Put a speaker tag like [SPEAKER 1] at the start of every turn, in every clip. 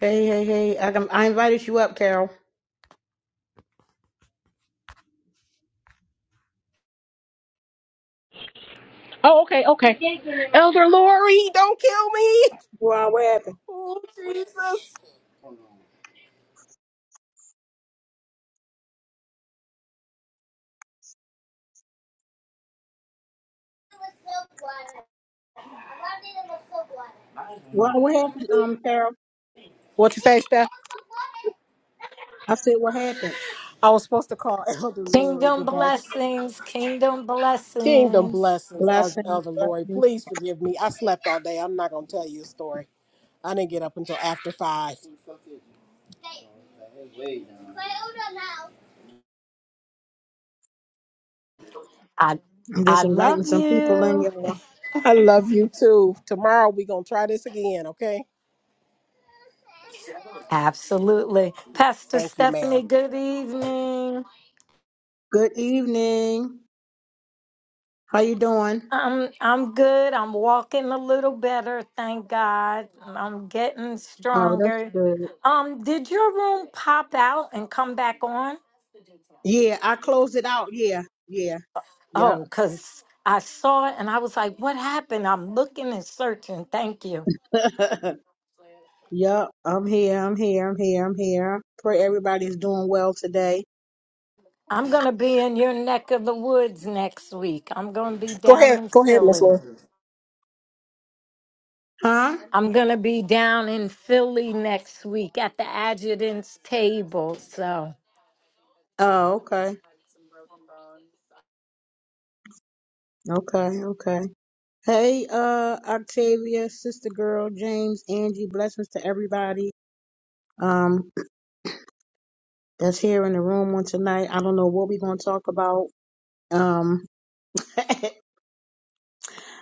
[SPEAKER 1] Hey, hey, hey. I, I invited you up, Carol.
[SPEAKER 2] Oh, okay, okay. Elder Lori, don't kill me.
[SPEAKER 1] Well, what happened?
[SPEAKER 2] Oh, Jesus.
[SPEAKER 1] Well, what happened, um, Carol?
[SPEAKER 2] What you say, Steph?
[SPEAKER 1] I said, what happened?
[SPEAKER 2] I was supposed to call Elder Lori
[SPEAKER 3] Kingdom
[SPEAKER 2] today.
[SPEAKER 3] blessings, kingdom
[SPEAKER 2] Kingdom
[SPEAKER 3] blessings.
[SPEAKER 2] blessings, El-
[SPEAKER 1] Blessings,
[SPEAKER 2] Elder Lori.
[SPEAKER 1] blessings.
[SPEAKER 2] Please forgive me. I slept all day. I'm not going to tell you a story. I didn't get up until after five.
[SPEAKER 3] I
[SPEAKER 1] I'm
[SPEAKER 3] I
[SPEAKER 1] just inviting
[SPEAKER 3] love
[SPEAKER 1] some people in,
[SPEAKER 3] you.
[SPEAKER 1] y'all.
[SPEAKER 2] I love you too. Tomorrow we going to try this again, okay?
[SPEAKER 3] Absolutely. Pastor
[SPEAKER 2] Thank you, ma'am.
[SPEAKER 3] Stephanie, good evening.
[SPEAKER 1] Good evening. How you doing?
[SPEAKER 3] I'm I'm good. I'm walking a little better, thank God. I'm getting
[SPEAKER 1] Oh, that's
[SPEAKER 3] stronger.
[SPEAKER 1] good.
[SPEAKER 3] Um, did your room pop out and come back on?
[SPEAKER 1] Yeah, I closed it out. Yeah, yeah, yep,
[SPEAKER 3] Oh, because I saw it and I was like, what happened? I'm looking and searching. Thank you.
[SPEAKER 1] yep. I'm here. I'm here. I'm here. I'm here. Pray everybody's doing well today.
[SPEAKER 3] I'm going to be in your neck of the woods next week. I'm going to be
[SPEAKER 2] Go
[SPEAKER 3] down
[SPEAKER 2] ahead.
[SPEAKER 3] in
[SPEAKER 2] Go ahead, Miss
[SPEAKER 3] Philly.
[SPEAKER 2] Lori.
[SPEAKER 1] Huh?
[SPEAKER 3] I'm going to be down in Philly next week at the adjutant's table. So
[SPEAKER 1] Oh, okay, okay, okay. Hey, uh, Octavia, sister girl, James, Angie, blessings to everybody um that's here in the room on tonight. I don't know what we're gonna talk about. Um,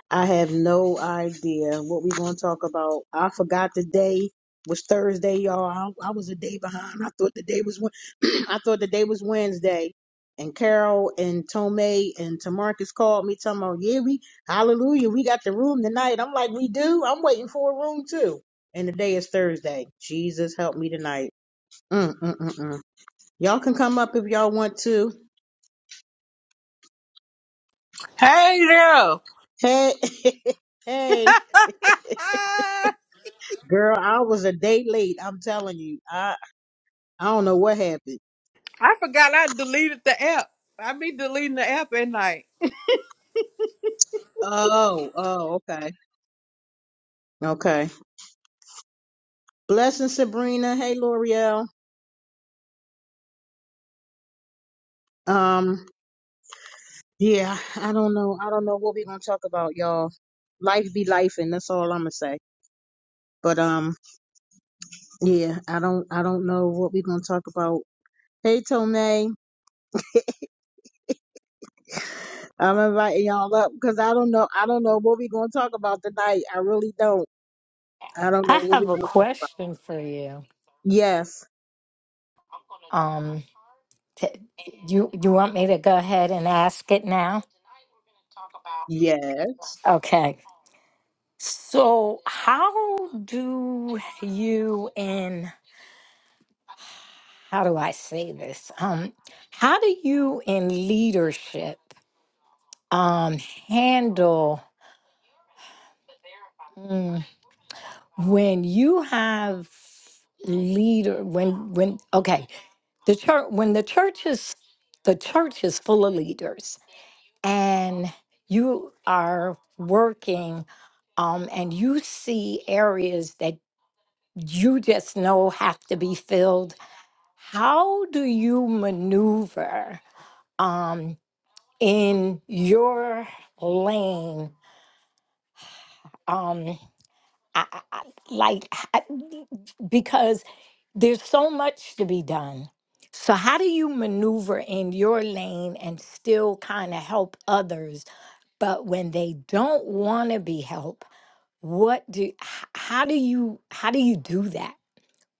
[SPEAKER 1] I have no idea what we're going to talk about. I forgot the day was Thursday, y'all. I, I was a day behind. I thought the day was Wed- I thought the day was Wednesday. And Carol and Tomei and Tamarcus called me, telling me, "Yeah, we hallelujah, we got the room tonight." I'm like, "We do." I'm waiting for a room too. And the day is Thursday. Jesus help me tonight. Mm, mm, mm, mm. Y'all can come up if y'all want to.
[SPEAKER 4] Hey girl.
[SPEAKER 1] Hey, hey.
[SPEAKER 4] I
[SPEAKER 1] Girl, I was a day late. I'm telling you. I don't know what happened.
[SPEAKER 4] forgot I deleted the app. I be deleting the app at night.
[SPEAKER 1] Oh, oh, okay. Okay. Blessing Sabrina. Hey L'Oreal. Um, yeah, I don't know. I don't know what we're gonna talk about, y'all. Life be life and that's all I'm gonna say. But um, yeah, I don't I don't know what we're gonna talk about. Hey Tomei, I'm inviting y'all up because I don't know I don't know what we're gonna talk about tonight. I really don't. I don't know
[SPEAKER 3] I
[SPEAKER 1] what
[SPEAKER 3] have a
[SPEAKER 1] we're gonna talk about.
[SPEAKER 3] question for you.
[SPEAKER 1] Yes.
[SPEAKER 3] Um, t- you you want me to go ahead and ask it now?
[SPEAKER 1] Yes.
[SPEAKER 3] Okay. So how do you in how do I say this? Um, how do you in leadership um handle? when you have leader when when okay the church when the church is the church is full of leaders and you are working um and you see areas that you just know have to be filled how do you maneuver um in your lane um I, I, I- like I- because There's so much to be done. So, how do you maneuver in your lane and still kind of help others? But when they don't want to be helped, what do h- how do you how do you do that?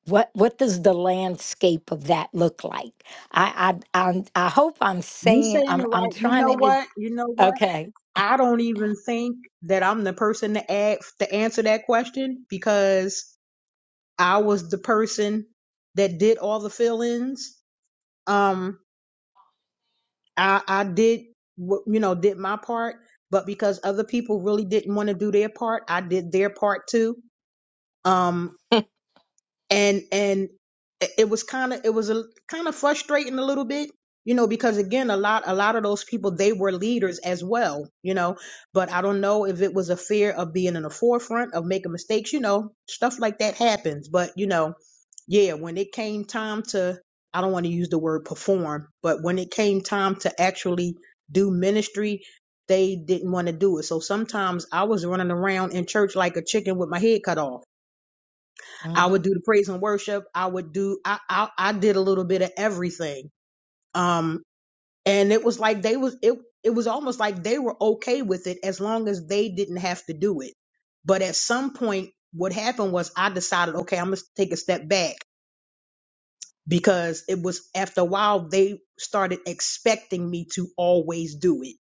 [SPEAKER 3] What what does the landscape of that look like? I I I'm, I hope I'm
[SPEAKER 1] You
[SPEAKER 3] saying
[SPEAKER 1] saying it
[SPEAKER 3] I'm I'm
[SPEAKER 1] right. You
[SPEAKER 3] trying
[SPEAKER 1] know
[SPEAKER 3] to
[SPEAKER 1] what? You know what?
[SPEAKER 3] okay
[SPEAKER 1] I don't even think that I'm the person to ask to answer that question because I was the person that did all the fill-ins. Um, I I did wh- you know did my part, but because other people really didn't want to do their part, I did their part too. Um, and and it it was kind of it was a kind of frustrating a little bit you know because again a lot a lot of those people they were leaders as well you know but i don't know if it was a fear of being in the forefront of making mistakes you know stuff like that happens but you know yeah when it came time to i don't want to use the word perform but when it came time to actually do ministry they didn't want to do it so sometimes i was running around in church like a chicken with my head cut off I would do the praise and worship. I would do I I, I did a little bit of everything. Um and it was like they was it it was almost like they were okay with it as long as they didn't have to do it. But at some point what happened was I decided, okay, I'm gonna take a step back because it was after a while they started expecting me to always do it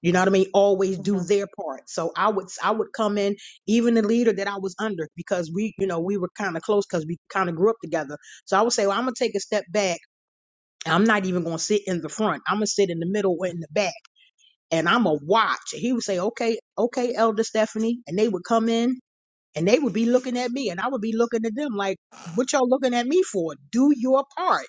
[SPEAKER 1] You know what I mean? Always
[SPEAKER 3] hmm
[SPEAKER 1] do their part. So I would I would come in, even the leader that I was under, because we, you know, we were kind of close because we kind of grew up together. So I would say, well, I'm gonna take a step back. I'm not even gonna sit in the front. I'm gonna sit in the middle or in the back, and I'm gonna watch. And he would say, okay, okay, Elder Stephanie, and they would come in and they would be looking at me, and I would be looking at them like, what y'all looking at me for? Do your part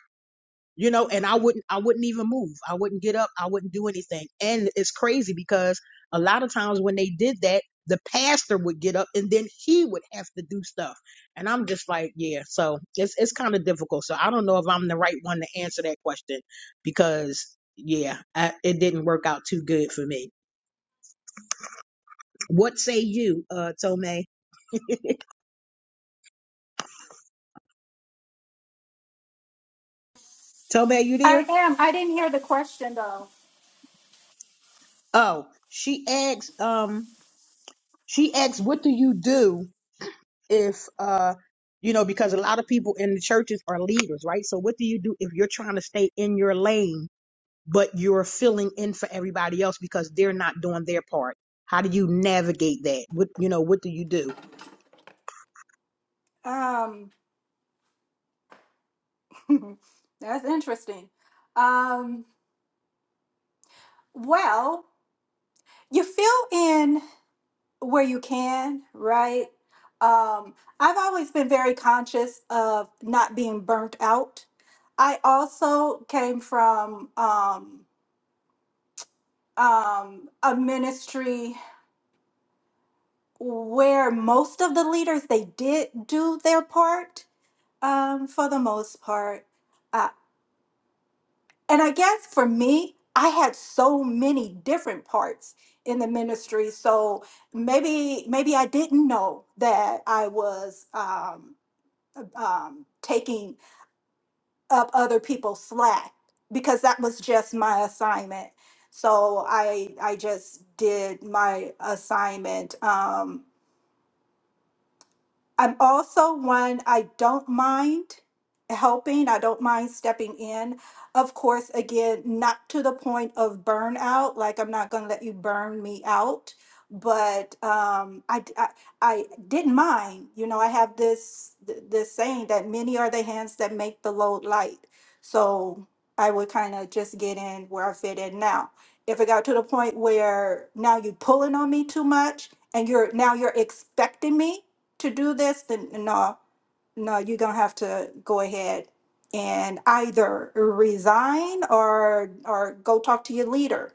[SPEAKER 1] you know and i wouldn't i wouldn't even move i wouldn't get up i wouldn't do anything and it's crazy because a lot of times when they did that the pastor would get up and then he would have to do stuff and i'm just like yeah so it's it's kind of difficult so i don't know if i'm the right one to answer that question because yeah I, it didn't work out too good for me what say you uh tome tome you
[SPEAKER 5] I
[SPEAKER 1] there
[SPEAKER 5] am. I didn't hear the question though.
[SPEAKER 1] oh she asks um she asks what do you do if uh you know because a lot of people in the churches are leaders right so what do you do if you're trying to stay in your lane but you're filling in for everybody else because they're not doing their part how do you navigate that what you know what do you do
[SPEAKER 5] Um, that's interesting. Um, well, you fill in where you can, right? Um, I've always been very conscious of not being burnt out. I also came from um, um, a ministry where most of the leaders they did do their part um, for the most part. And I guess for me, I had so many different parts in the ministry, so maybe maybe I didn't know that I was um, um, taking up other people's slack because that was just my assignment. So I I just did my assignment. Um, I'm also one I don't mind helping, I don't mind stepping in. Of course, again, not to the point of burnout, like I'm not going to let you burn me out, but um I, d- I I didn't mind. You know, I have this th- this saying that many are the hands that make the load light. So, I would kind of just get in where I fit in now. If it got to the point where now you're pulling on me too much and you're now you're expecting me to do this, then no, no, you're gonna have to go ahead and either resign or or go talk to your leader,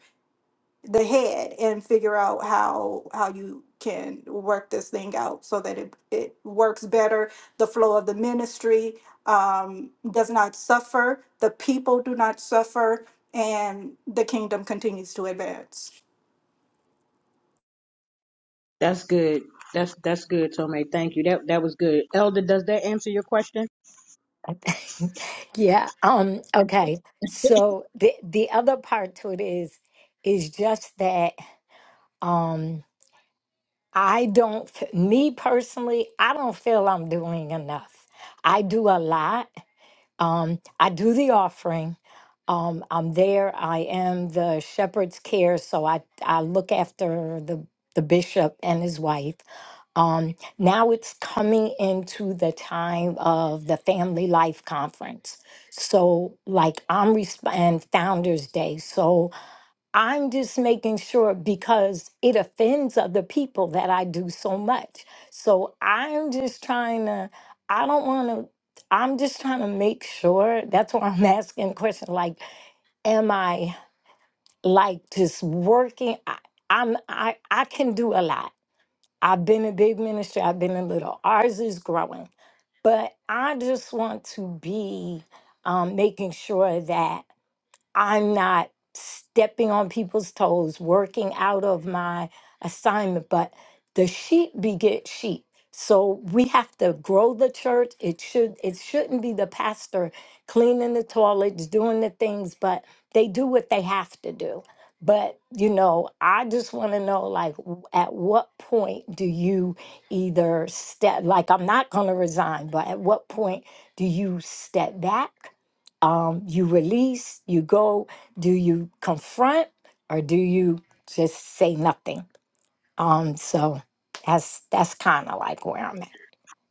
[SPEAKER 5] the head, and figure out how how you can work this thing out so that it, it works better, the flow of the ministry um, does not suffer, the people do not suffer, and the kingdom continues to advance.
[SPEAKER 1] that's good that's that's good Tomei. thank you that that was good elder does that answer your question
[SPEAKER 3] Yeah, um, okay. So the the other part to it is is just that um I don't f- me personally, I don't feel I'm doing enough. I do a lot um, I do the offering. Um, I'm there. I am the shepherd's care, so I I look after the the bishop and his wife. Um, now it's coming into the time of the Family Life Conference. So, like, I'm resp- and Founders Day. So, I'm just making sure because it offends other people that I do so much. So I'm just trying to, I don't want to, I'm just trying to make sure. That's why I'm asking the question like, am I like just working? I, I'm, I, I can do a lot. I've been in big ministry, I've been in little. Ours is growing. But I just want to be um, making sure that. I'm not stepping on people's toes, working out of my assignment, but the sheep beget sheep. So we have to grow the church. It should it shouldn't be the pastor cleaning the toilets, doing the things, but they do what they have to do. But you know, I just want to know like w- at what point do you either step like I'm not going to resign, but at what point do you step back um, you release, you go, do you confront or do you just say nothing? Um, so that's that's kind of like where I'm at.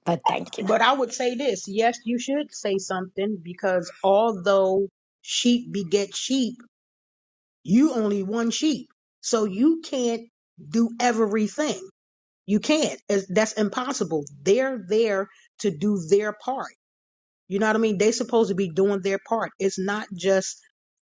[SPEAKER 3] But thank you.
[SPEAKER 1] but i would say this yes you should say something because although sheep beget sheep you only one sheep so you can't do everything You can't. It's, that's impossible. They're there to do their part. You know what I mean? They supposed to be doing their part. It's not just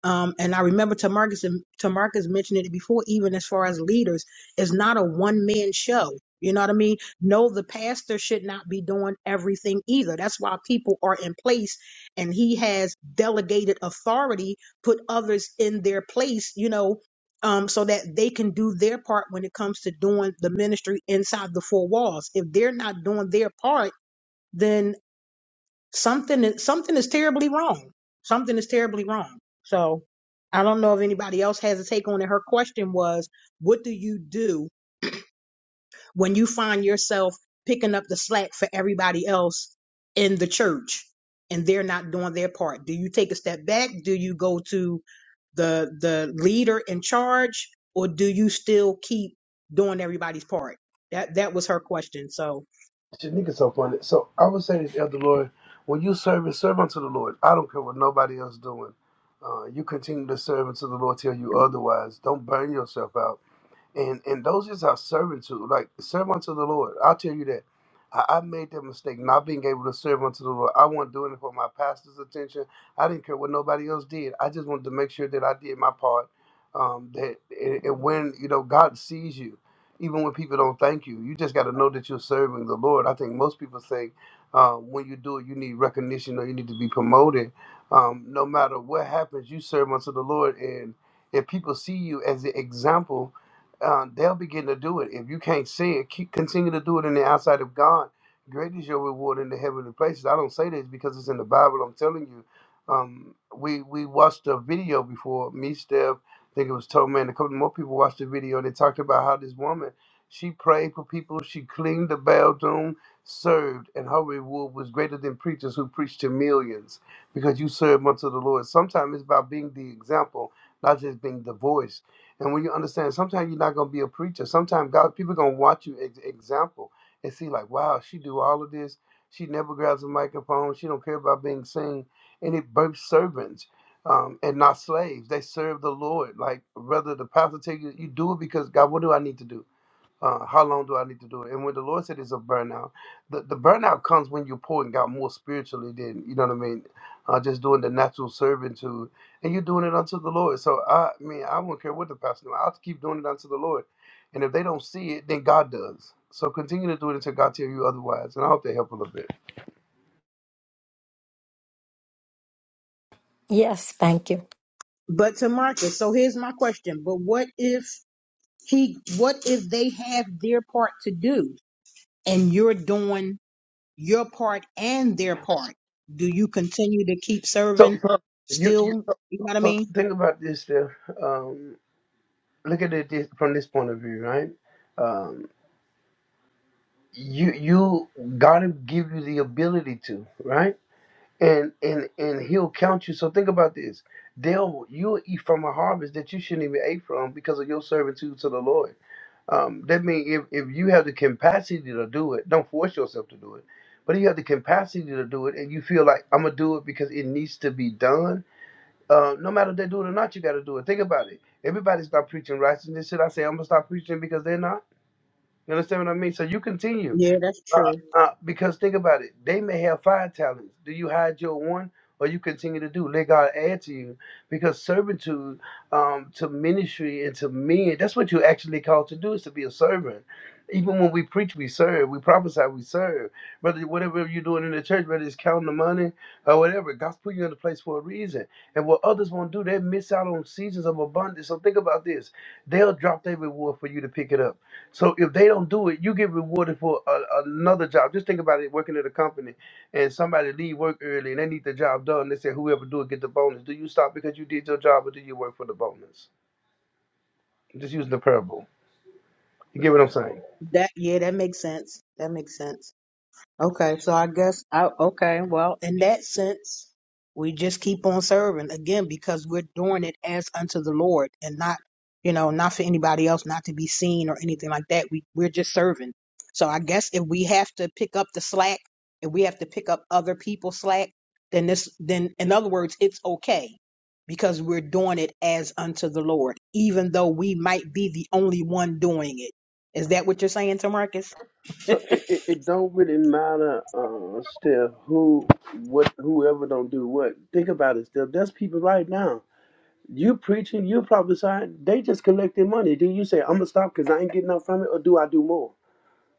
[SPEAKER 1] um and I remember Tamarcus and Tamarcus mentioned it before, even as far as leaders, it's not a one man show. You know what I mean? No, the pastor should not be doing everything either. That's why people are in place and he has delegated authority, put others in their place, you know, um, so that they can do their part when it comes to doing the ministry inside the four walls. If they're not doing their part, then something is something is terribly wrong. Something is terribly wrong. So I don't know if anybody else has a take on it. Her question was, what do you do when you find yourself picking up the slack for everybody else in the church and they're not doing their part? Do you take a step back? Do you go to the the leader in charge or do you still keep doing everybody's part? That that was her question. So,
[SPEAKER 6] Shit, niggas so funny. So I would say this, Elder Lord, when you serve and serve unto the Lord, I don't care what nobody else doing. Uh, you continue to serve unto the Lord till you otherwise. Don't burn yourself out and and those is our servitude. Like serve unto the Lord. I'll tell you that. I, I made that mistake not being able to serve unto the Lord. I wasn't doing it for my pastor's attention. I didn't care what nobody else did. I just wanted to make sure that I did my part. Um, that and, and when you know God sees you, even when people don't thank you, you just got to know that you're serving the Lord. I think most people think uh, when you do it, you need recognition or you need to be promoted. Um, no matter what happens, you serve unto the Lord, and if people see you as the example uh, they'll begin to do it. If you can't see it, keep, continue to do it in the outside of God. Great is your reward in the heavenly places. I don't say this because it's in the Bible. I'm telling you. Um, we we watched a video before me, Steph. I think it was Tom Man. A couple more people watched the video. They talked about how this woman she prayed for people. She cleaned the bathroom, served, and her reward was greater than preachers who preached to millions because you serve unto the Lord. Sometimes it's about being the example, not just being the voice. And when you understand, sometimes you're not going to be a preacher. Sometimes God, people going to watch you ex- example and see like, wow, she do all of this. She never grabs a microphone. She don't care about being seen. And it births servants um, and not slaves. They serve the Lord. Like, brother, the pastor tell you, you do it because God, what do I need to do? Uh, how long do I need to do it? And when the Lord said it's a burnout, the, the burnout comes when you're pouring out more spiritually than, you know what I mean, uh, just doing the natural servitude. And you're doing it unto the Lord. So, I mean, I won't care what the pastor do. I'll keep doing it unto the Lord. And if they don't see it, then God does. So continue to do it until God tell you otherwise. And I hope they help a little bit.
[SPEAKER 3] Yes, thank you.
[SPEAKER 1] but to Marcus, so here's my question. But what if He, what if they have their part to do and you're doing your part and their part? Do you continue to keep
[SPEAKER 6] So
[SPEAKER 1] serving
[SPEAKER 6] you, you
[SPEAKER 1] still? You know what I
[SPEAKER 6] so
[SPEAKER 1] mean?
[SPEAKER 6] think about this there. um, look at it this, from this point of view, right? Um, you you gotta give you the ability to, right? And and and he'll count you. So think about this. They'll you'll eat from a harvest that you shouldn't even eat from because of your servitude to the Lord. Um, that means if, if you have the capacity to do it, don't force yourself to do it. But if you have the capacity to do it and you feel like I'm gonna do it because it needs to be done, uh, no matter if they do it or not, you gotta do it. Think about it. Everybody stop preaching righteousness. Should I say I'm gonna stop preaching because they're not? You understand what I mean? So you continue.
[SPEAKER 1] Yeah, that's
[SPEAKER 6] Uh,
[SPEAKER 1] true.
[SPEAKER 6] uh, because think about it. They may have five talents. Do you hide your one or you continue to do? Let God add to you. Because servitude um, to ministry and to men, that's what you're actually called to do is to be a servant. Even when we preach, we serve. We prophesy, we serve. Whether whatever you're doing in the church, whether it's counting the money or whatever, God's put you in a place for a reason. And what others won't do, they miss out on seasons of abundance. So think about this: they'll drop their reward for you to pick it up. So if they don't do it, you get rewarded for a, another job. Just think about it: working at a company and somebody leave work early and they need the job done. They say, "Whoever do it get the bonus." Do you stop because you did your job, or do you work for the bonus? just using the parable. You get what I'm saying?
[SPEAKER 1] That, yeah, that makes sense. That makes sense. Okay, so I guess I okay, well, in that sense, we just keep on serving again because we're doing it as unto the Lord and not, you know, not for anybody else, not to be seen or anything like that. We we're just serving. So I guess if we have to pick up the slack, if we have to pick up other people's slack, then this then in other words, it's okay because we're doing it as unto the Lord, even though we might be the only one doing it. Is that what you're saying to
[SPEAKER 6] So it, it, it don't really matter, uh, Steph, who what whoever don't do what. Think about it, Steph. There's people right now. You preaching, you prophesying, they just collecting money. Do you say I'm gonna stop because I ain't getting enough from it, or do I do more?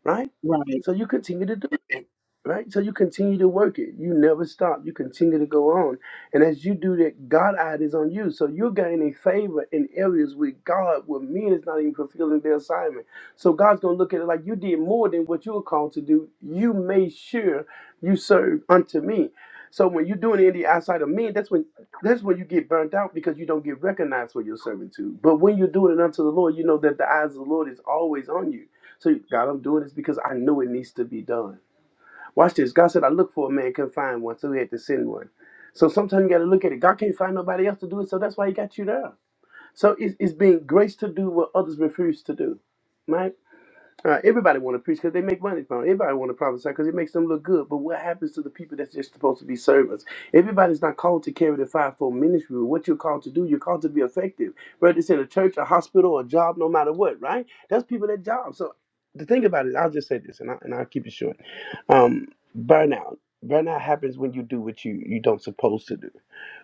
[SPEAKER 6] right?
[SPEAKER 1] Right.
[SPEAKER 6] So you continue to do it, right? So you continue to work it. You never stop. You continue to go on. And as you do that, God eye is on you. So you're gaining favor in areas where God, where men is not even fulfilling their assignment. So God's going to look at it like you did more than what you were called to do. You made sure you served unto me. So when you're doing it in the outside of men, that's when that's when you get burnt out because you don't get recognized for your servitude. But when you're doing it unto the Lord, you know that the eyes of the Lord is always on you. So God, I'm doing this because I know it needs to be done. Watch this. God said, I looked for a man, couldn't find one, so he had to send one. So sometimes you got to look at it. God can't find nobody else to do it, so that's why he got you there. So it's, it's being graced to do what others refuse to do, right? Uh, everybody want to preach because they make money from it. Everybody want to prophesy because it makes them look good. But what happens to the people that's just supposed to be servants? Everybody's not called to carry the fivefold ministry. What you're called to do, you're called to be effective. Whether it's in a church, a hospital, a job, no matter what, right? That's people that job. So the thing about it, I'll just say this, and, I, and I'll keep it short. Um, burnout. Burnout happens when you do what you you don't supposed to do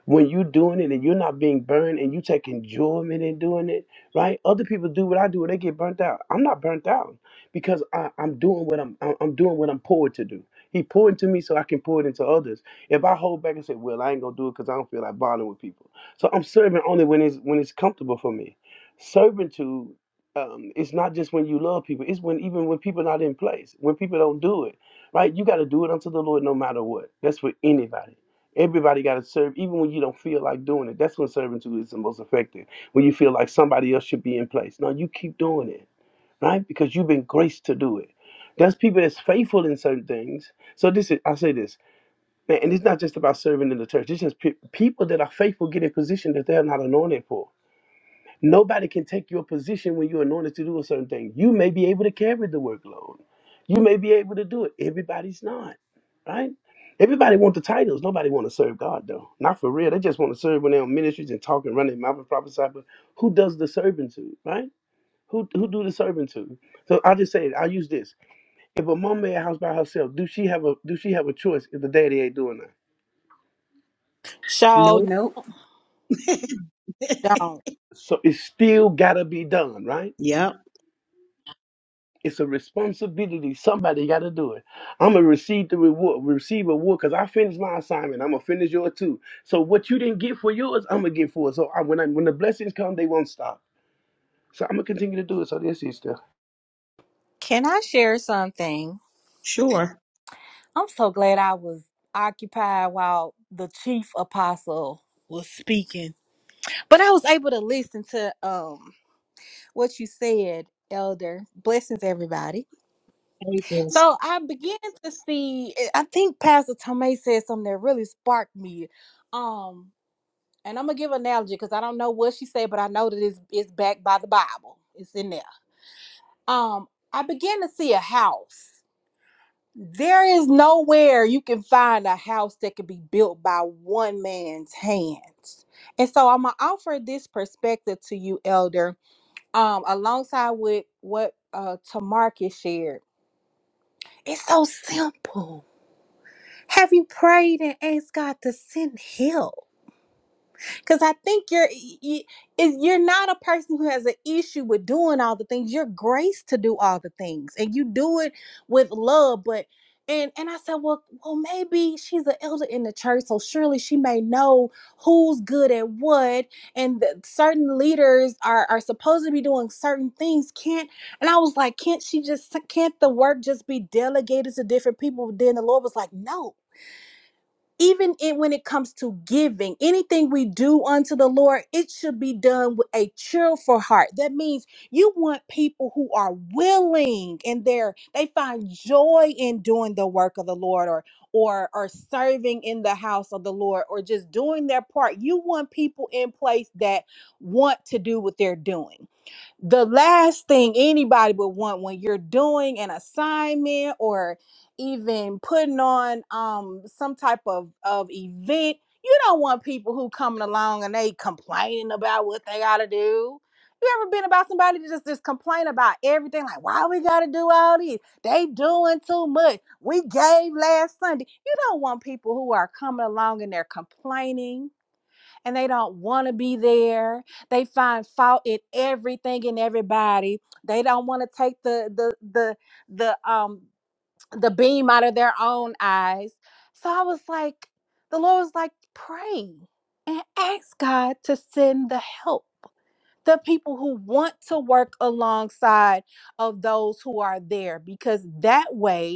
[SPEAKER 6] when you're doing it and you're not being burned and you take enjoyment in doing it, right? Other people do what I do and they get burnt out. I'm not burnt out because I, I'm doing what I'm I'm I'm doing what I'm poured to do. He poured into me so I can pour it into others. If I hold back and say, "Well, I ain't gonna do it because I don't feel like bothering with people," so I'm serving only when it's when it's comfortable for me. Servitude um, it's not just when you love people. It's when even when people not in place, when people don't do it, right? You got to do it unto the Lord, no matter what. That's for anybody. Everybody got to serve, even when you don't feel like doing it. That's when servitude is the most effective. When you feel like somebody else should be in place. No, you keep doing it, right? Because you've been graced to do it. There's people that's faithful in certain things. So this is, I say this, man, and it's not just about serving in the church. It's just pe- people that are faithful get in position that they're not anointed for. Nobody can take your position when you're anointed to do a certain thing. You may be able to carry the workload. You may be able to do it. Everybody's not, right? Everybody want the titles. Nobody want to serve God though. Not for real. They just want to serve when they're on ministries and talk and run their mouth and prophesy. But who does the serving to, right? Who who do the serving to? So I'll just say it. I'll use this. If a mom made a house by herself, do she have a do she have a choice if the daddy ain't doing that?
[SPEAKER 4] so
[SPEAKER 1] No.
[SPEAKER 7] Nope.
[SPEAKER 4] don't.
[SPEAKER 6] So it still gotta be done, right?
[SPEAKER 1] Yep,
[SPEAKER 6] It's a responsibility. Somebody got to do it. I'm gonna receive the reward, receive a reward, cause I finished my assignment. I'm gonna finish yours too. So what you didn't get for yours, I'm gonna get for it. So I, when I, when the blessings come, they won't stop. So I'm gonna continue to do it. So this is stuff.
[SPEAKER 4] Can I share something?
[SPEAKER 1] sure.
[SPEAKER 4] I'm so glad I was occupied while the chief apostle was speaking. But I was able to listen to um what you said, Elder. Blessings everybody.
[SPEAKER 1] Thank you, sis.
[SPEAKER 4] So I began to see I think Pastor Tomei said something that really sparked me. um. and I'm gonna give an analogy because I don't know what she said, but I know that it's it's backed by the Bible. It's in there. Um, I began to see a house. There is nowhere you can find a house that could be built by one man's hands. And so I'm gonna offer this perspective to you, Elder, um, alongside with what uh Tamarcus shared. It's so simple. Have you prayed and asked God to send help? because I think you're y- is you're not a person who has an issue with doing all the things. You're graced to do all the things, and you do it with love. But and and I said, well, well, maybe she's an elder in the church, so surely she may know who's good at what, and that certain leaders are are supposed to be doing certain things. Can't and I was like, can't she just can't the work just be delegated to different people? Then the Lord was like, no even in, when it comes to giving, anything we do unto the Lord, it should be done with a cheerful heart. That means you want people who are willing and they're they find joy in doing the work of the Lord or or or serving in the house of the Lord or just doing their part. You want people in place that want to do what they're doing the last thing anybody would want when you're doing an assignment or even putting on um some type of of event you don't want people who coming along and they complaining about what they gotta do you ever been about somebody to just just complain about everything like why we gotta do all this they doing too much we gave last sunday you don't want people who are coming along and they're complaining and they don't want to be there. They find fault in everything and everybody. They don't want to take the the the the um the beam out of their own eyes. So I was like, the Lord was like, pray and ask God to send the help. The people who want to work alongside of those who are there, because that way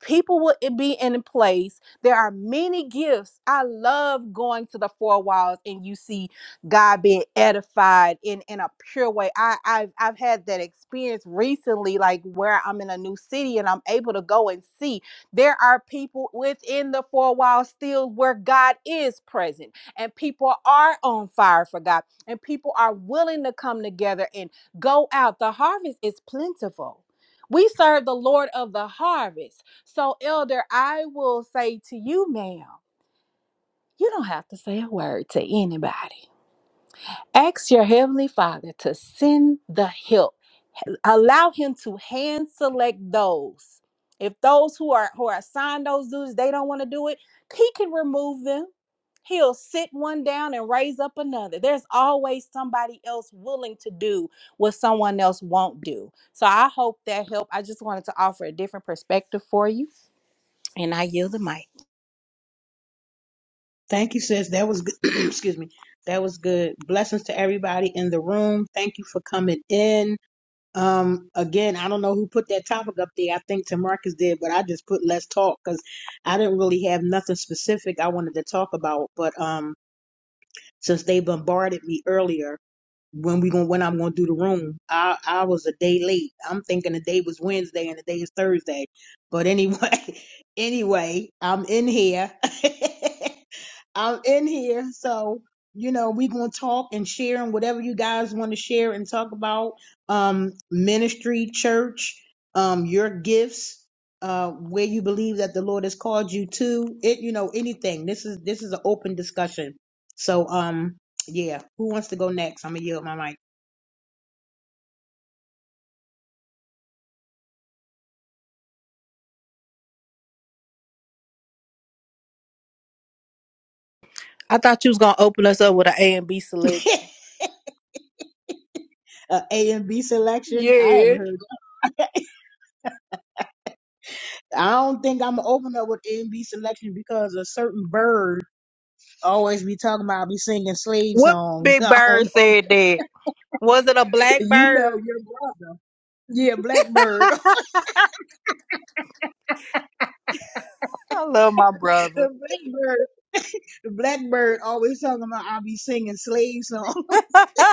[SPEAKER 4] people will be in place. There are many gifts. I love going to the four walls and you see God being edified in in a pure way. I I've, I've had that experience recently, like where I'm in a new city and I'm able to go and see there are people within the four walls still where God is present, and people are on fire for God, and people are willing to come together and go out. The harvest is plentiful. We serve the Lord of the harvest. So, Elder, I will say to you, ma'am, you don't have to say a word to anybody. Ask your Heavenly Father to send the help. Allow Him to hand select those. If those who are who are assigned those duties, they don't want to do it, He can remove them. He'll sit one down and raise up another. There's always somebody else willing to do what someone else won't do. So I hope that helped. I just wanted to offer a different perspective for you, and I yield the mic.
[SPEAKER 1] Thank you, sis. That was good. excuse me. That was good. Blessings to everybody in the room. Thank you for coming in. Um, again, I don't know who put that topic up there. I think Tamarcus did, but I just put let's talk because I didn't really have nothing specific I wanted to talk about. But um, since they bombarded me earlier, when we going when I'm gonna do the room. I I was a day late. I'm thinking the day was Wednesday and the day is Thursday. But anyway, anyway, I'm in here. I'm in here. So, you know, we gonna talk and share and whatever you guys want to share and talk about. Um ministry, church, um, your gifts, uh, where you believe that the Lord has called you to. It, you know, anything. This is this is an open discussion. So um yeah. Who wants to go next? I'm gonna yield my mic.
[SPEAKER 4] I thought you was gonna open us up with an A and B selection.
[SPEAKER 1] uh, A and B selection. I haven't
[SPEAKER 4] Yeah.
[SPEAKER 1] heard. I don't think I'm gonna open up with A and B selection because a certain bird always be talking about be singing slave
[SPEAKER 4] What
[SPEAKER 1] songs.
[SPEAKER 4] big
[SPEAKER 1] I
[SPEAKER 4] bird
[SPEAKER 1] don't know. if-
[SPEAKER 4] said that? Was it a black
[SPEAKER 1] You know
[SPEAKER 4] bird?
[SPEAKER 1] your brother. Yeah, Blackbird.
[SPEAKER 4] I love my
[SPEAKER 1] the
[SPEAKER 4] brother.
[SPEAKER 1] Blackbird. The Blackbird always talking about I be singing slave songs.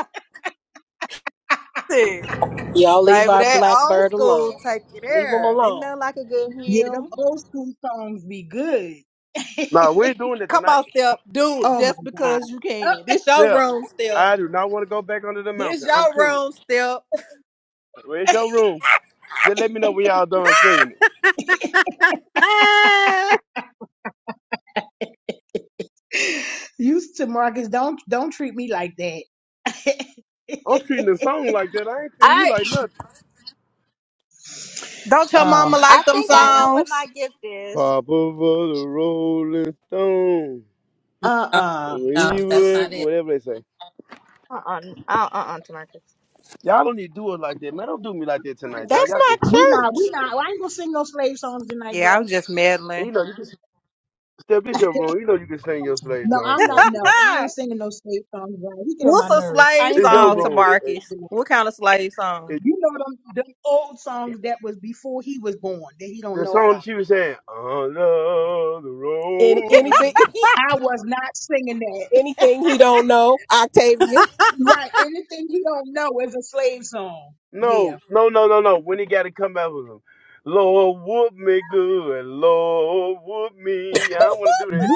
[SPEAKER 4] Shit,
[SPEAKER 2] Y'all leave
[SPEAKER 4] Baby,
[SPEAKER 2] our
[SPEAKER 4] that
[SPEAKER 2] black
[SPEAKER 4] old
[SPEAKER 2] bird
[SPEAKER 4] school
[SPEAKER 2] alone.
[SPEAKER 4] take it
[SPEAKER 2] Leave him
[SPEAKER 4] there. Ain't
[SPEAKER 2] alone.
[SPEAKER 4] nothing like a good
[SPEAKER 1] Yeah, them
[SPEAKER 4] hymn.
[SPEAKER 1] old school songs be good.
[SPEAKER 6] Nah, we're doing it
[SPEAKER 4] Come
[SPEAKER 6] tonight.
[SPEAKER 4] on, Step. Do it
[SPEAKER 1] oh my
[SPEAKER 4] just because you
[SPEAKER 1] God.
[SPEAKER 4] can. This your
[SPEAKER 6] Yeah,
[SPEAKER 4] room, Step.
[SPEAKER 6] I do not want to go back under the
[SPEAKER 4] This
[SPEAKER 6] mountain. I'm
[SPEAKER 4] your
[SPEAKER 6] cool.
[SPEAKER 4] room, Step.
[SPEAKER 6] Where's your room? Just let me know when y'all done singing it.
[SPEAKER 1] Used to Marcus, don't don't treat me like that.
[SPEAKER 6] I'm treating the song like that. I ain't treating you
[SPEAKER 8] I
[SPEAKER 6] like nothing.
[SPEAKER 4] Don't your mama
[SPEAKER 1] oh,
[SPEAKER 8] I
[SPEAKER 4] like them
[SPEAKER 8] think I
[SPEAKER 1] um,
[SPEAKER 8] know what my
[SPEAKER 4] songs?
[SPEAKER 8] gift is.
[SPEAKER 6] Pop over the Rolling Stone.
[SPEAKER 7] No,
[SPEAKER 1] uh-uh.
[SPEAKER 7] no,
[SPEAKER 6] We
[SPEAKER 7] that's
[SPEAKER 6] will-
[SPEAKER 7] not it.
[SPEAKER 6] Whatever they say.
[SPEAKER 8] Uh uh-uh, uh uh uh to my
[SPEAKER 6] Y'all don't need to do it like that, man. Don't do me like that tonight, y'all.
[SPEAKER 2] That's
[SPEAKER 6] Y'all can,
[SPEAKER 2] not
[SPEAKER 1] We not,
[SPEAKER 2] church
[SPEAKER 1] we not. I ain't gonna sing no slave songs tonight, bro.
[SPEAKER 4] Yeah, I was just
[SPEAKER 6] and you
[SPEAKER 4] meddling.
[SPEAKER 6] know, you can step this your room. You know, you can sing your slave
[SPEAKER 1] No,
[SPEAKER 6] song if
[SPEAKER 1] I'm
[SPEAKER 6] you
[SPEAKER 1] not.
[SPEAKER 6] want to.
[SPEAKER 1] No, I ain't singing no slave songs, bro. He get on my
[SPEAKER 4] What's a
[SPEAKER 1] nerves. I
[SPEAKER 4] slave
[SPEAKER 1] ain't
[SPEAKER 6] It's
[SPEAKER 1] singing
[SPEAKER 6] your
[SPEAKER 4] song
[SPEAKER 1] no
[SPEAKER 4] to
[SPEAKER 6] room.
[SPEAKER 1] slave
[SPEAKER 6] It,
[SPEAKER 1] songs
[SPEAKER 4] Marcus?
[SPEAKER 1] tonight.
[SPEAKER 4] What kind of slave song?
[SPEAKER 6] it,
[SPEAKER 1] You know them, them old songs that was before he was born that he don't
[SPEAKER 6] the
[SPEAKER 1] know
[SPEAKER 6] song that
[SPEAKER 1] about.
[SPEAKER 6] she was saying, on the
[SPEAKER 2] in anything.
[SPEAKER 6] road.
[SPEAKER 1] I was not singing that.
[SPEAKER 2] Anything he don't know, Octavia.
[SPEAKER 1] right. Anything he don't know is a slave song.
[SPEAKER 6] No,
[SPEAKER 1] Yeah.
[SPEAKER 6] no, no, no, no. When he got to come back with him, Lord, whoop me good, Lord, whoop me. Yeah, I don't want to do that.
[SPEAKER 1] We,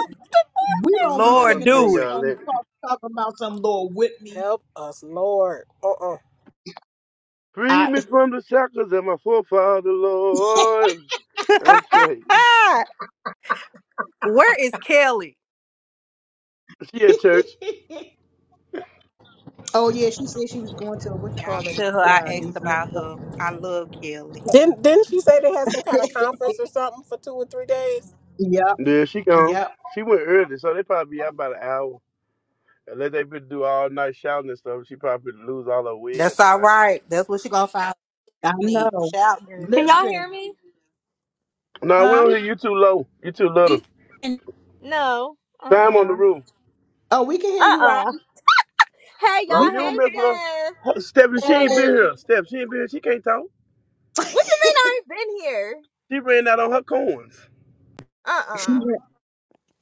[SPEAKER 1] we don't
[SPEAKER 6] I
[SPEAKER 1] be
[SPEAKER 6] don't
[SPEAKER 4] Lord,
[SPEAKER 6] want
[SPEAKER 1] singing
[SPEAKER 6] to sing
[SPEAKER 1] those
[SPEAKER 4] do it.
[SPEAKER 6] all
[SPEAKER 1] songs
[SPEAKER 6] that.
[SPEAKER 1] talk- talking about some Lord Whitney.
[SPEAKER 2] Help us, Lord. Uh-uh.
[SPEAKER 6] Free
[SPEAKER 1] I
[SPEAKER 6] me from the shackles of my forefather, Lord. I'm straight.
[SPEAKER 4] Where is Kelly?
[SPEAKER 6] She at church.
[SPEAKER 1] Oh yeah, she said she was going to what you
[SPEAKER 4] Y'all
[SPEAKER 1] call it,
[SPEAKER 4] tell her I
[SPEAKER 1] uh,
[SPEAKER 4] asked
[SPEAKER 1] these next.
[SPEAKER 4] about her. I love Kelly.
[SPEAKER 2] Didn't didn't she say they had some kind of conference or something for two or three days?
[SPEAKER 1] Yep,
[SPEAKER 6] Yeah, she gone.
[SPEAKER 1] yep.
[SPEAKER 6] She went early, so they probably be out about an hour. Unless they been do all night shouting and stuff, she probably lose all her wig
[SPEAKER 4] That's
[SPEAKER 6] at the
[SPEAKER 4] all
[SPEAKER 6] night.
[SPEAKER 4] right. That's what she gonna find.
[SPEAKER 1] I
[SPEAKER 4] Need
[SPEAKER 1] know.
[SPEAKER 4] shout
[SPEAKER 8] Can
[SPEAKER 4] girl.
[SPEAKER 8] y'all
[SPEAKER 1] Listen,
[SPEAKER 8] hear me?
[SPEAKER 6] No, we
[SPEAKER 1] huh?
[SPEAKER 6] don't hear you too low. You too little.
[SPEAKER 7] We can
[SPEAKER 8] No. Uh
[SPEAKER 6] Time on
[SPEAKER 8] uh-uh.
[SPEAKER 6] the roof.
[SPEAKER 1] Oh, we can hear you,
[SPEAKER 8] uh.
[SPEAKER 1] Robbie.
[SPEAKER 8] Hey
[SPEAKER 1] We
[SPEAKER 6] Robert, you
[SPEAKER 8] y'all. Hey
[SPEAKER 6] don't mess with her.
[SPEAKER 8] Steph.
[SPEAKER 6] Stephanie, she
[SPEAKER 1] can.
[SPEAKER 6] ain't been here. Steph, she ain't been here. She can't talk.
[SPEAKER 1] Hey.
[SPEAKER 8] What you mean I ain't been here?
[SPEAKER 6] She ran out on her coins.
[SPEAKER 8] Uh
[SPEAKER 1] She
[SPEAKER 8] uh
[SPEAKER 1] went,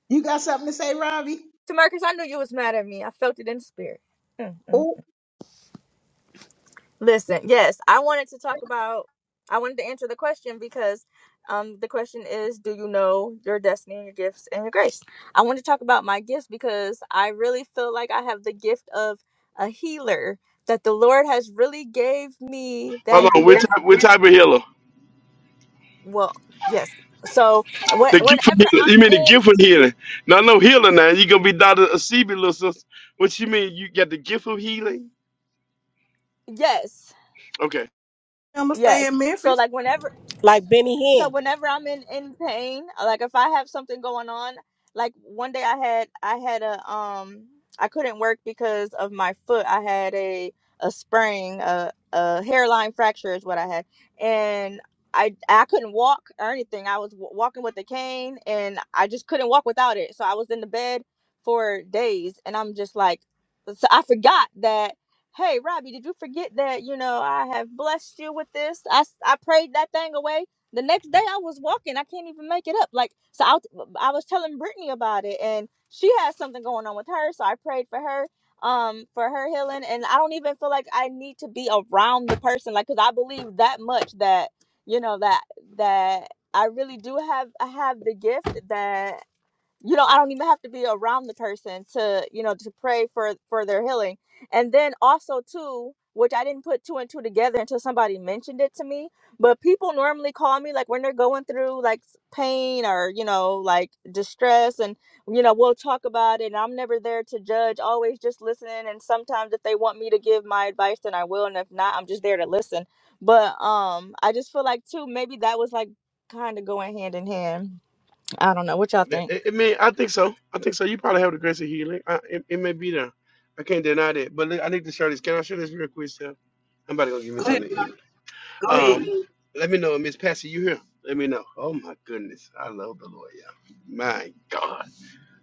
[SPEAKER 1] you got something to say, Robbie?
[SPEAKER 8] Tamarcus, I knew you was mad at me. I felt it in spirit.
[SPEAKER 1] Oh,
[SPEAKER 8] Listen, yes, I wanted to talk about I wanted to answer the question because um the question is do you know your destiny and your gifts and your grace? I want to talk about my gifts because I really feel like I have the gift of a healer that the Lord has really gave me that
[SPEAKER 6] Hold on, which
[SPEAKER 8] gift.
[SPEAKER 6] type, which type of healer?
[SPEAKER 8] Well, yes. So when,
[SPEAKER 6] The gift of
[SPEAKER 8] whenever
[SPEAKER 6] healing. You mean the
[SPEAKER 8] I'm
[SPEAKER 6] gift of healing? Not no healer now. You gonna be Doctor Asibi, little sister. What you mean? You got the gift of healing?
[SPEAKER 8] in yes,
[SPEAKER 6] Okay.
[SPEAKER 4] I'ma stay in
[SPEAKER 8] yes. So
[SPEAKER 4] Memphis.
[SPEAKER 8] like whenever
[SPEAKER 2] Like Benny
[SPEAKER 8] so
[SPEAKER 2] Hinn.
[SPEAKER 8] whenever I'm in in pain, uh, like if I have something going on, like one day I had I had a um I couldn't work because of my foot. I had a a sprain, a a hairline fracture is what I had, and I I couldn't walk or anything. I was w- walking with a cane, and I just couldn't walk without it. So I was in the bed for days, and I'm just like, so I forgot that. Hey, Robbie, did you forget that you know I have blessed you with this? I s- I prayed that thing away the next day I was walking. I can't even make it up. Like so, I, was- I was telling Brittany about it, and she has something going on with her. So I prayed for her, um, for her healing. And I don't even feel like I need to be around the person, like, cause I believe that much that you know that that I really do have I have the gift that you know i don't even have to be around the person to you know to pray for for their healing and then also too which i didn't put two and two together until somebody mentioned it to me but people normally call me like when they're going through like s- pain or you know like distress and you know we'll talk about it and i'm never there to judge always just listening and sometimes if they want me to give my advice then i will and if not i'm just there to listen but um i just feel like too maybe that was like kind of going hand in hand I don't know what y'all
[SPEAKER 6] That-
[SPEAKER 8] think.
[SPEAKER 6] It, it may, I think so. I think so. You probably have the grace of healing. I, it, it may be there. I can't deny that. But I need to share this. Can I share this real quick, Steph? I'm about to go give me
[SPEAKER 1] Go ahead.
[SPEAKER 6] something. to eat.
[SPEAKER 1] Go ahead.
[SPEAKER 6] Um, let me know, Miss Patsy, you here? Let me know. Oh my goodness, I love the Lord, yeah. My God,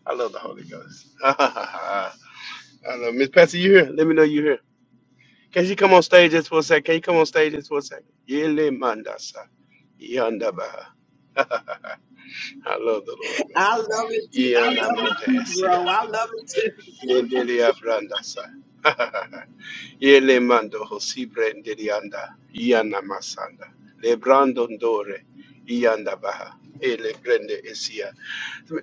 [SPEAKER 6] I love the Holy Ghost. I love Miss Patsy, you here? Let me know you here. Can she come on stage just for a second? Can you come on stage just for a second? Yele mandasa, yanda ba. I love the Lord, man.
[SPEAKER 1] I love it too. I
[SPEAKER 6] Yana
[SPEAKER 1] love it too,
[SPEAKER 6] mandasa.
[SPEAKER 1] bro. I love it too.
[SPEAKER 6] Yendele abranda sa. Yele mando hosibre ndeli anda. Iana masanda. Le brando ndore. Ianda baha. Ele brende esia.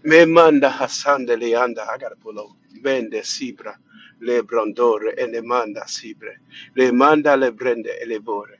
[SPEAKER 6] Me manda hasande le anda agarpolo. Bende sibra. Le brandore ele manda sibre. Le manda le brende ele bore.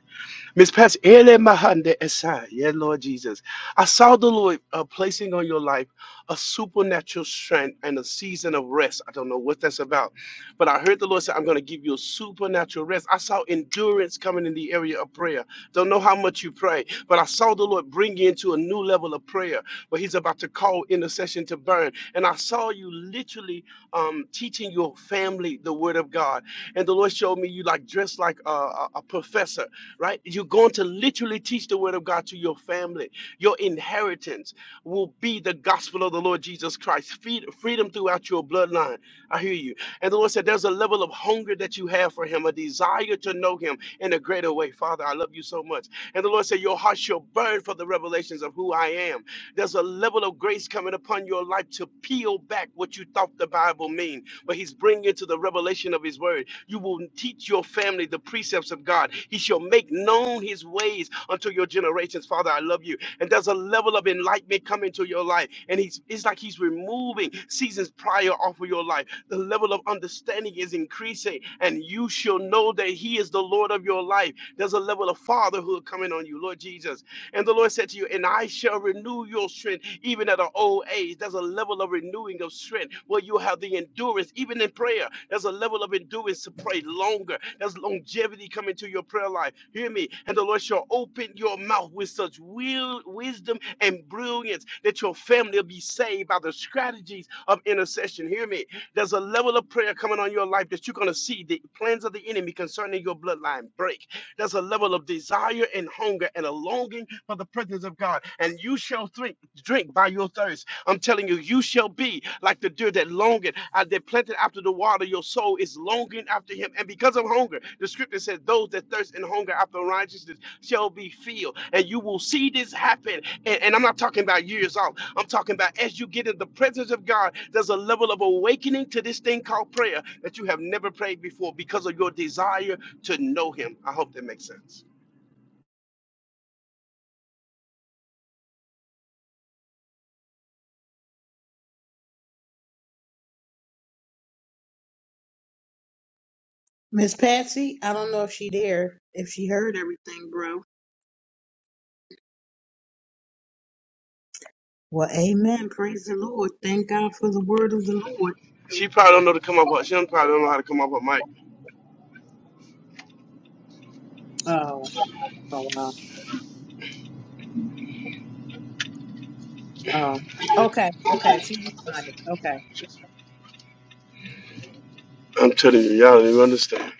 [SPEAKER 6] Miss Pat, ele mahande esa. Yeah, Lord Jesus. I saw the Lord uh, placing on your life a supernatural strength and a season of rest. I don't know what that's about, but I heard the Lord say, I'm going to give you a supernatural rest. I saw endurance coming in the area of prayer. Don't know how much you pray, but I saw the Lord bring you into a new level of prayer where He's about to call intercession to burn. And I saw you literally um, teaching your family the Word of God. And the Lord showed me you like dressed like a, a a professor, right? You're going to literally teach the Word of God to your family, your inheritance will be the gospel of the Lord Jesus Christ. Feed freedom throughout your bloodline. I hear you. And the Lord said, There's a level of hunger that you have for Him, a desire to know Him in a greater way. Father, I love you so much. And the Lord said, Your heart shall burn for the revelations of who I am. There's a level of grace coming upon your life to peel back what you thought the Bible mean, but He's bringing you to the revelation of His Word. You will teach your family the precepts of God. He shall make known his ways unto your generations. Father, I love you. And there's a level of enlightenment coming to your life. And he's, it's like he's removing seasons prior off of your life. The level of understanding is increasing, and you shall know that he is the Lord of your life. There's a level of fatherhood coming on you, Lord Jesus. And the Lord Lord said to you, and I shall renew your strength even at an old age. There's a level of renewing of strength where you have the endurance, even in prayer. There's a level of endurance to pray longer. There's longevity coming to your prayer life. Hear me. And the Lord shall open your mouth with such will, wisdom and brilliance that your family will be saved by the strategies of intercession. Hear me. There's a level of prayer coming on your life that you're going to see the plans of the enemy concerning your bloodline break. There's a level of desire and hunger and a longing for the presence of God. And you shall drink, drink by your thirst. I'm telling you, you shall be like the deer that longeth, as they planted after the water. Your soul is longing after him. And because of hunger, the scripture says, those that thirst and hunger after righteousness shall be filled. And you will see this happen. And, and I'm not talking about years off. I'm talking about as you get in the presence of God, there's a level of awakening to this thing called prayer that you have never prayed before because of your desire to know him. I hope that makes sense.
[SPEAKER 1] Miss Patsy, I don't know if she there, if she heard everything, bro. Well, Amen. Praise the Lord. Thank God for the word of the Lord.
[SPEAKER 6] She probably don't know to come up with, she don't- probably don't know how to come up with Mike.
[SPEAKER 1] Oh, oh, wow. Oh, okay, okay. She responded. Okay.
[SPEAKER 6] I'm telling you, y'all don't even understand.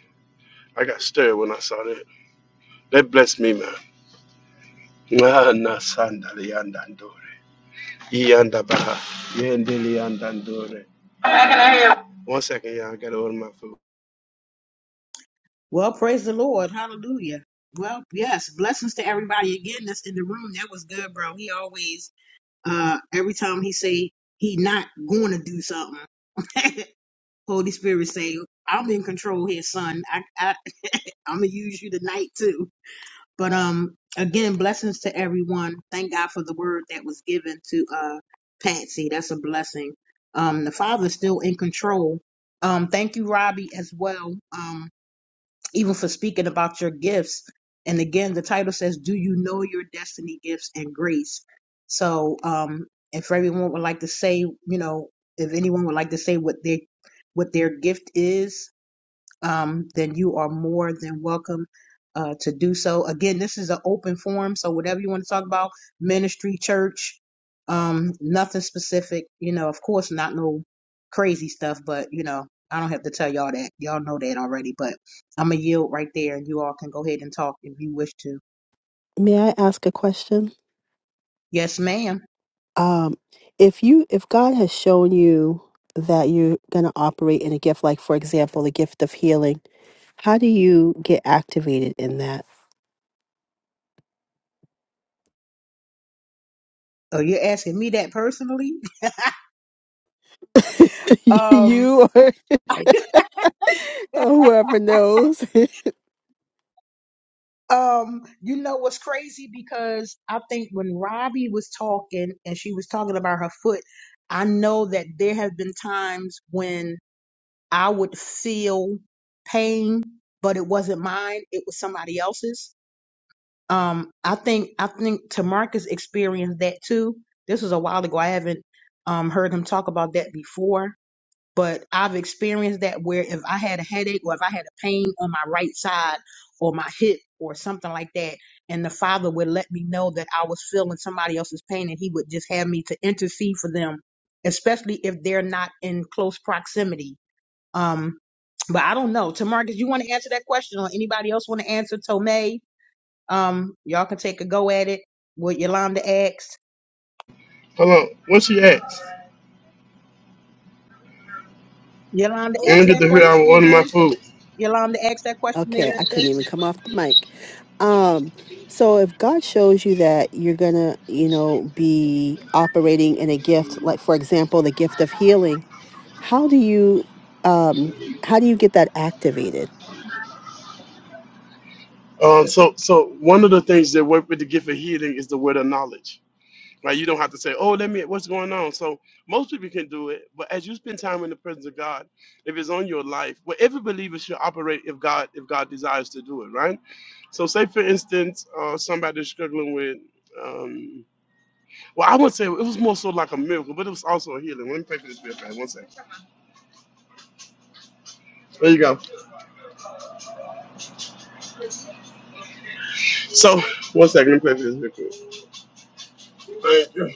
[SPEAKER 6] I got stirred when I saw that. That blessed me, man. Ah, na sanda liandandore. Iyanda baha. Yende liandandore. One second, y'all. I gotta order my food.
[SPEAKER 1] Well, praise the Lord. Hallelujah. Well, yes, blessings to everybody again that's in the room. That was good, bro. He always, uh, every time he say he not going to do something, Holy Spirit say, "I'm in control here, son. I, I, I'm gonna use you tonight too." But um, again, blessings to everyone. Thank God for the word that was given to uh Patsy. That's a blessing. Um, the Father's still in control. Um, thank you, Robbie, as well. Um, even for speaking about your gifts. And again, the title says, "Do you know your destiny gifts and grace?" So, um, if everyone would like to say, you know, if anyone would like to say what their what their gift is, um, then you are more than welcome uh, to do so. Again, this is an open forum, so whatever you want to talk about, ministry, church, um, nothing specific. You know, of course, not no crazy stuff, but you know, I don't have to tell y'all that. Y'all know that already. But I'm gonna yield right there, and you all can go ahead and talk if you wish to.
[SPEAKER 9] May I ask a question?
[SPEAKER 1] Yes, ma'am.
[SPEAKER 9] Um, if you, if God has shown you that you're going to operate in a gift, like for example, the gift of healing, how do you get activated in that?
[SPEAKER 1] Oh, you're asking me that personally? Um.
[SPEAKER 9] you or whoever knows.
[SPEAKER 1] Um, you know what's crazy because I think when Robbie was talking and she was talking about her foot, I know that there have been times when I would feel pain, but it wasn't mine, it was somebody else's. Um, I think I think Tamarcus experienced that too. This was a while ago. I haven't um heard him talk about that before but I've experienced that where if I had a headache or if I had a pain on my right side or my hip or something like that, and the Father would let me know that I was feeling somebody else's pain and He would just have me to intercede for them, especially if they're not in close proximity. Um, but I don't know. Tamarcus, you want to answer that question or anybody else want to answer? Tomei, um, y'all can take a go at it. What Yolanda asked.
[SPEAKER 6] Hold on. What she asked?
[SPEAKER 1] Yolanda
[SPEAKER 6] And I don't
[SPEAKER 1] asked
[SPEAKER 6] get
[SPEAKER 1] that
[SPEAKER 6] to hear I
[SPEAKER 1] question
[SPEAKER 6] order my
[SPEAKER 1] again.
[SPEAKER 6] food.
[SPEAKER 1] Yolanda asked that question again.
[SPEAKER 9] okay, I
[SPEAKER 1] sis.
[SPEAKER 9] couldn't even come off the mic. Um, so if God shows you that you're gonna, you know, be operating in a gift, like for example, the gift of healing. How do you um how do you get that activated?
[SPEAKER 6] Um, so, so one of the things that work with the gift of healing is the word of knowledge. Like you don't have to say, "Oh, let me. What's going on?" So most people can do it, but as you spend time in the presence of God, if it's on your life, well, every believer should operate if God if God desires to do it, right? So, say for instance, uh, somebody's struggling with, um, well, I would say it was more so like a miracle, but it was also a healing. Let me pray for this real quick. One second. There you go. So, one second. Let me pray for this real quick. Thank you.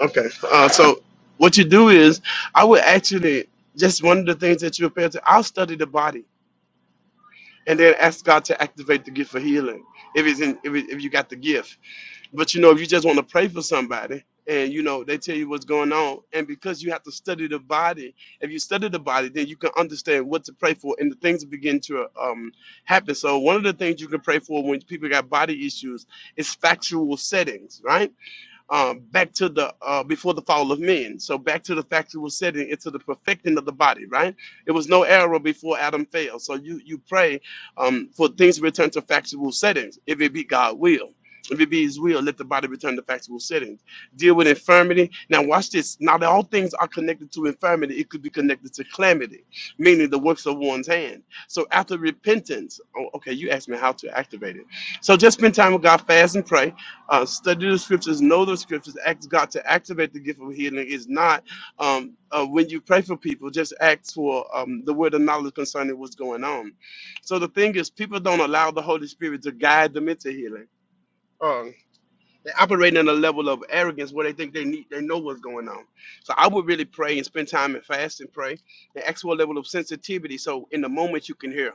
[SPEAKER 6] Okay. Uh, so, what you do is, I would actually just one of the things that you prepare to. I'll study the body and then ask God to activate the gift of healing if it's in if, it, if you got the gift. But you know, if you just want to pray for somebody and you know they tell you what's going on, and because you have to study the body, if you study the body, then you can understand what to pray for, and the things begin to um, happen. So one of the things you can pray for when people got body issues is factual settings, right? um, back to the uh, before the fall of men. So back to the factual setting, into the perfecting of the body. Right? It was no error before Adam fell. So you you pray um, for things to return to factual settings, if it be God will. If it be his will, let the body return to factual settings. Deal with infirmity. Now, watch this. Not all things are connected to infirmity. It could be connected to calamity, meaning the works of one's hand. So, after repentance, oh, okay, you asked me how to activate it. So, just spend time with God, fast and pray uh, study the scriptures, know the scriptures, ask God to activate the gift of healing. Is not um, uh, when you pray for people, just ask for um, the word of knowledge concerning what's going on. So the thing is, people don't allow the Holy Spirit to guide them into healing. Uh, they operate operating on a level of arrogance where they think they need they know what's going on. So I would really pray and spend time and fast and pray and ask for a level of sensitivity. So in the moment you can hear.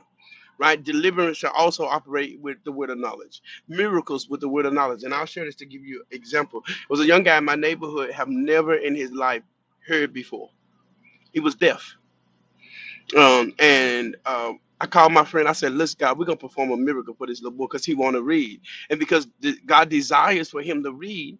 [SPEAKER 6] Right? Deliverance should also operate with the word of knowledge. Miracles with the word of knowledge. And I'll share this to give you an example. There was a young guy in my neighborhood have never in his life heard before. He was deaf. Um, and um, I called my friend. I said, "Listen, God, we're gonna perform a miracle for this little boy because he want to read, and because the, God desires for him to read.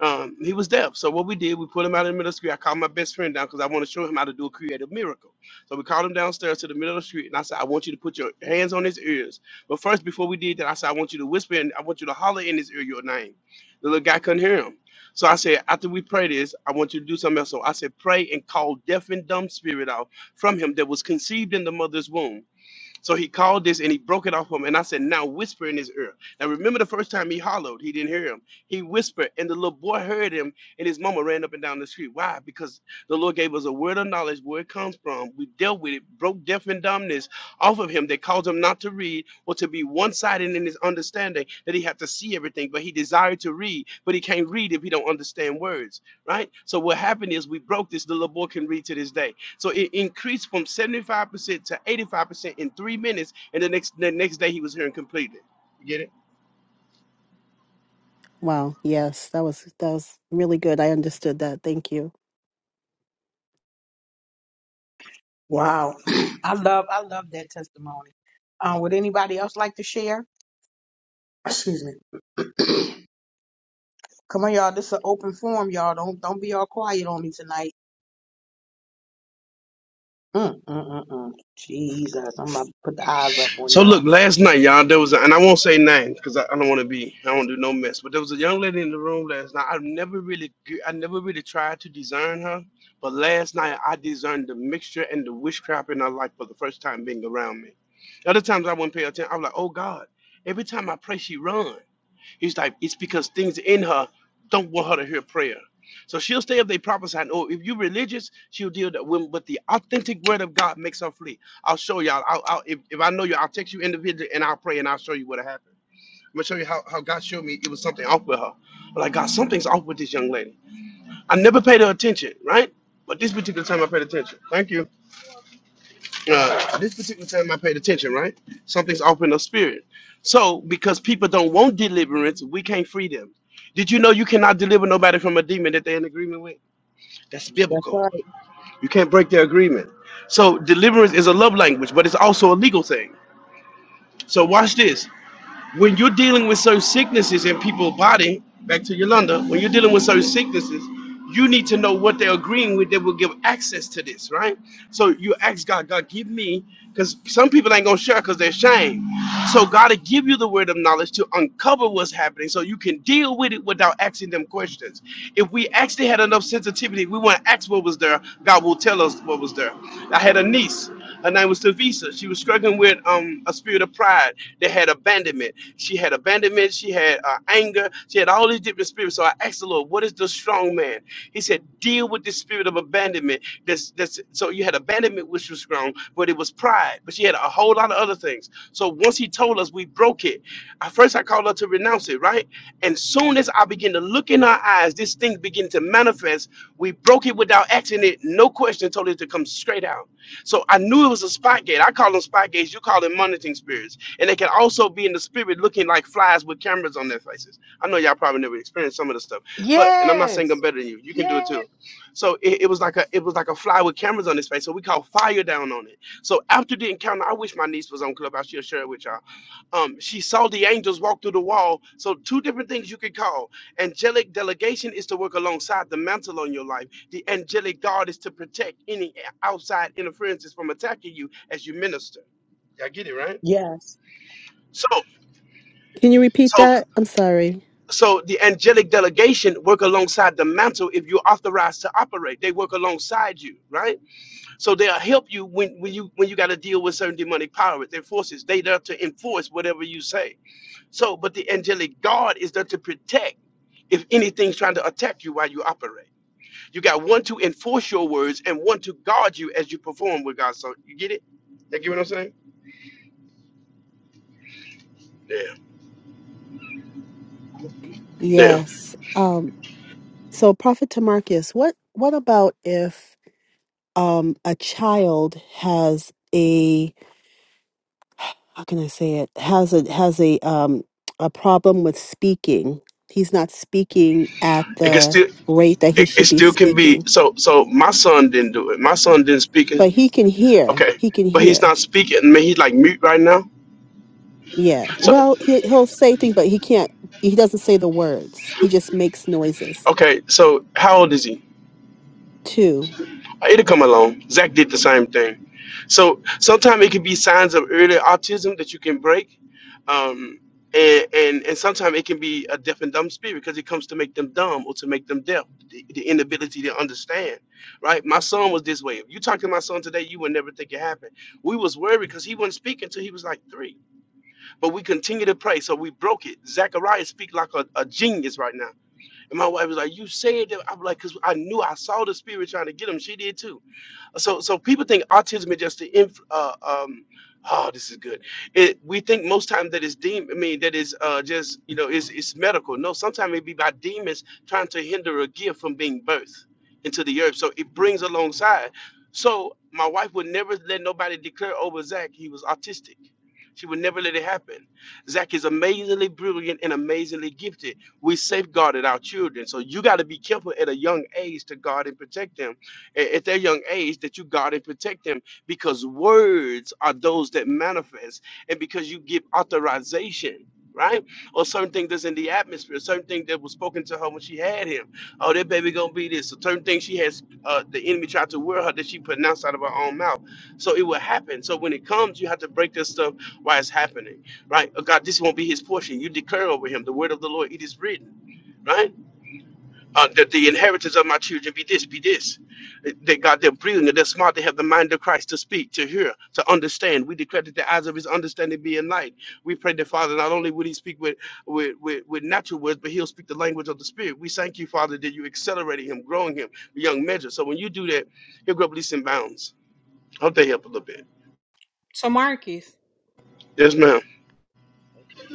[SPEAKER 6] Um, he was deaf. So what we did, we put him out in the middle of the street. I called my best friend down because I want to show him how to do a creative miracle. So we called him downstairs to the middle of the street, and I said, I want you to put your hands on his ears. But first, before we did that, I said, I want you to whisper and I want you to holler in his ear your name. The little guy couldn't hear him. So I said, after we pray this, I want you to do something else. So I said, pray and call deaf and dumb spirit out from him that was conceived in the mother's womb. So he called this and he broke it off him. And I said, Now whisper in his ear. Now remember the first time he hollowed, he didn't hear him. He whispered, and the little boy heard him, and his mama ran up and down the street. Why? Because the Lord gave us a word of knowledge where it comes from. We dealt with it, broke deaf and dumbness off of him that caused him not to read or to be one sided in his understanding that he had to see everything, but he desired to read, but he can't read if he don't understand words, right? So what happened is we broke this, the little boy can read to this day. So it increased from 75% to 85% in three minutes. And the next the next day he was hearing completely. You get it?
[SPEAKER 9] Wow, yes, that was that was really good. I understood that. Thank you.
[SPEAKER 1] Wow. I love I love that testimony. Um, would anybody else like to share? Excuse me. Come on, y'all. This is an open forum, y'all. Don't don't be all quiet on me tonight. Mm, mm, mm, mm. Jesus, I'm about to put the eyes up on
[SPEAKER 6] So look,
[SPEAKER 1] y'all.
[SPEAKER 6] last night, y'all, there was a, and I won't say names because I, I don't want to be, I don't do no mess. But there was a young lady in the room last night. I never really g- I never really tried to discern her. But last night I discerned the mixture and the witchcraft in her life for the first time being around me. Other times I wouldn't pay attention. I am like, oh God, every time I pray, she run. He's like, it's because things in her don't want her to hear prayer. So she'll stay if they prophesy. Oh, if you're religious, she'll deal that with, but the authentic word of God makes her flee. I'll show y'all. I'll, I'll, if, if I know you, I'll text you individually and I'll pray and I'll show you what happened. I'm gonna show you how, how God showed me it was something off with her. But like God, something's off with this young lady. I never paid her attention, right? But this particular time I paid attention. Thank you uh, this particular time I paid attention, right? Something's off in the spirit. So, because people don't want deliverance, we can't free them. Did you know you cannot deliver nobody from a demon that they're in agreement with? That's
[SPEAKER 1] That's
[SPEAKER 6] biblical.
[SPEAKER 1] right.
[SPEAKER 6] You can't break their agreement. So, deliverance is a love language, but it's also a legal thing. So, watch this when you're dealing with certain sicknesses in people's body, back to Yolanda, when you're dealing with certain sicknesses, you need to know what they're agreeing with that will give access to this, right? So you ask God, God, give me, because some people ain't gonna share because they're ashamed. So God will give you the word of knowledge to uncover what's happening so you can deal with it without asking them questions. If we actually had enough sensitivity, we wouldn't ask what was there, God will tell us what was there. I had a niece. Her name was Tavisa. She was struggling with um, a spirit of pride that had abandonment. She had abandonment. She had uh, anger. She had all these different spirits. So I asked the Lord, "What is the strong man?" He said, "Deal with the spirit of abandonment." That's that's. So you had abandonment, which was strong, but it was pride. But she had a whole lot of other things. So once He told us, we broke it. At first, I called her to renounce it, right? And soon as I began to look in her eyes, this thing began to manifest. We broke it without asking it, no question. Told it to come straight out. So I knew it was a spot gate. I call them spot gates. You call them monitoring spirits. And they can also be in the spirit looking like flies with cameras on their faces. I know y'all probably never experienced some of this stuff, but and I'm not saying I'm
[SPEAKER 4] Yes.
[SPEAKER 6] better than you. You can do it too. So it, it was like a it was like a fly with cameras on his face. So we called fire down on it. So after the encounter, I wish my niece was on Clubhouse. She'll share it with y'all. Um, she saw the angels walk through the wall. So two different things you could call. Angelic delegation is to work alongside the mantle on your life. The angelic guard is to protect any outside interferences from attacking you as you minister. Y'all get it, right?
[SPEAKER 1] Yes.
[SPEAKER 6] So,
[SPEAKER 9] Can you repeat
[SPEAKER 6] so,
[SPEAKER 9] that? I'm sorry.
[SPEAKER 6] so the angelic delegation work alongside the mantle if you're authorized to operate. They work alongside you, right? So they'll help you when, when you when you got to deal with certain demonic power, their forces. They there to enforce whatever you say. So, but the angelic guard is there to protect if anything's trying to attack you while you operate. You got one to enforce your words and one to guard you as you perform with God. So you get it? You get what I'm saying? Damn, damn.
[SPEAKER 9] Yes. um, So, Prophet Tamarkius, what what about if um, a child has a how can I say it has a has a um, a problem with speaking? He's not speaking at
[SPEAKER 6] It can
[SPEAKER 9] the
[SPEAKER 6] still
[SPEAKER 9] rate that he
[SPEAKER 6] it, it
[SPEAKER 9] should be
[SPEAKER 6] still can be
[SPEAKER 9] speaking,
[SPEAKER 6] so so my son didn't do it. My son didn't speak it.
[SPEAKER 9] but he can hear.
[SPEAKER 6] Okay.
[SPEAKER 9] He can
[SPEAKER 6] But he's
[SPEAKER 9] hear.
[SPEAKER 6] not speaking. I mean he's like mute right now.
[SPEAKER 9] Yeah.
[SPEAKER 6] So
[SPEAKER 9] Well, he he'll say things, but he can't. He doesn't say the words. He just makes noises.
[SPEAKER 6] okay, so how old is he?
[SPEAKER 9] Two.
[SPEAKER 6] It'll come along. Zach did the same thing. So sometimes it can be signs of early autism that you can break. Um, and, and and sometimes it can be a deaf and dumb spirit because it comes to make them dumb or to make them deaf, the, the inability to understand, right? My son was this way. If you talk to my son today, you would never think it happened. We was worried because he wouldn't speak until he was like three, but we continued to pray, so we broke it. Zachariah speak like a, a genius right now, and my wife was like, "You said that." I'm like, "Cause I knew I saw the spirit trying to get him. She did too." So so people think autism is just the inf- uh, um oh this is good. It we think most times that it's demon. I mean that is uh just you know it's it's medical. No, sometimes it be by demons trying to hinder a gift from being birthed into the earth. So it brings alongside. So my wife would never let nobody declare over Zach he was autistic. She would never let it happen. Zach is amazingly brilliant and amazingly gifted. We safeguarded our children. So you got to be careful at a young age to guard and protect them a- at their young age that you guard and protect them because words are those that manifest and because you give authorization right or certain things that's in the atmosphere certain thing that was spoken to her when she had him oh that baby gonna be this so certain things she has uh, the enemy tried to wear her that she pronounced out of her own mouth so it will happen so when it comes you have to break this stuff while it's happening right oh god this won't be his portion you declare over him the word of the lord it is written right uh, that the inheritance of my children be this, be this. That God, they're brilliant, they're smart, they have the mind of Christ to speak, to hear, to understand. We declare that the eyes of his understanding be enlightened. We pray that, Father, not only would he speak with, with, with, with natural words, but he'll speak the language of the Spirit. We thank you, Father, that you're accelerating him, growing him beyond measure. So when you do that, he'll grow up leaps and bounds. hope they help a little bit.
[SPEAKER 4] So Marcus,
[SPEAKER 6] Yes, ma'am.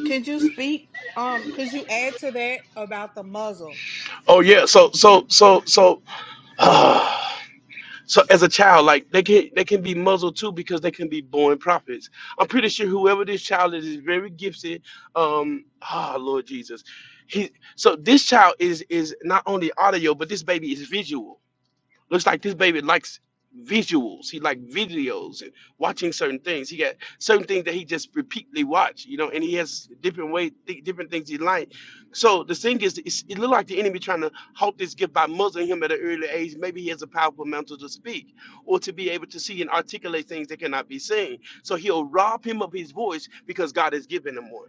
[SPEAKER 4] could you speak? Um, could you add to that about the muzzle?
[SPEAKER 6] Oh, yeah. So, so, so, so, So as a child, like they can they can be muzzled too because they can be born prophets. I'm pretty sure whoever this child is is very gifted. Um, ah, Lord Jesus, he. So this child is is not only audio, but this baby is visual. Looks like this baby likes visuals. He like videos and watching certain things. He got certain things that he just repeatedly watch, you know, and he has different way, th- different things he like. So the thing is, it's, it look like the enemy trying to halt this gift by muzzling him at an early age. Maybe he has a powerful mantle to speak or to be able to see and articulate things that cannot be seen. So he'll rob him of his voice because God has given him one.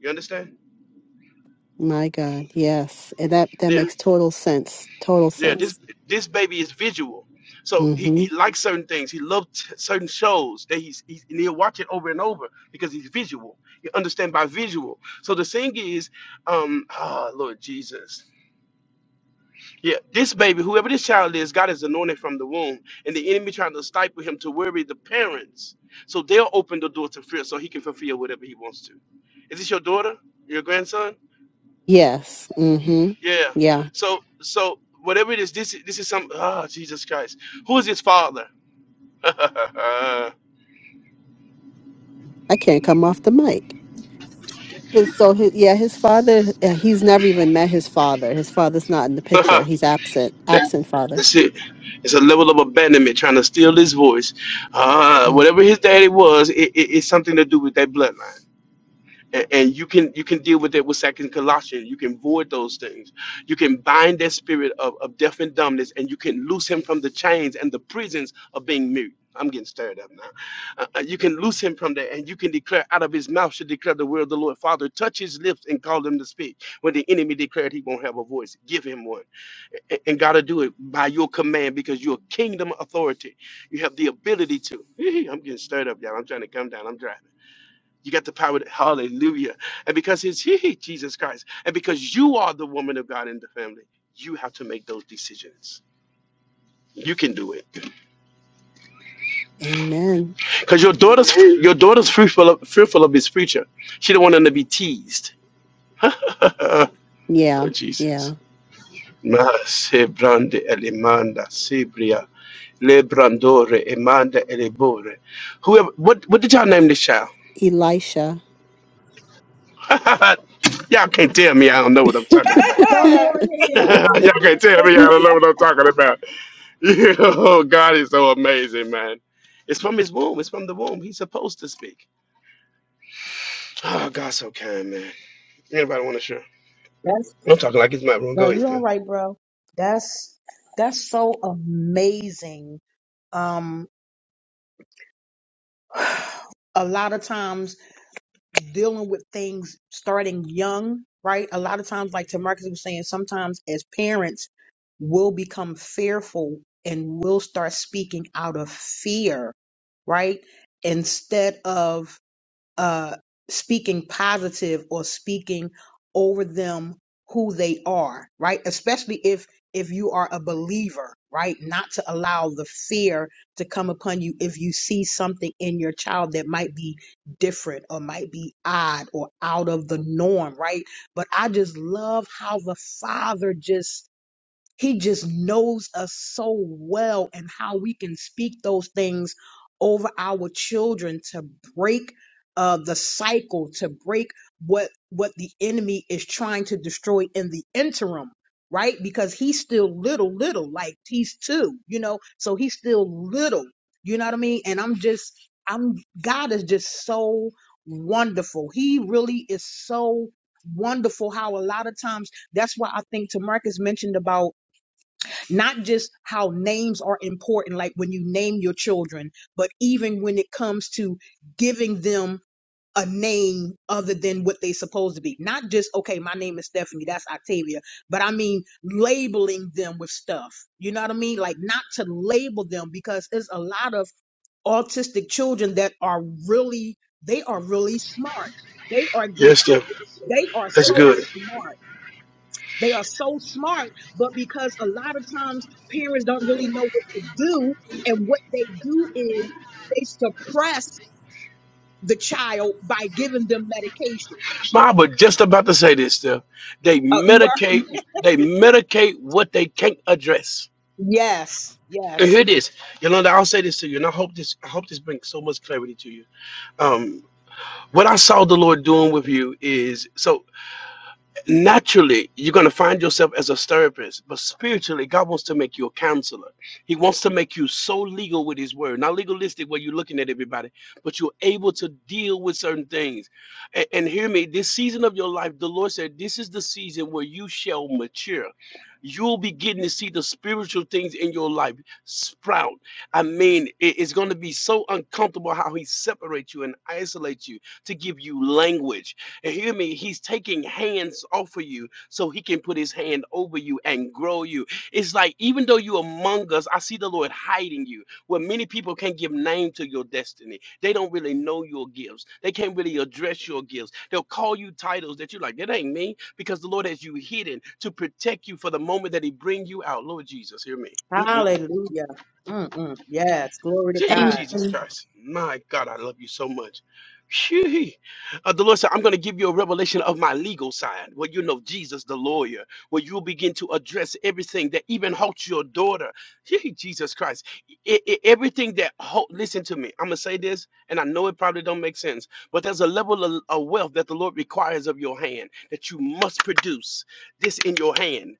[SPEAKER 6] You understand?
[SPEAKER 9] My God. Yes, and that that
[SPEAKER 6] Yeah.
[SPEAKER 9] makes total sense. Total
[SPEAKER 6] Yeah, this
[SPEAKER 9] sense.
[SPEAKER 6] this baby is visual, so he,
[SPEAKER 9] Mm-hmm.
[SPEAKER 6] he likes certain things. He loved certain shows that he's, he's and he'll watch it over and over because he's visual. You understand by visual. So the thing is, um, oh Lord Jesus, yeah, this baby, whoever this child is, God is anointed from the womb, and the enemy trying to stifle him to worry the parents, so they'll open the door to fear, so he can fulfill whatever he wants to. Is this your daughter? Your grandson?
[SPEAKER 9] Yes. Mm-hmm.
[SPEAKER 6] Yeah.
[SPEAKER 9] Yeah.
[SPEAKER 6] So so whatever it is, this is this is some ah Jesus Christ. Who is his father?
[SPEAKER 9] I can't come off the mic. His, so his, yeah, his father. uh, He's never even met his father. His father's not in the picture.
[SPEAKER 6] That-
[SPEAKER 9] He's absent. Absent father.
[SPEAKER 6] that's it. It's a level of abandonment trying to steal his voice. Uh,
[SPEAKER 9] Mm.
[SPEAKER 6] whatever his daddy was, it, it, it's something to do with that bloodline. A- and you can you can deal with it with second colossians you can void those things you can bind that spirit of, of deaf and dumbness and you can loose him from the chains and the prisons of being mute i'm getting stirred up now Uh, uh, you can loose him from there and you can declare out of his mouth should declare the word of the lord father touch his lips and call him to speak when the enemy declared he won't have a voice give him one A- and gotta do it by your command because you're kingdom authority you have the ability to i'm getting stirred up y'all i'm trying to come down i'm dry you got the power. To, hallelujah. And because it's he, Jesus Christ, and because you are the woman of God in the family, you have to make those decisions. You can do it.
[SPEAKER 9] Amen.
[SPEAKER 6] Because your daughter's your daughter's fearful of, fearful of this preacher. She don't want them to be teased. oh,
[SPEAKER 9] Yeah.
[SPEAKER 6] Jesus.
[SPEAKER 9] Yeah.
[SPEAKER 6] Ma se brande elemanda sebria le brandore emanda elebore. Whoever, what, what did y'all name this child?
[SPEAKER 9] Elisha.
[SPEAKER 6] y'all can't tell me. I don't know what I'm talking about.
[SPEAKER 1] Come on here.
[SPEAKER 6] Y'all can't tell me y'all don't know what I'm talking about. oh, God is so amazing, man. It's from his womb. It's from the womb. He's supposed to speak. Oh, God's so kind, man. Anybody want to share?
[SPEAKER 1] That's
[SPEAKER 6] I'm talking like it's my room.
[SPEAKER 1] no,
[SPEAKER 6] Go ahead,
[SPEAKER 1] you all
[SPEAKER 6] Steph.
[SPEAKER 1] right, bro. That's that's so amazing. Um, a lot of times. dealing with things starting young, right? A lot of times, like Tamarcus was saying, sometimes as parents, we'll become fearful and we'll start speaking out of fear, right? Instead of uh, speaking positive or speaking over them who they are, right? Especially if if you are a believer, right? Not to allow the fear to come upon you if you see something in your child that might be different or might be odd or out of the norm, right? But I just love how the father just he just knows us so well and how we can speak those things over our children to break uh, the cycle, to break what what the enemy is trying to destroy in the interim, right? Because he's still little, little, like he's two, you know, so he's still little. You know what I mean? And I'm just, I'm God is just so wonderful. He really is so wonderful. How a lot of times that's why I think Tamarcus mentioned about not just how names are important, like when you name your children, but even when it comes to giving them a name other than what they supposed to be. Not just, okay, my name is Stephanie, that's Octavia, but I mean labeling them with stuff. You know what I mean? Like not to label them because there's a lot of autistic children that are really, they are really smart. They are
[SPEAKER 6] Yes,
[SPEAKER 1] just,
[SPEAKER 6] Steph.
[SPEAKER 1] they are
[SPEAKER 6] That's
[SPEAKER 1] so
[SPEAKER 6] good.
[SPEAKER 1] smart they are so smart, but because a lot of times parents don't really know what to do, and what they do is they suppress the child by giving them medication.
[SPEAKER 6] Ma, I was just about to say this, Steph. They
[SPEAKER 1] Uh, you are
[SPEAKER 6] medicate. They medicate what they can't address.
[SPEAKER 1] yes,
[SPEAKER 6] And here
[SPEAKER 1] yes,
[SPEAKER 6] it is, Yolanda. I'll say this to you, and I hope this. I hope this brings so much clarity to you. Um, what I saw the Lord doing with you is so. naturally you're going to find yourself as a therapist but spiritually god wants to make you a counselor he wants to make you so legal with his word not legalistic where you're looking at everybody but you're able to deal with certain things and, and hear me this season of your life the lord said this is the season where you shall mature you'll be getting to see the spiritual things in your life sprout i mean it- it's going to be so uncomfortable how he separates you and isolates you to give you language and hear me, he's taking hands off of you so he can put his hand over you and grow you. It's like even though you're among us, I see the Lord hiding you. Where many people can't give name to your destiny. They don't really know your gifts. They can't really address your gifts. They'll call you titles that you're like, that ain't me, because the Lord has you hidden to protect you for the moment that he bring you out. Lord Jesus, hear me. Mm-mm-mm.
[SPEAKER 1] hallelujah, Mm-mm. yes, glory to
[SPEAKER 6] Gee,
[SPEAKER 1] God,
[SPEAKER 6] Jesus
[SPEAKER 10] Amen.
[SPEAKER 6] Christ. My God, I love you so much. Gee. Uh, the Lord said, I'm going to give you a revelation of my legal side. Well, you know, Jesus, the lawyer, where you'll begin to address everything that even halts your daughter. Gee, Jesus Christ. E- e- everything that, halt, listen to me, I'm going to say this, and I know it probably don't make sense, but there's a level of, of wealth that the Lord requires of your hand that you must produce this in your hand.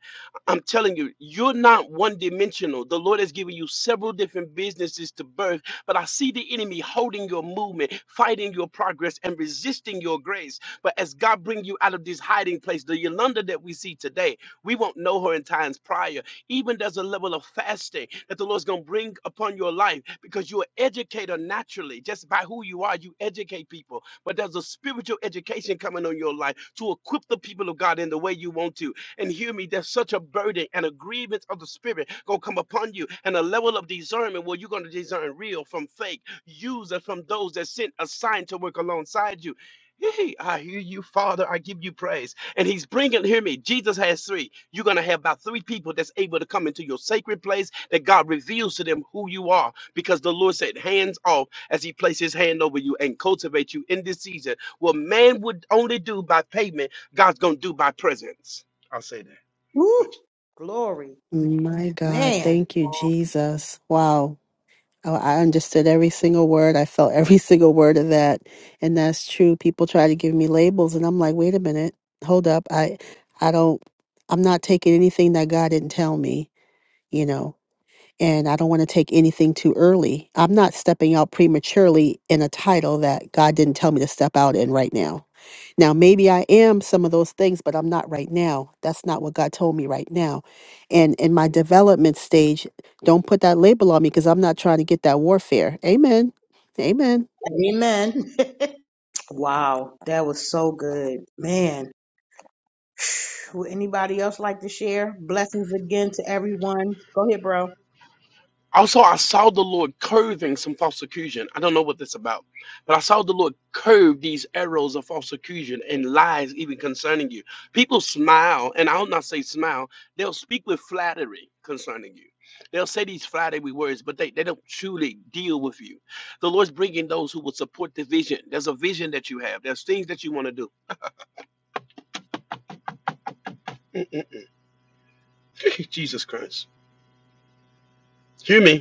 [SPEAKER 6] I'm telling you, you're not one dimensional. The Lord has given you several different businesses to birth, but I see the enemy holding your movement, fighting your progress, and resisting your grace. But as God bring you out of this hiding place, the Yolanda that we see today, we won't know her in times prior. Even there's a level of fasting that the Lord's going to bring upon your life because you're an educator naturally. Just by who you are, you educate people. But there's a spiritual education coming on your life to equip the people of God in the way you want to and hear me, there's such a burden and a grievance of the spirit gonna come upon you, and a level of discernment where you're gonna discern real from fake, user from those that sent a sign to work alongside you. Yay, I hear you, Father. I give you praise. And he's bringing, hear me, Jesus has three. You're going to have about three people that's able to come into your sacred place that God reveals to them who you are because the Lord said, hands off as he placed his hand over you and cultivate you in this season. What man would only do by payment, God's going to do by presence. I'll say that.
[SPEAKER 1] woo,
[SPEAKER 6] But
[SPEAKER 1] glory,
[SPEAKER 9] My God.
[SPEAKER 1] man,
[SPEAKER 9] Thank you, Jesus. Wow. Oh, I understood every single word. I felt every single word of that. And that's true. People try to give me labels and I'm like, wait a minute, hold up. I I don't I'm not taking anything that God didn't tell me, you know. And I don't want to take anything too early. I'm not stepping out prematurely in a title that God didn't tell me to step out in right now now, maybe I am some of those things, but I'm not right now. That's not what God told me right now. And in my development stage, don't put that label on me because I'm not trying to get that warfare. Amen. Amen.
[SPEAKER 1] amen. wow, that was so good, man. Would anybody else like to share? Blessings again to everyone. Go ahead, bro.
[SPEAKER 6] also, I saw the Lord curving some false accusation. I don't know what this about, but I saw the Lord curve these arrows of false accusation and lies even concerning you. People smile, and I'll not say smile. They'll speak with flattery concerning you. They'll say these flattery words, but they, they don't truly deal with you. The Lord's bringing those who will support the vision. There's a vision that you have. There's things that you want to do. Jesus Christ. Hear me.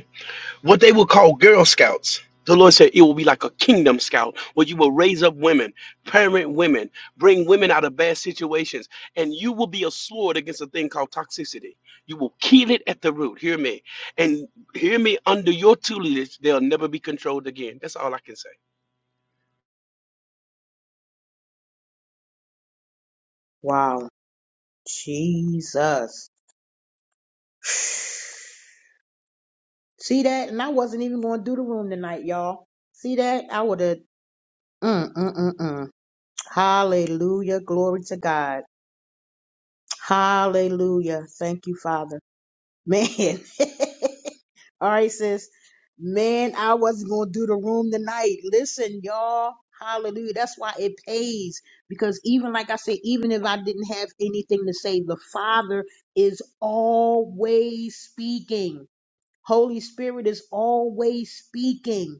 [SPEAKER 6] what they would call Girl Scouts. The Lord said it will be like a kingdom scout where you will raise up women, parent women, bring women out of bad situations, and you will be a sword against a thing called toxicity. You will kill it at the root. Hear me. And hear me under your tutelage, they'll never be controlled again. That's all I can say.
[SPEAKER 1] Wow. Jesus. See that? And I wasn't even going to do the room tonight, y'all. See that? I would have. Mm, mm, mm, mm. Hallelujah. Glory to God. Hallelujah. Thank you, Father. Man. All right, sis. Man, I wasn't going to do the room tonight. Listen, y'all. Hallelujah. That's why it pays. Because even like I said, even if I didn't have anything to say, the Father is always speaking. Holy Spirit is always speaking.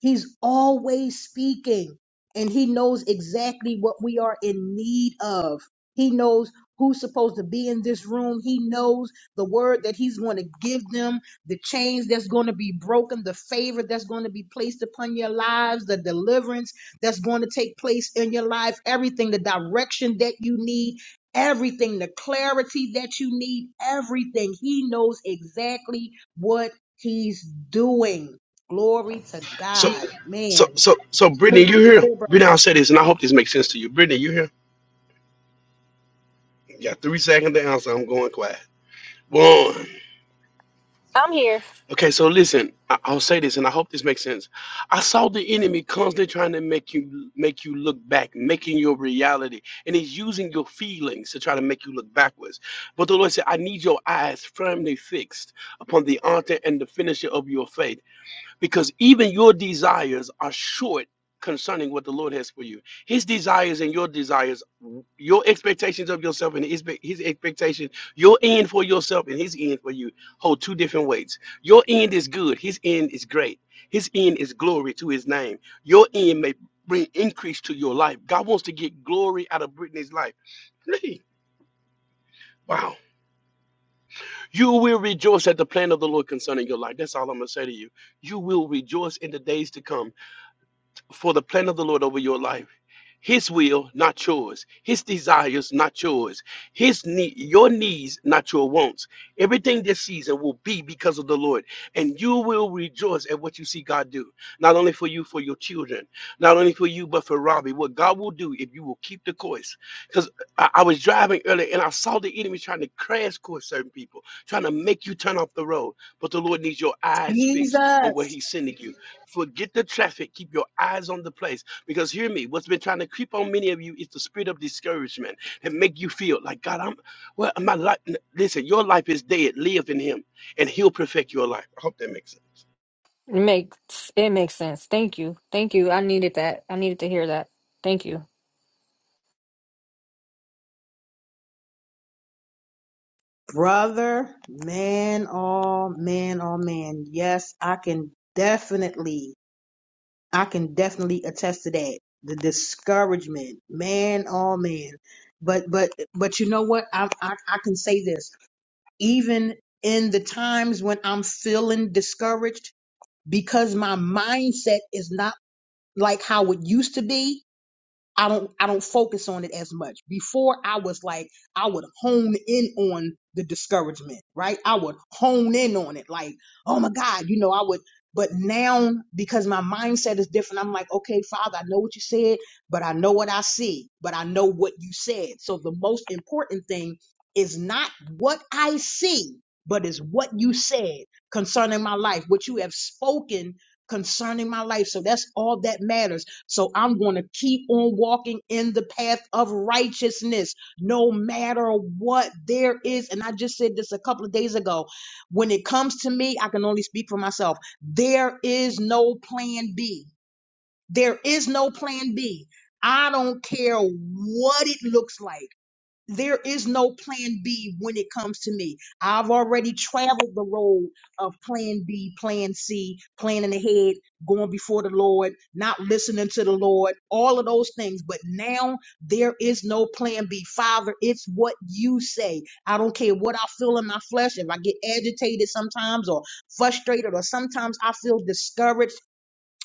[SPEAKER 1] He's always speaking and he knows exactly what we are in need of. He knows who's supposed to be in this room. He knows the word that he's going to give them, the chains that's going to be broken, the favor that's going to be placed upon your lives, the deliverance that's going to take place in your life, everything, the direction that you need, everything, the clarity that you need, everything. He knows exactly what he's doing. Glory to
[SPEAKER 6] So
[SPEAKER 1] God.
[SPEAKER 6] so
[SPEAKER 1] Man.
[SPEAKER 6] so so Brittany, you here? Brittany, I'll say this and I hope this makes sense to you. Brittany, you here? You got three seconds to answer. I'm going quiet. One.
[SPEAKER 11] I'm here.
[SPEAKER 6] Okay, so listen, I- I'll say this, and I hope this makes sense. I saw the enemy constantly trying to make you make you look back, making your reality, and he's using your feelings to try to make you look backwards. But the Lord said, "I need your eyes firmly fixed upon the Author and the finisher of your faith." because even your desires are short concerning what the Lord has for you. His desires and your desires, your expectations of yourself and his, his expectation, your end for yourself and his end for you hold two different weights. Your end is good, his end is great. His end is glory to his name. Your end may bring increase to your life. God wants to get glory out of Brittany's life. Wow. You will rejoice at the plan of the Lord concerning your life. That's all I'm going to say to you. You will rejoice in the days to come for the plan of the Lord over your life. His will, not yours. His desires, not yours. His need, your needs, not your wants. Everything this season will be because of the Lord, and you will rejoice at what you see God do. Not only for you, for your children, not only for you, but for Robbie. What God will do if you will keep the course. Because I, I was driving earlier, and I saw the enemy trying to crash course certain people, trying to make you turn off the road. But the Lord needs your eyes fixed on where
[SPEAKER 1] Jesus.
[SPEAKER 6] He's sending you. Forget the traffic. Keep your eyes on the place. Because hear me, what's been trying to creep on many of you is the spirit of discouragement and make you feel like God, I'm well, my life. Listen, your life is dead. Live in Him, and He'll perfect your life. I hope that makes sense.
[SPEAKER 11] It makes it makes sense. Thank you. Thank you. I needed that. I needed to hear that. Thank you.
[SPEAKER 1] Brother, man, Oh, man, Oh, man. Yes, I can definitely, I can definitely attest to that. The discouragement, man, Oh, man. But, but, but you know what? I, I, I can say this. Even in the times when I'm feeling discouraged because my mindset is not like how it used to be, I don't I don't focus on it as much. Before I was like I would hone in on the discouragement, right? I would hone in on it like, oh my God, you know, I would but now because my mindset is different, I'm like, okay, Father, I know what you said, but I know what I see, but I know what you said. So the most important thing is not what I see, but is what you said concerning my life, what you have spoken concerning my life. So that's all that matters so I'm going to keep on walking in the path of righteousness no matter what there is. And I just said this a couple of days ago. When it comes to me, I can only speak for myself. There is no plan B. There is no plan B. I don't care what it looks like. There is no plan B when it comes to me. I've already traveled the road of plan B, plan C, planning ahead, going before the Lord, not listening to the Lord, all of those things. But now there is no plan B. Father, it's what you say. I don't care what I feel in my flesh. If I get agitated sometimes or frustrated or sometimes I feel discouraged.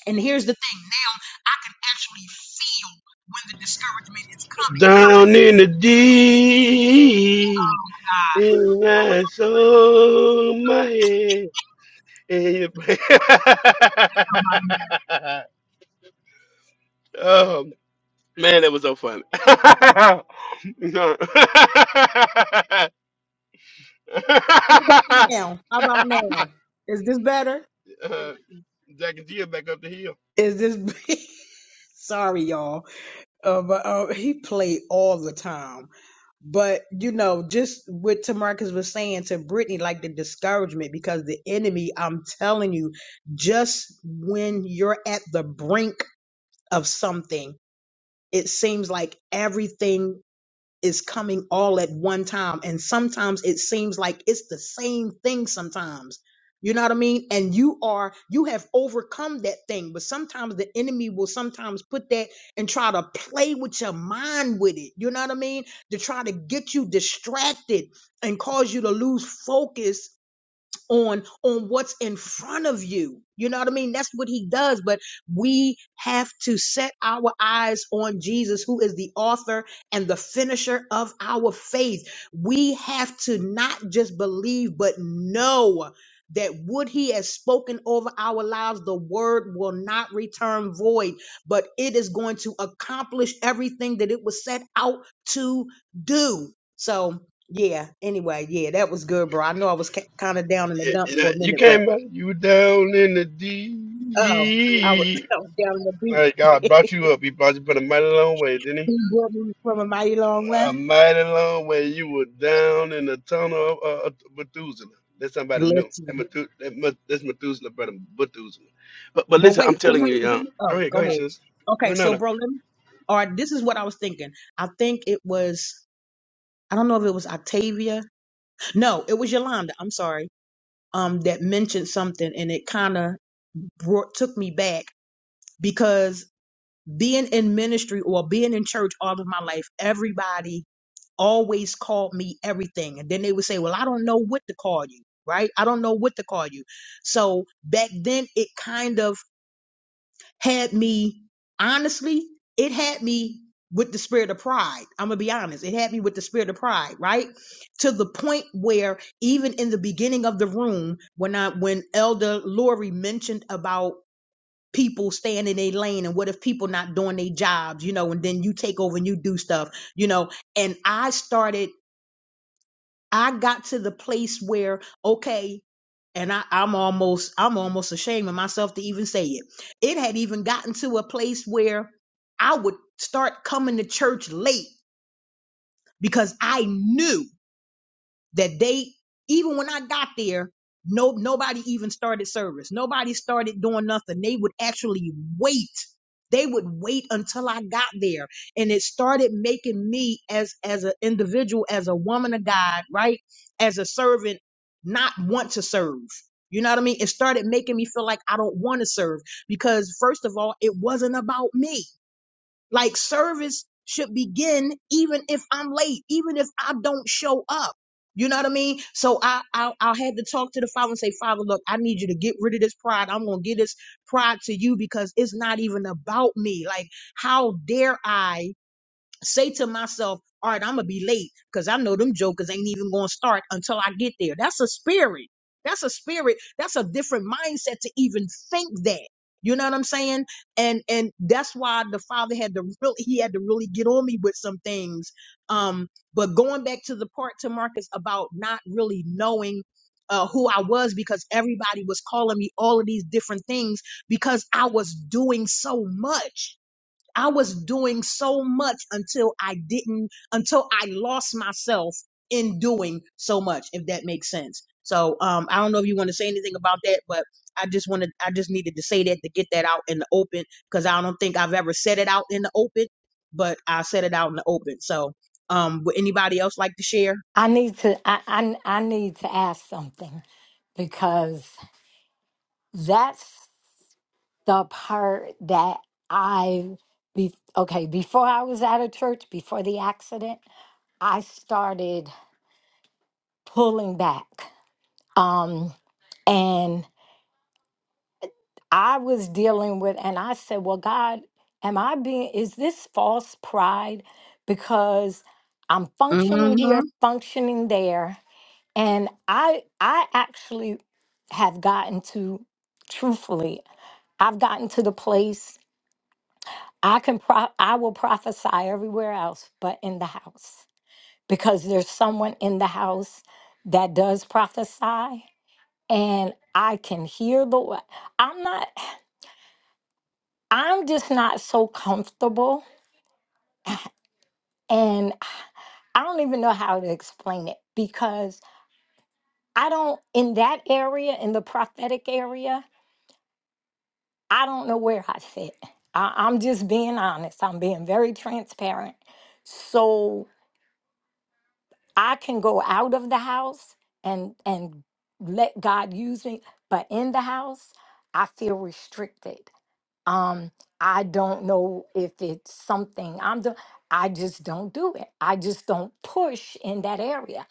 [SPEAKER 1] And here's the thing now I can actually feel when the discouragement is coming.
[SPEAKER 6] Down in the deep,
[SPEAKER 1] God.
[SPEAKER 6] in my soul, my head. and you- oh man, that was so fun. No. uh,
[SPEAKER 1] What about now? How about now? Is this better?
[SPEAKER 6] Jack and Jill back up the hill.
[SPEAKER 1] Is this sorry, y'all? Uh, but uh, he played all the time. But you know, just what Tamarcus was saying to Brittany, like the discouragement, because the enemy, I'm telling you, just when you're at the brink of something, it seems like everything is coming all at one time. And sometimes it seems like it's the same thing sometimes. You know what I mean? And you are, you have overcome that thing. But sometimes the enemy will sometimes put that and try to play with your mind with it. You know what I mean? To try to get you distracted and cause you to lose focus on on what's in front of you. You know what I mean? That's what he does, but we have to set our eyes on Jesus who is the author and the finisher of our faith. We have to not just believe but know that what he has spoken over our lives the word will not return void but it is going to accomplish everything that it was set out to do. So yeah. Anyway, yeah, that was good, bro. I know I was kind of down in the dump
[SPEAKER 6] You know,
[SPEAKER 1] for a
[SPEAKER 6] you
[SPEAKER 1] minute, but
[SPEAKER 6] came back. You were down in the
[SPEAKER 1] oh, I was,
[SPEAKER 6] deep.
[SPEAKER 1] I was down in the
[SPEAKER 6] Like God
[SPEAKER 1] deep.
[SPEAKER 6] brought you up. He brought you put a mighty long way, didn't he?
[SPEAKER 1] he brought me from a mighty long way.
[SPEAKER 6] A mighty long way. You were down in the tunnel of uh, Methuselah. That's somebody new. That
[SPEAKER 1] Listen,
[SPEAKER 6] Methu- that Meth- that's Methuselah, brother Methuselah. But but
[SPEAKER 1] but
[SPEAKER 6] listen,
[SPEAKER 1] wait,
[SPEAKER 6] I'm
[SPEAKER 1] to
[SPEAKER 6] telling you,
[SPEAKER 1] Marcus.
[SPEAKER 6] young. Go
[SPEAKER 1] Oh,
[SPEAKER 6] ahead, go
[SPEAKER 1] go
[SPEAKER 6] ahead,
[SPEAKER 1] ahead.
[SPEAKER 6] sis. No,
[SPEAKER 1] Okay,
[SPEAKER 6] no,
[SPEAKER 1] so
[SPEAKER 6] no.
[SPEAKER 1] bro, let me. All right, this is what I was thinking. I think it was. I don't know if it was Octavia. No, it was Yolanda. I'm sorry. Um, that mentioned something, and it kind of brought took me back because being in ministry or being in church all of my life, everybody always called me everything. And then they would say, Well, I don't know what to call you, right? I don't know what to call you. So back then, it kind of had me, honestly, it had me with the spirit of pride. I'm going to be honest. It had me with the spirit of pride, right? To the point where even in the beginning of the room, when I, when Elder Lori mentioned about people staying in their lane and what if people not doing their jobs, you know, and then you take over and you do stuff, you know, and I started I got to the place where, okay, and I, I'm almost I'm almost ashamed of myself to even say it. It had even gotten to a place where I would start coming to church late because I knew that they even when I got there, no nobody even started service. Nobody started doing nothing. They would actually wait. They would wait until I got there. And it started making me as as an individual, as a woman of God, right? As a servant, not want to serve. You know what I mean? It started making me feel like I don't want to serve because first of all, it wasn't about me. Like service should begin even if I'm late, even if I don't show up. You know what I mean? So I, I I had to talk to the father and say, Father, look, I need you to get rid of this pride. I'm gonna give this pride to you because it's not even about me. Like, how dare I? say to myself, all right, I'm gonna be late because I know them jokers ain't even gonna start until I get there. That's a spirit. That's a spirit. That's a different mindset to even think that. You know what I'm saying? And and that's why the father had to really he had to really get on me with some things. Um, but going back to the part to Marcus about not really knowing uh, who I was because everybody was calling me all of these different things because I was doing so much. I was doing so much until I didn't, until I lost myself in doing so much, if that makes sense. So, um, I don't know if you want to say anything about that, but I just wanted, I just needed to say that to get that out in the open because I don't think I've ever said it out in the open, but I said it out in the open. So, um, would anybody else like to share?
[SPEAKER 3] I need to I, I I need to ask something because that's the part that I be okay before I was out of church before the accident, I started pulling back. Um and I was dealing with and I said, "Well, God, am I being is this false pride because I'm functioning
[SPEAKER 1] Mm-hmm.
[SPEAKER 3] here, functioning there, and I I actually have gotten to truthfully, I've gotten to the place I can pro- I will prophesy everywhere else but in the house because there's someone in the house that does prophesy and I can hear the wo- I'm not I'm just not so comfortable and I don't even know how to explain it because I don't in that area in the prophetic area I don't know where I fit. I, I'm just being honest. I'm being very transparent. So I can go out of the house and and let God use me, but in the house, I feel restricted. Um, I don't know if it's something I'm doing. I just don't do it. I just don't push in that area.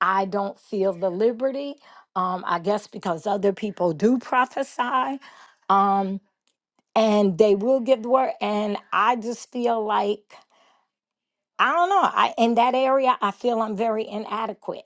[SPEAKER 3] I don't feel the liberty. Um, I guess because other people do prophesy, um, and they will give the word, and I just feel like I don't know. I in that area, I feel I'm very inadequate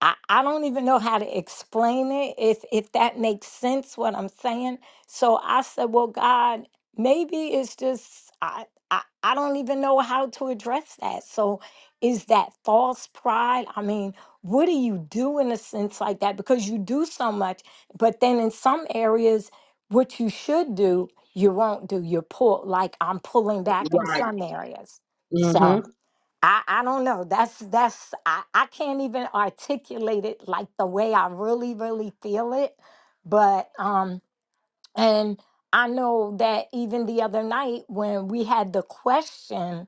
[SPEAKER 3] I, I don't even know how to explain it if if that makes sense what I'm saying. So I said, well, God, maybe it's just I I, I don't even know how to address that. So is that false pride? I mean, what do you do in a sense like that? Because you do so much, but then in some areas, what you should do, you won't do. You're pull like I'm pulling back in
[SPEAKER 1] Right.
[SPEAKER 3] some areas. So."
[SPEAKER 1] Mm-hmm.
[SPEAKER 3] I, I don't know. That's that's I, I can't even articulate it like the way I really, really feel it. But um and I know that even the other night when we had the question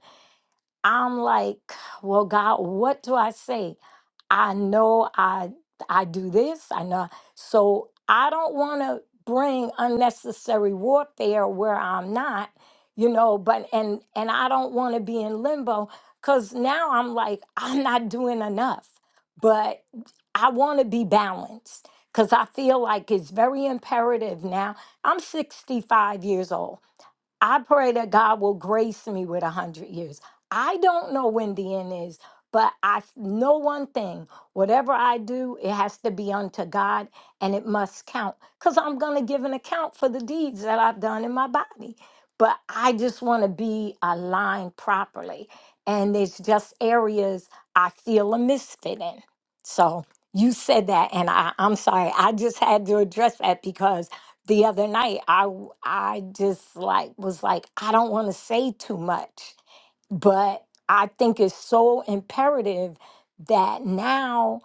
[SPEAKER 3] I'm like, well, God, what do I say? I know I I do this. I know. So I don't want to bring unnecessary warfare where I'm not, you know, but and and I don't want to be in limbo cuz now I'm like I'm not doing enough. But I want to be balanced cuz I feel like it's very imperative now. I'm 65 years old. I pray that God will grace me with a hundred years. I don't know when the end is, but I f- know one thing: whatever I do, it has to be unto God, and it must count, because I'm going to give an account for the deeds that I've done in my body. But I just want to be aligned properly, and it's just areas I feel a misfit in. So you said that, and I, I'm sorry, I just had to address that because the other night i w- i just like was like i don't want to say too much but i think it's so imperative that now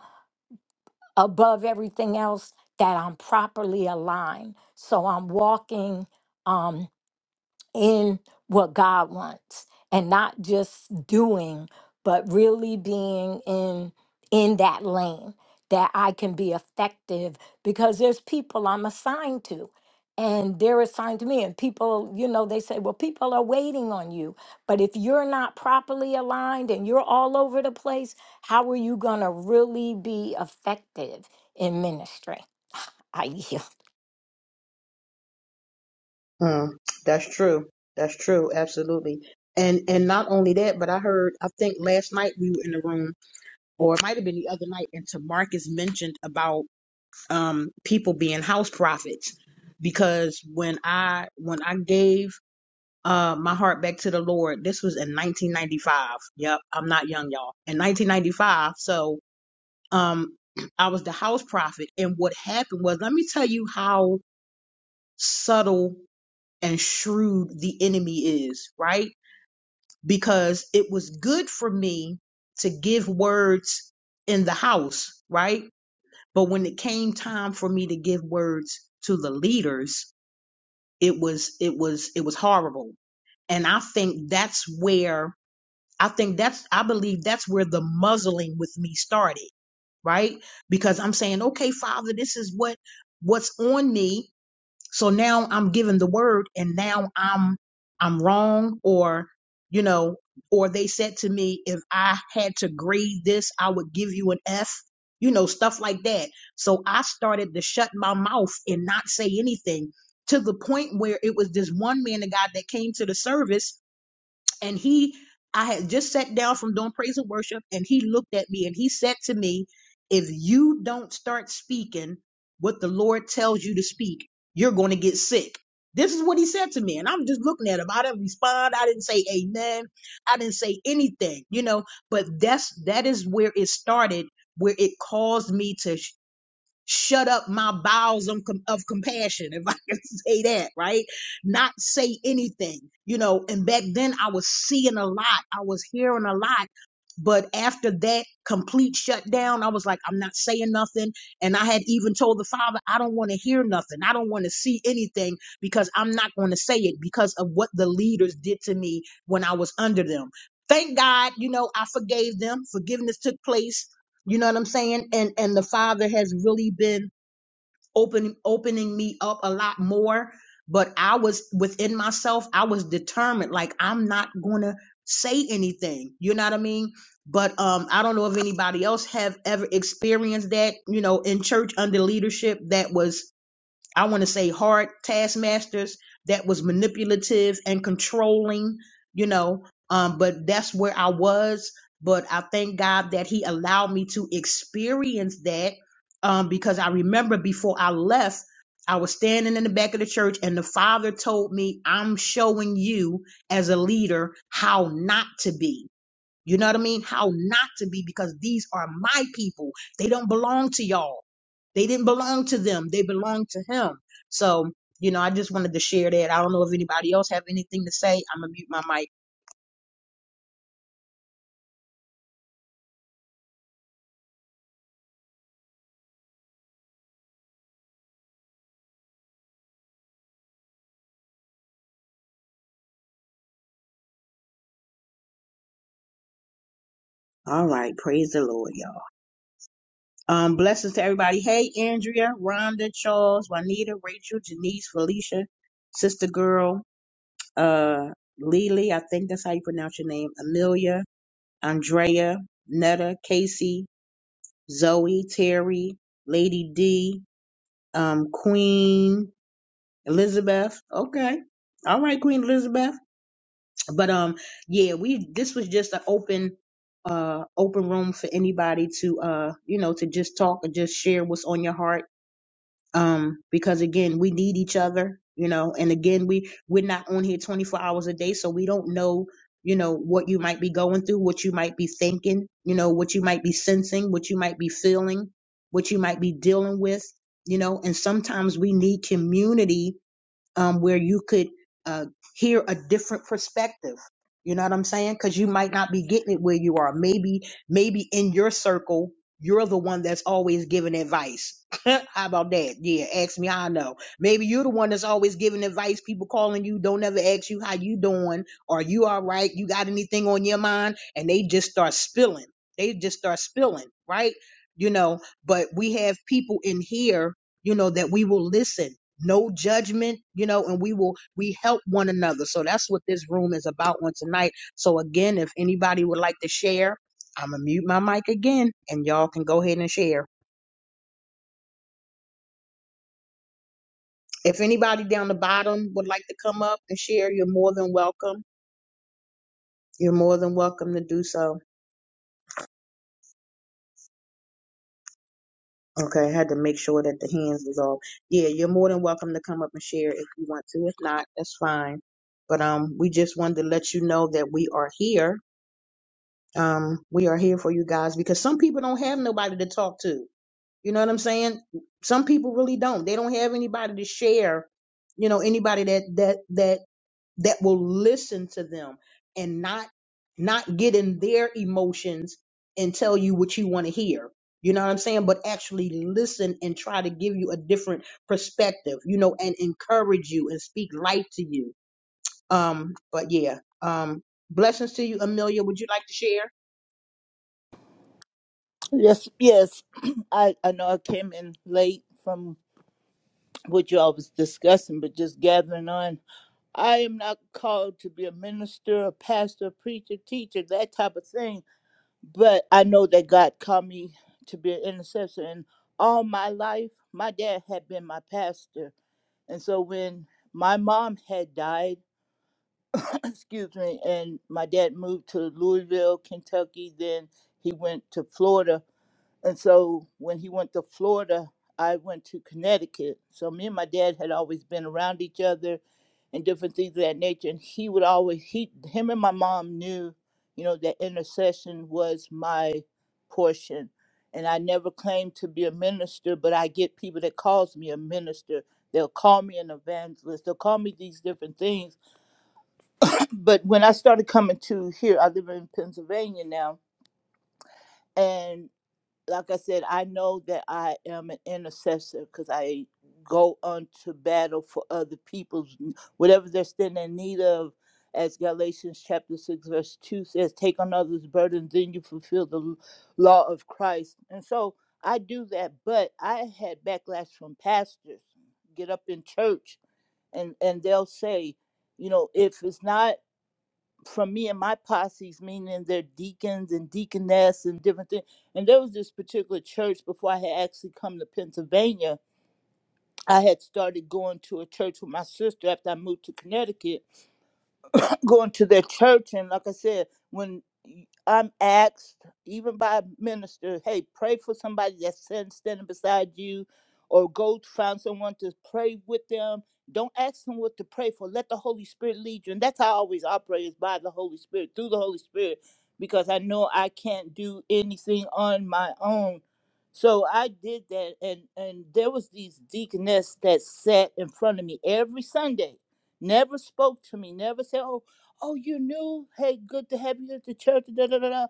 [SPEAKER 3] above everything else that i'm properly aligned so i'm walking um, in what God wants and not just doing, but really being in in that lane that I can be effective because there's people I'm assigned to and they're assigned to me and people you know they say well people are waiting on you but if you're not properly aligned and you're all over the place how are you going to really be effective in ministry i yield
[SPEAKER 1] Mm. That's true. That's true. Absolutely. And and not only that, but I heard I think last night we were in the room or it might have been the other night, and Tamarcus mentioned about um people being house prophets. Because when I when I gave uh my heart back to the Lord, this was in 1995. Yep, I'm not young, y'all. In 1995, so um I was the house prophet, and what happened was, let me tell you how subtle and shrewd the enemy is, right? Because it was good for me to give words in the house, right? But when it came time for me to give words to the leaders, it was it was it was horrible. And I think that's where I think that's I believe that's where the muzzling with me started, right? Because I'm saying, okay, Father, this is what what's on me so now I'm given the word and now I'm I'm wrong or you know or they said to me if I had to grade this I would give you an F you know stuff like that. So I started to shut my mouth and not say anything to the point where it was this one man of God that came to the service and he i had just sat down from doing praise and worship and he looked at me and he said to me if you don't start speaking what the lord tells you to speak you're going to get sick this is what he said to me and i'm just looking at him i didn't respond i didn't say amen i didn't say anything you know but that's that is where it started where it caused me to shut up my bowels of, com- of compassion, if I can say that, right? Not say anything, you know. And back then I was seeing a lot, I was hearing a lot. But after that complete shutdown, I was like, I'm not saying nothing. And I had even told the father, I don't want to hear nothing. I don't want to see anything because I'm not going to say it because of what the leaders did to me when I was under them. Thank God, you know, I forgave them. Forgiveness took place you know what I'm saying? And and the father has really been opening opening me up a lot more. But I was within myself, I was determined, like I'm not gonna say anything. You know what I mean? But um I don't know if anybody else have ever experienced that, you know, in church under leadership that was I want to say hard taskmasters that was manipulative and controlling, you know. Um, but that's where I was. But I thank God that He allowed me to experience that um, because I remember before I left, I was standing in the back of the church and the Father told me, I'm showing you as a leader how not to be you know what I mean? How not to be because these are my people. They don't belong to y'all. They didn't belong to them. They belong to him. So, you know, I just wanted to share that. I don't know if anybody else have anything to say. I'm gonna mute my mic. All right, praise the Lord, y'all. Um, blessings to everybody. Hey, Andrea, Rhonda, Charles, Juanita, Rachel, Janice, Felicia, Sister Girl, uh, Lily, I think that's how you pronounce your name, Amelia, Andrea, Netta, Casey, Zoe, Terry, Lady D, um, Queen Elizabeth. Okay. All right, Queen Elizabeth. But um yeah, we this was just an open uh open room for anybody to uh you know to just talk or just share what's on your heart um because again we need each other you know and again we we're not on here 24 hours a day so we don't know you know what you might be going through what you might be thinking you know what you might be sensing what you might be feeling what you might be dealing with you know and sometimes we need community um, where you could uh, hear a different perspective. You know what I'm saying? Because you might not be getting it where you are. Maybe, maybe in your circle, you're the one that's always giving advice. how about that? Yeah, ask me how I know. Maybe you're the one that's always giving advice. People calling you, don't ever ask you how you doing. Or you all right? You got anything on your mind? And they just start spilling. They just start spilling, right? You know, but we have people in here, you know, that we will listen no judgment, you know, and we will we help one another. So that's what this room is about on tonight. So again, if anybody would like to share, I'm gonna mute my mic again, and y'all can go ahead and share. If anybody down the bottom would like to come up and share, you're more than welcome. You're more than welcome to do so. Okay, I had to make sure that the hands was off. Yeah, you're more than welcome to come up and share if you want to. If not, that's fine. But um, we just wanted to let you know that we are here um, we are here for you guys because some people don't have nobody to talk to. You know what I'm saying? Some people really don't. They don't have anybody to share. You know, anybody that that that that will listen to them and not not get in their emotions and tell you what you want to hear. You know what I'm saying? But actually listen and try to give you a different perspective. You know, and encourage you and speak life to you. Um, but yeah. Um, blessings to you, Amelia. Would you like to share?
[SPEAKER 12] Yes, yes. I, I know I came in late from what y'all was discussing, but just gathering on. I am not called to be a minister, a pastor, preacher, teacher, that type of thing. But I know that God called me to be an intercessor. And all my life, my dad had been my pastor. And so when my mom had died, excuse me, and my dad moved to Louisville, Kentucky, then he went to Florida. And so when he went to Florida, I went to Connecticut. So me and my dad had always been around each other and different things of that nature. And he would always he him and my mom knew, you know, that intercession was my portion. And I never claimed to be a minister, but I get people that calls me a minister. They'll call me an evangelist. They'll call me these different things. But when I started coming to here, I live in Pennsylvania now, and like I said, I know that I am an intercessor because I go on to battle for other people's whatever they're standing in need of. As Galatians chapter 6, verse 2 says, Take on others' burdens, then you fulfill the l- law of Christ. And so I do that, but I had backlash from pastors, get up in church, and, and they'll say, You know, if it's not from me and my posses, meaning their deacons and deaconess and different things. And there was this particular church before I had actually come to Pennsylvania. I had started going to a church with my sister after I moved to Connecticut going to their church and like i said when i'm asked even by a minister hey pray for somebody that's sin- standing beside you or go find someone to pray with them don't ask them what to pray for let the holy spirit lead you and that's how i always operate is by the holy spirit through the holy spirit because i know i can't do anything on my own so i did that and and there was these deaconess that sat in front of me every sunday never spoke to me, never said, Oh, oh, you knew, hey, good to have you at the church, da da da da.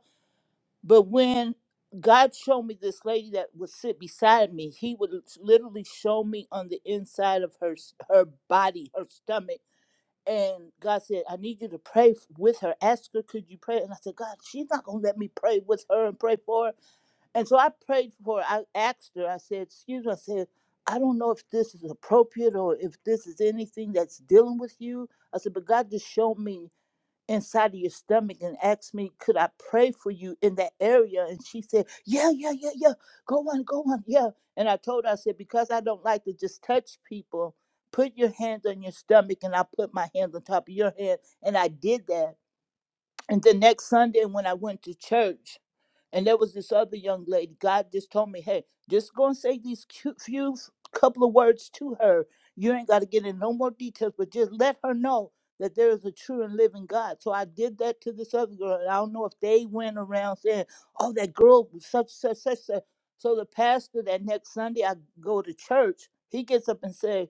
[SPEAKER 12] But when God showed me this lady that would sit beside me, He would literally show me on the inside of her s- her body, her stomach. And God said, I need you to pray f- with her. Ask her, could you pray? And I said, God, she's not going to let me pray with her and pray for her. And so I prayed for her. I asked her, I said, Excuse me, I said, I don't know if this is appropriate or if this is anything that's dealing with you. I said, but God just showed me inside of your stomach and asked me, could I pray for you in that area? And she said, yeah, yeah, yeah, yeah. Go on, go on, yeah. And I told her, I said, because I don't like to just touch people, put your hands on your stomach. And I put my hands on top of your head. And I did that. And the next Sunday, when I went to church, and there was this other young lady, God just told me, hey, just go and say these cute few couple of words to her. You ain't got to get in no more details, but just let her know that there is a true and living God. So I did that to this other girl. and I don't know if they went around saying, oh, that girl was such, such, such, such. So the pastor that next Sunday I go to church, he gets up and says,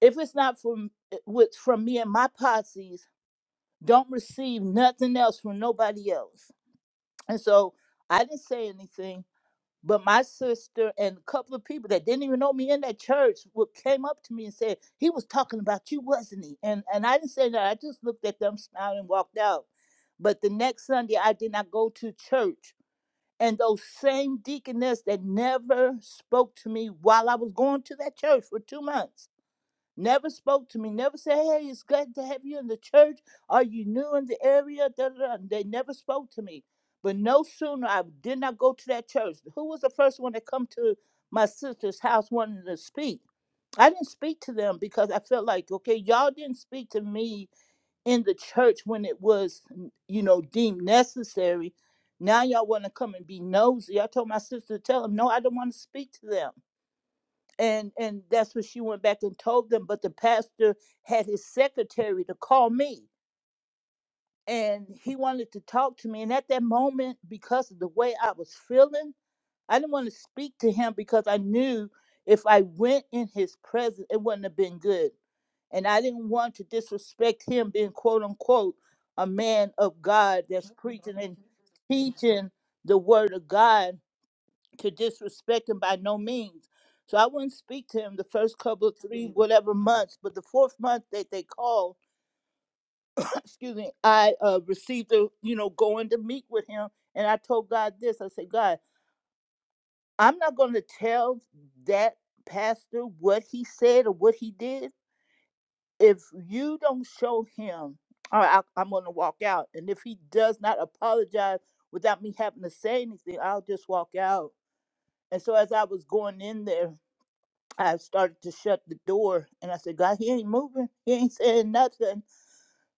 [SPEAKER 12] if it's not from, eh, with, from me and my posses, don't receive nothing else from nobody else. And so I didn't say anything, but my sister and a couple of people that didn't even know me in that church wa- came up to me and said, He was talking about you, wasn't he? And and I didn't say that. I just looked at them, smiled, and walked out. But the next Sunday I did not go to church. And those same deaconess that never spoke to me while I was going to that church for two months Never spoke to me. Never said, "Hey, it's good to have you in the church. Are you new in the area?" Da, da, da. They never spoke to me. But no sooner I did not go to that church. Who was the first one that come to my sister's house wanting to speak? I didn't speak to them because I felt like, okay, y'all didn't speak to me in the church when it was, you know, deemed necessary. Now y'all want to come and be nosy. I told my sister to tell them, no, I don't want to speak to them and and that's what she went back and told them but the pastor had his secretary to call me and he wanted to talk to me and at that moment because of the way i was feeling i didn't want to speak to him because i knew if i went in his presence it wouldn't have been good and i didn't want to disrespect him being quote unquote a man of god that's preaching and teaching the word of god to disrespect him by no means. So I wouldn't speak to him the first couple of three whatever months, but the fourth month that they called, excuse me, I uh, received the you know going to meet with him, and I told God this. I said, God, I'm not going to tell that pastor what he said or what he did. If you don't show him, all right, I, I'm going to walk out. And if he does not apologize without me having to say anything, I'll just walk out. And so as I was going in there, I started to shut the door and I said, God, he ain't moving. He ain't saying nothing.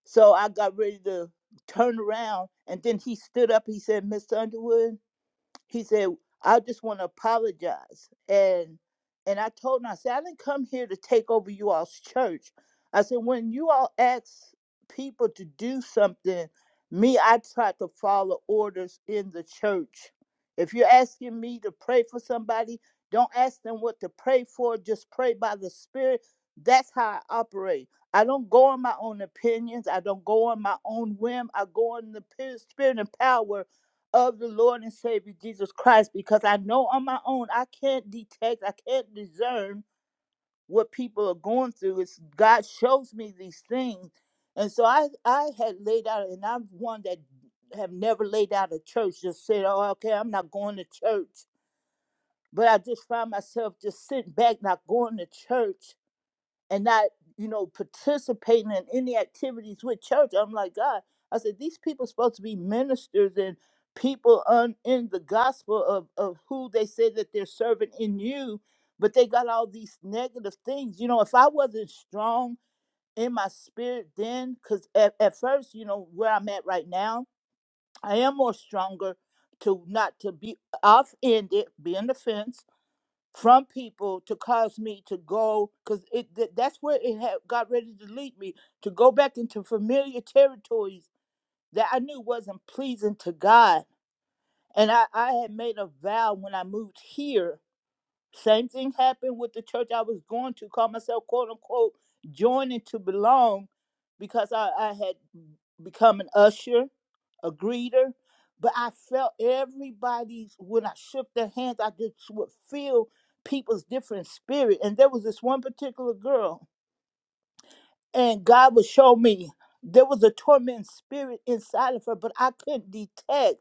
[SPEAKER 12] So I got ready to turn around and then he stood up. He said, Miss Underwood, he said, I just want to apologize. And and I told him, I said, I didn't come here to take over you all's church. I said, when you all ask people to do something, me, I try to follow orders in the church. If you're asking me to pray for somebody, don't ask them what to pray for, just pray by the Spirit. That's how I operate. I don't go on my own opinions. I don't go on my own whim. I go on the Spirit and power of the Lord and Savior Jesus Christ because I know on my own I can't detect, I can't discern what people are going through. It's God shows me these things. And so I, I had laid out, and I'm one that have never laid out a church, just said, oh, okay, I'm not going to church. But I just find myself just sitting back, not going to church and not, you know, participating in any activities with church. I'm like, God, I said, these people supposed to be ministers and people on, in the gospel of, of who they say that they're serving in you, but they got all these negative things. You know, if I wasn't strong in my spirit then, because at, at first, you know, where I'm at right now, I am more stronger to not to be off-ended, be on the fence, from people to cause me to go because it th- that's where it had got ready to lead me to go back into familiar territories that i knew wasn't pleasing to god and i i had made a vow when i moved here same thing happened with the church I was going to, call myself quote unquote joining to belong because I, I had become an usher, a greeter. But I felt everybody's, when I shook their hands, I just would feel people's different spirit. And there was this one particular girl, and God would show me there was a tormenting spirit inside of her, but I couldn't detect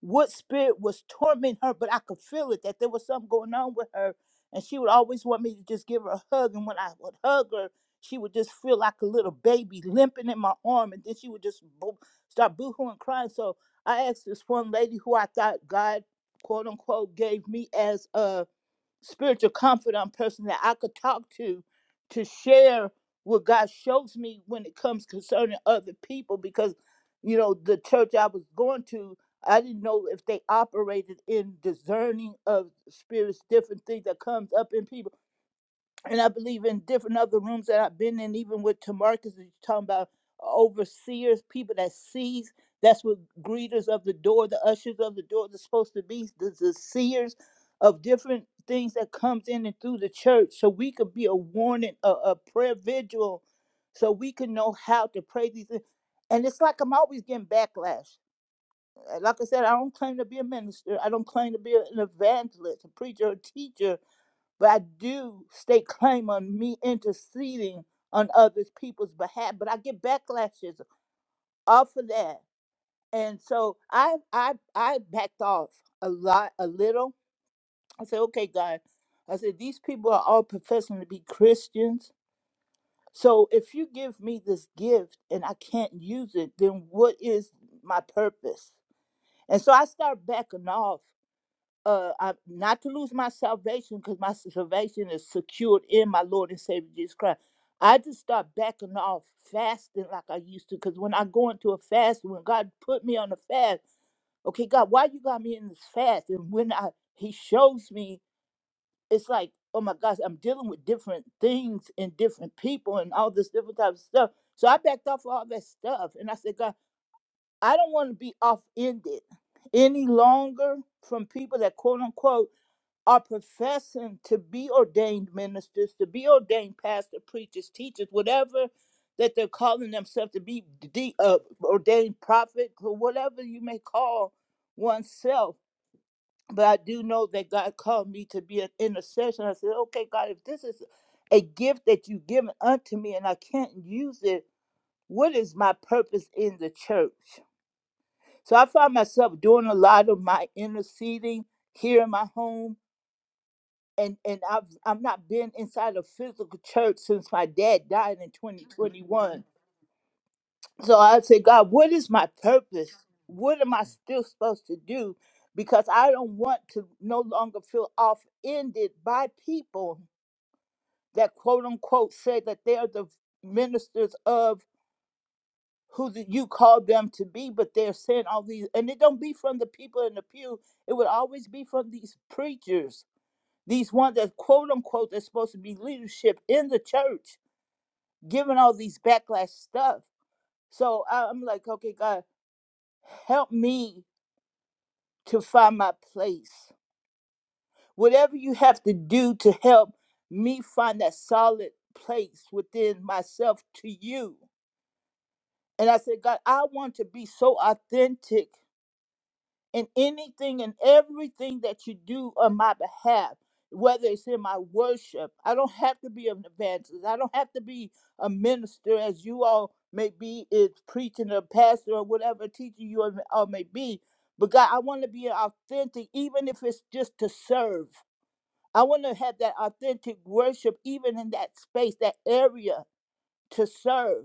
[SPEAKER 12] what spirit was tormenting her, but I could feel it that there was something going on with her. And she would always want me to just give her a hug. And when I would hug her, she would just feel like a little baby limping in my arm. And then she would just boo- start boohooing and crying. So I asked this one lady who I thought God, quote unquote, gave me as a spiritual comfort on person that I could talk to to share what God shows me when it comes concerning other people because you know the church I was going to I didn't know if they operated in discerning of spirits different things that comes up in people and I believe in different other rooms that I've been in, even with Tamarcus, you're talking about uh, overseers, people that sees. That's what greeters of the door, the ushers of the door, they're supposed to be the, the seers of different things that comes in and through the church, so we could be a warning, a, a prayer vigil, so we can know how to pray these. things. And it's like I'm always getting backlash. Uh, Like I said, I don't claim to be a minister. I don't claim to be a- an evangelist, a preacher, a teacher but I do stake claim on me interceding on others people's behalf. But I get backlashes off of that, and so I I I backed off a lot, a little. I said, okay, God, I said these people are all professing to be Christians. So if you give me this gift and I can't use it, then what is my purpose? And so I start backing off uh I, not to lose my salvation because my salvation is secured in my Lord and Savior Jesus Christ. I just start backing off fasting like I used to because when I go into a fast, when God put me on a fast, okay, God, why you got me in this fast? And when I He shows me, it's like, oh my gosh, I'm dealing with different things and different people and all this different type of stuff. So I backed off all that stuff and I said, God, I don't want to be off ended any longer from people that quote unquote are professing to be ordained ministers, to be ordained pastors, preachers, teachers, whatever that they're calling themselves to be, de- uh, ordained prophet, or whatever you may call oneself. But I do know that God called me to be an intercession. I said, okay, God, if this is a gift that you've given unto me and I can't use it, what is my purpose in the church? So I find myself doing a lot of my interceding here in my home and and I've i have not been inside a physical church since my dad died in 2021. So I say, God, what is my purpose? What am I still supposed to do? Because I don't want to no longer feel offended by people that quote unquote say that they are the ministers of who the, you called them to be, but they're saying all these, and it don't be from the people in the pew. It would always be from these preachers These ones that quote unquote that's supposed to be leadership in the church, giving all these backlash stuff. So I- I'm like, okay, God, help me to find my place. Whatever you have to do to help me find that solid place within myself to you. And I said, God, I want to be so authentic in anything and everything that you do on my behalf, whether it's in my worship. I don't have to be an evangelist. I don't have to be a minister, as you all may be, is preaching or pastor or whatever teacher you all all may be. But God, I want to be authentic, even if it's just to serve. I want to have that authentic worship, even in that space, that area to serve.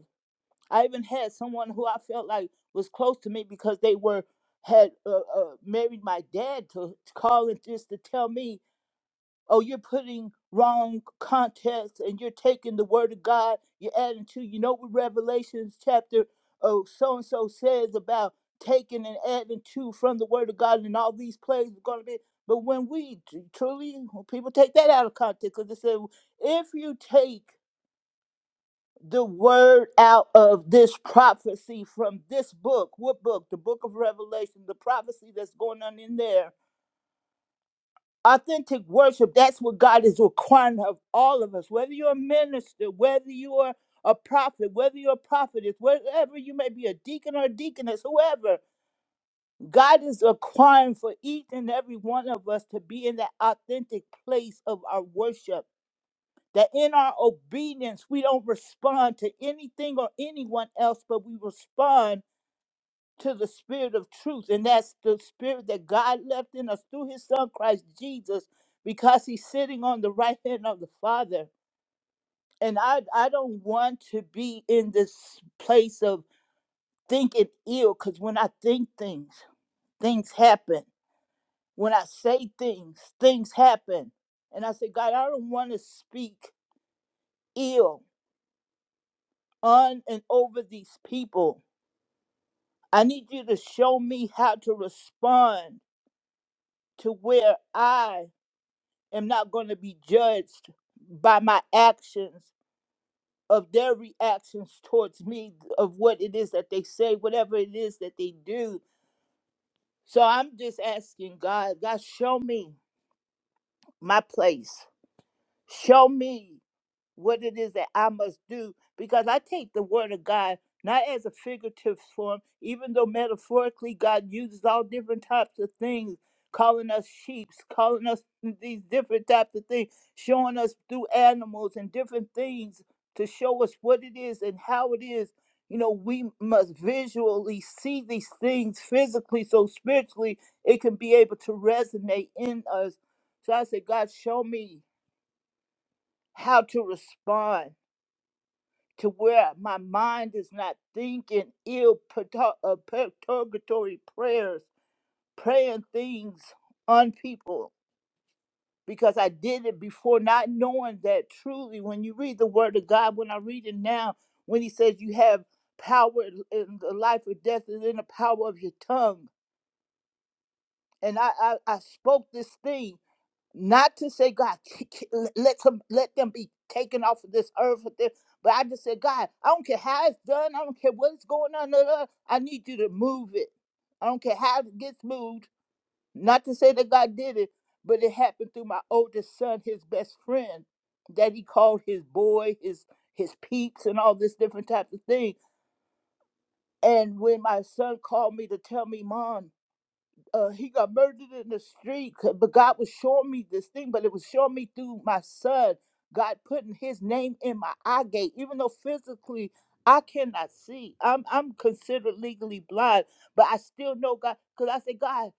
[SPEAKER 12] I even had someone who I felt like was close to me because they were had uh, uh, married my dad to, to call and just to tell me, "Oh, you're putting wrong context and you're taking the word of God, you're adding to you know what Revelations chapter oh so and so says about taking and adding to from the word of God and all these plays are going to be." But when we tr- truly, when people take that out of context because they say, "If you take." the word out of this prophecy from this book. What book? The book of Revelation, the prophecy that's going on in there. Authentic worship, that's what God is requiring of all of us. Whether you're a minister, whether you are a prophet, whether you're a prophetess, whatever you may be, a deacon or a deaconess, whoever, God is requiring for each and every one of us to be in that authentic place of our worship that in our obedience we don't respond to anything or anyone else, but we respond to the spirit of truth. And that's the spirit that God left in us through his son Christ Jesus, because he's sitting on the right hand of the Father. And I, I don't want to be in this place of thinking ill, because when I think things, things happen. When I say things, things happen. And I say, God, I don't want to speak ill on and over these people. I need you to show me how to respond to where I am not going to be judged by my actions, of their reactions towards me, of what it is that they say, whatever it is that they do. So I'm just asking God, God, show me my place. Show me. what it is that I must do because I take the word of God not as a figurative form, even though metaphorically God uses all different types of things, calling us sheep, calling us these different types of things, showing us through animals and different things to show us what it is and how it is. You know, we must visually see these things physically, so spiritually it can be able to resonate in us. So I said, God, show me how to respond to where my mind is not thinking ill pertur- uh, perturbatory prayers, praying things on people because I did it before, not knowing that truly when you read the Word of God, when I read it now, when He says you have power in the life or death is in the power of your tongue. And I, I, I spoke this thing not to say God k- k- let let some let them be taken off of this earth with this, but I just said God, I don't care how it's done, I don't care what's going on. blah, blah, I need you to move it. I don't care how it gets moved. Not to say that God did it, but it happened through my oldest son, his best friend, that he called his boy, his his peeps, and all this different type of thing. And when my son called me to tell me, Mom, uh, he got murdered in the street. c- But God was showing me this thing, but it was showing me through my son. God putting His name in my eye gate, even though physically I cannot see. I'm I'm considered legally blind, but I still know God because I said, God,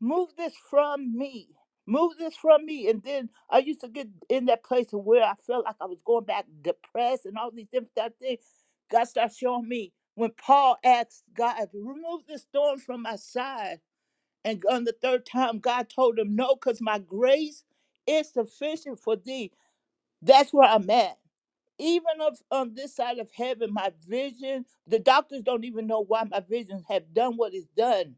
[SPEAKER 12] move this from me. Move this from me. And then I used to get in that place of where I felt like I was going back depressed and all these different type things. God started showing me when Paul asked God, remove this thorn from my side. And on the third time, God told him, No, because my grace is sufficient for thee. That's where I'm at. Even of on this side of heaven, my vision, the doctors don't even know why my vision have done what it's done.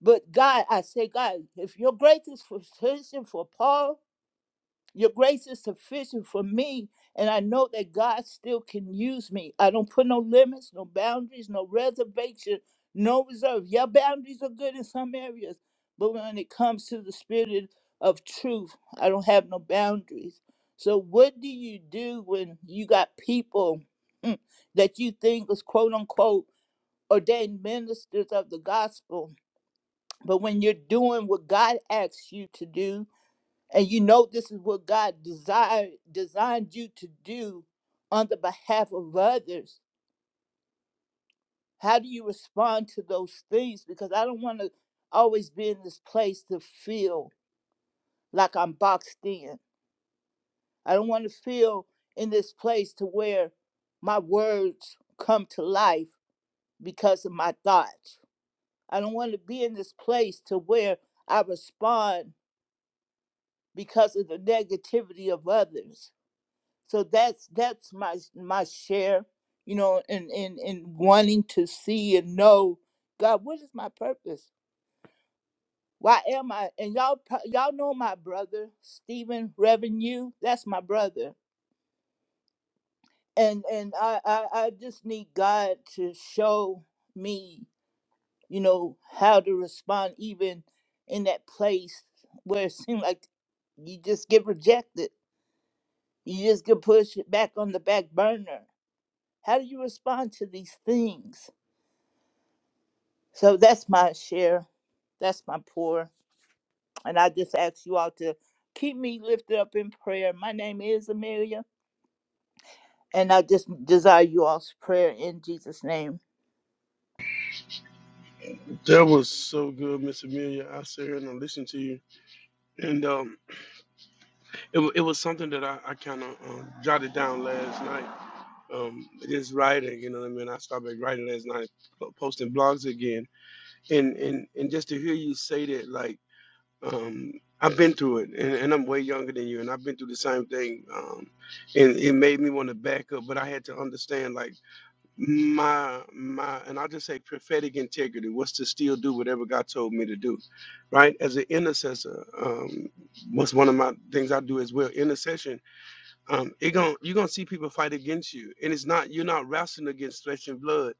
[SPEAKER 12] But God, I say, God, if your grace is sufficient for Paul, your grace is sufficient for me, and I know that God still can use me. I don't put no limits, no boundaries, no reservation, no reserve. Your boundaries are good in some areas, but when it comes to the spirit of truth, I don't have no boundaries. So, what do you do when you got people mm, that you think is quote unquote ordained ministers of the gospel, but when you're doing what God asks you to do? And you know this is what God desired designed you to do on the behalf of others. How do you respond to those things? Because I don't want to always be in this place to feel like I'm boxed in. I don't want to feel in this place to where my words come to life because of my thoughts. I don't want to be in this place to where I respond because of the negativity of others. so that's that's my my share you know and and and wanting to see and know god what is my purpose why am i and y'all pro- y'all know my brother stephen revenue that's my brother and and I, I i just need god to show me you know how to respond even in that place where it seems like you just get rejected you just get pushed back on the back burner how do you respond to these things So that's my share. That's my pour. And I just ask you all to keep me lifted up in prayer. My name is Amelia. And I just desire you all's prayer in Jesus' name.
[SPEAKER 6] That was so good, Miss Amelia. I sit here and I listen to you, and um. It, wa- it was something that I, I kind of um, jotted down last night. Um, just writing, you know what I mean? I started back writing last night, po- posting blogs again. And, and, and just to hear you say that, like, um, I've been through it, and, and I'm way younger than you, and I've been through the same thing. Um, and it made me want to back up, but I had to understand, like, my, my, and I'll just say prophetic integrity was to still do whatever God told me to do, right? As an intercessor, um, what's one of my things I do as well, intercession um, it gon' you're gonna see people fight against you, and it's not you're not wrestling against flesh and blood,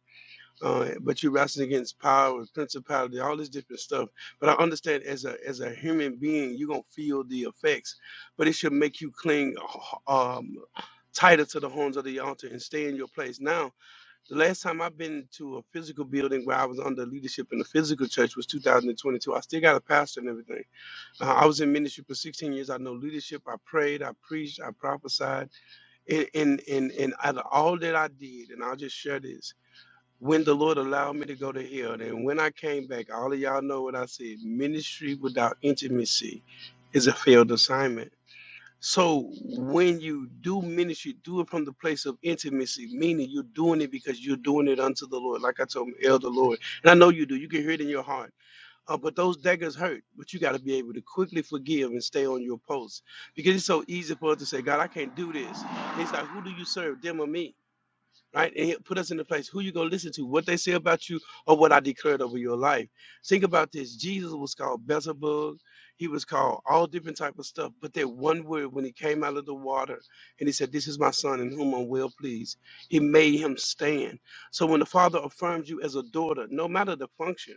[SPEAKER 6] uh, but you're wrestling against power, principality, all this different stuff. But I understand as a as a human being, you're gonna feel the effects, but it should make you cling uh, um, tighter to the horns of the altar and stay in your place. Now, the last time I've been to a physical building where I was under leadership in a physical church was 2022. I still got a pastor and everything. Uh, I was in ministry for 16 years. I know leadership. I prayed. I preached. I prophesied and and and, and out of all that I did, and I'll just share this. When the Lord allowed me to go to hell, and when I came back, all of y'all know what I said. Ministry without intimacy is a failed assignment. So when you do ministry, do it from the place of intimacy, meaning you're doing it because you're doing it unto the Lord. Like I told Elder Lord, and I know you do. You can hear it in your heart uh, but those daggers hurt, but you got to be able to quickly forgive and stay on your post because it's so easy for us to say, God, I can't do this. And It's like, who do you serve, them or me? right? And it put us in the place who you gonna listen to, what they say about you, or what I declared over your life. Think about this. Jesus was called Beelzebub. He was called all different type of stuff. But that one word when he came out of the water and he said, This is my son in whom I'm well pleased, he made him stand. So when the father affirms you as a daughter, no matter the function,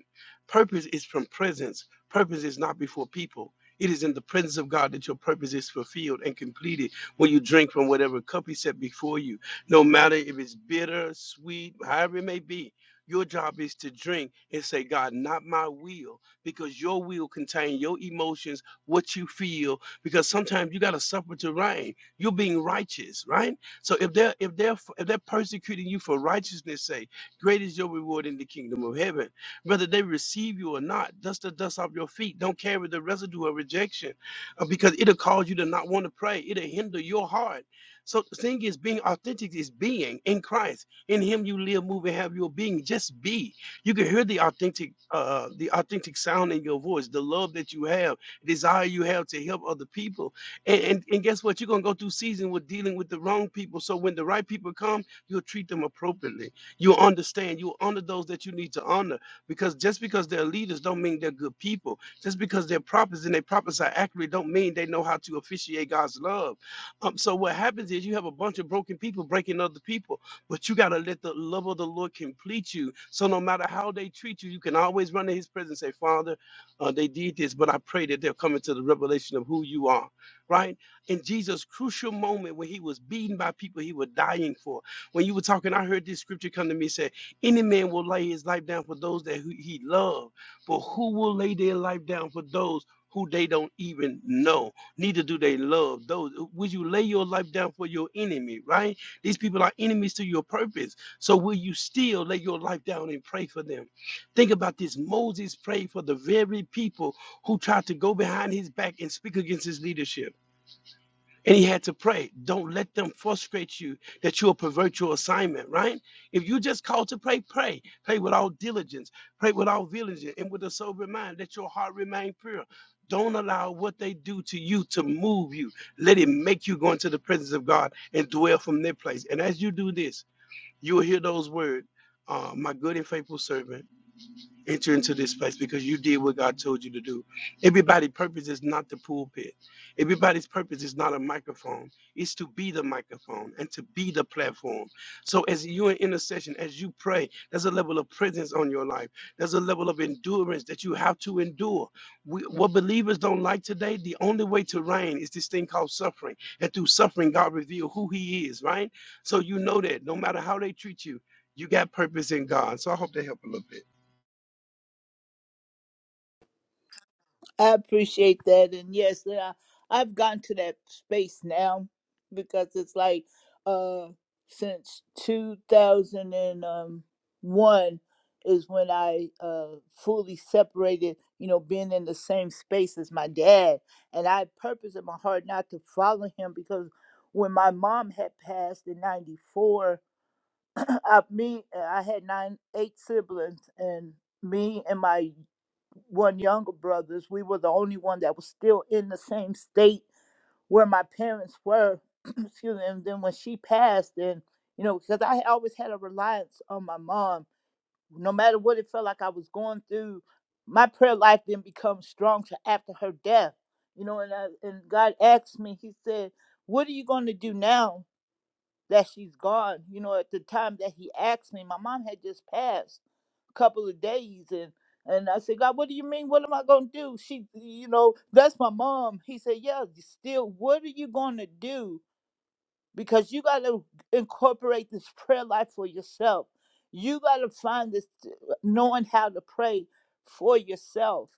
[SPEAKER 6] purpose is from presence. Purpose is not before people. It is in the presence of God that your purpose is fulfilled and completed when you drink from whatever cup he set before you no matter if it's bitter, sweet, however it may be. Your job is to drink and say, God, not my will, because your will contains your emotions, what you feel, because sometimes you got to suffer to reign. You're being righteous, right? So if they're if they're if they're persecuting you for righteousness' sake, great is your reward in the kingdom of heaven. Whether they receive you or not, dust the dust off your feet. Don't carry the residue of rejection, uh, because it'll cause you to not want to pray. It'll hinder your heart so the thing is, being authentic is being in Christ. In Him, you live, move, and have your being. Just be. You can hear the authentic, uh, the authentic sound in your voice, the love that you have, desire you have to help other people. And and, and guess what? You're gonna go through season with dealing with the wrong people. So when the right people come, you'll treat them appropriately. You'll understand. You'll honor those that you need to honor. Because just because they're leaders, don't mean they're good people. Just because they're prophets and they prophets are accurate, don't mean they know how to officiate God's love um, so what happens is you have a bunch of broken people breaking other people, but you gotta let the love of the Lord complete you. So no matter how they treat you, you can always run in His presence and say, Father, uh, they did this, but I pray that they'll come into the revelation of who you are. Right? In Jesus' crucial moment when he was beaten by people he was dying for, when you were talking, I heard this scripture come to me say, "Any man will lay his life down for those that who he loved, but who will lay their life down for those?" Who they don't even know neither do they love those. Would you lay your life down for your enemy, right? These people are enemies to your purpose. So will you still lay your life down and pray for them? Think about this. Moses prayed for the very people who tried to go behind his back and speak against his leadership. And he had to pray, don't let them frustrate you that you'll pervert your assignment, right? If you just called to pray, pray. Pray with all diligence, pray with all diligence, and with a sober mind. Let your heart remain pure. Don't allow what they do to you to move you. Let it make you go into the presence of God and dwell from their place. And as you do this, you will hear those words, uh, my good and faithful servant enter into this place because you did what God told you to do. Everybody's purpose is not the pulpit. Everybody's purpose is not a microphone. It's to be the microphone and to be the platform. So as you in intercession, as you pray, there's a level of presence on your life. There's a level of endurance that you have to endure. We, what believers don't like today, the only way to reign is this thing called suffering. And through suffering, God reveals who He is, right? So you know that no matter how they treat you, you got purpose in God. So I hope they help a little bit.
[SPEAKER 12] I appreciate that. And yes, yeah, I've gotten to that space now because it's like uh since 2001 is when I uh fully separated, you know, being in the same space as my dad. And I purpose in my heart not to follow him because when my mom had passed in 94 I, me, uh, I had nine, eight siblings, and me and my one younger brothers, we were the only one that was still in the same state where my parents were. Excuse me. And then when she passed, and you know, because I always had a reliance on my mom, no matter what it felt like I was going through, my prayer life didn't become stronger after her death. You know, and I, and God asked me, He said, "What are you going to do now?" that she's gone. You know, at the time that he asked me, my mom had just passed a couple of days and and I said, God, what do you mean? What am I gonna do? She you know, that's my mom. He said, Yeah, you still, what are you gonna do? Because you gotta incorporate this prayer life for yourself. You gotta find this knowing how to pray for yourself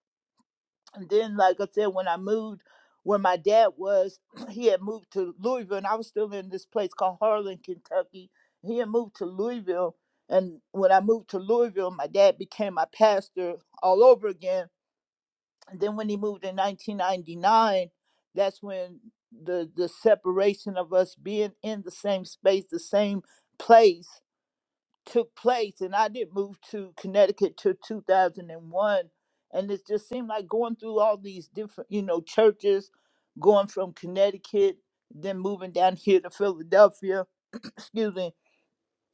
[SPEAKER 12] and then, like I said, when I moved, where my dad was, he had moved to Louisville, and I was still in this place called Harlan, Kentucky. He had moved to Louisville, and when I moved to Louisville, my dad became my pastor all over again. And then when he moved in 1999, that's when the the separation of us being in the same space, the same place, took place and I didn't move to Connecticut till 2001 and one, and it just seemed like going through all these different you know churches going from Connecticut then moving down here to Philadelphia excuse me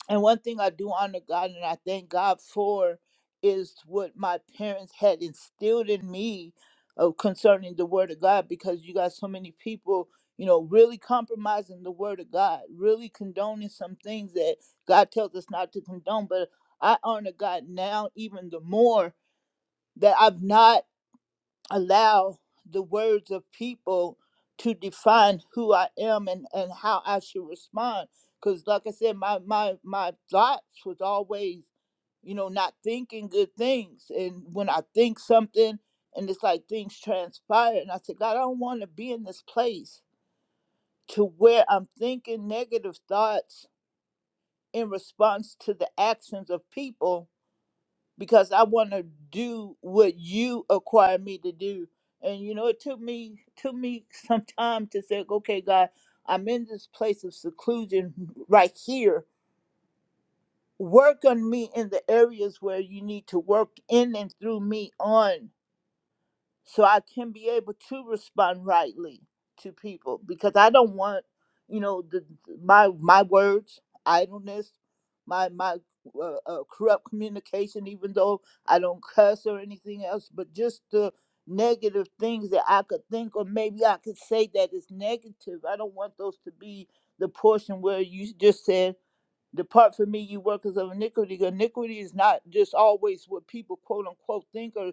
[SPEAKER 12] and one thing I do honor God and I thank God for is what my parents had instilled in me uh, concerning the Word of God because you got so many people, you know, really compromising the Word of God, really condoning some things that God tells us not to condone. But I honor God now even the more that I've not allow the words of people to define who I am and, and how I should respond. Cause like I said, my my my thoughts was always, you know, not thinking good things. And when I think something and it's like things transpire and I said, God, I don't want to be in this place to where I'm thinking negative thoughts in response to the actions of people because I want to do what you require me to do. And you know, it took me took me some time to say, okay, God, I'm in this place of seclusion right here. Work on me in the areas where you need to work in and through me on so I can be able to respond rightly to people because I don't want, you know, the, my my words idleness, my my uh, uh, corrupt communication. Even though I don't cuss or anything else, but just the negative things that I could think or maybe I could say that is negative. I don't want those to be the portion where you just said. Depart from me, you workers of iniquity. Iniquity is not just always what people quote unquote think or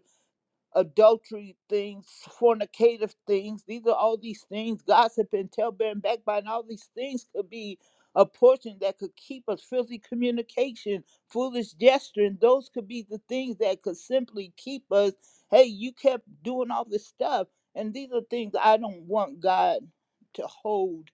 [SPEAKER 12] adultery things, fornicative things. These are all these things, gossip and tailbearing, backbiting, all these things could be a portion that could keep us filthy communication, foolish gesture, and those could be the things that could simply keep us, hey, you kept doing all this stuff. And these are things I don't want God to hold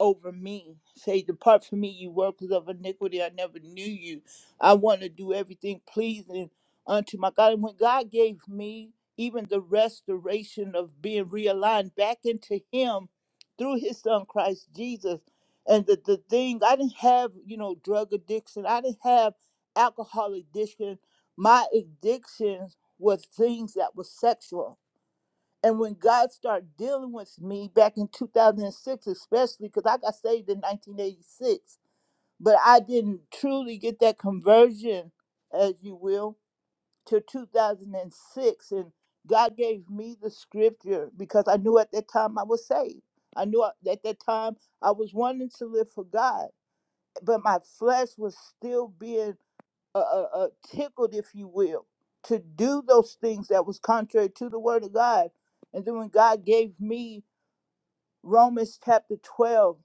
[SPEAKER 12] over me. Say, Depart from me, you workers of iniquity. I never knew you. I want to do everything pleasing unto my God. And when God gave me even the restoration of being realigned back into Him through His Son, Christ Jesus, and the, the thing, I didn't have, you know, drug addiction, I didn't have alcohol addiction. My addictions was things that was sexual and when God started dealing with me back in 2006, especially because I got saved in 1986, but I didn't truly get that conversion, as you will, till 2006. And six. And God gave me the scripture because I knew at that time I was saved. I knew at that time I was wanting to live for God, but my flesh was still being uh, uh, uh, tickled, if you will, to do those things that was contrary to the word of God. And then when God gave me Romans chapter 12,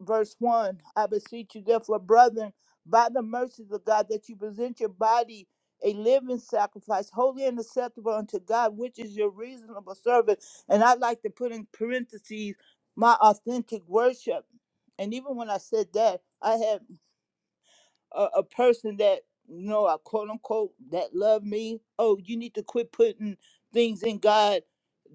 [SPEAKER 12] verse 1, I beseech you, therefore, brethren, by the mercies of God, that you present your body a living sacrifice, holy and acceptable unto God, which is your reasonable service. And I like to put in parentheses my authentic worship. And even when I said that, I had a, a person that you know I quote unquote that love me. Oh, you need to quit putting things in God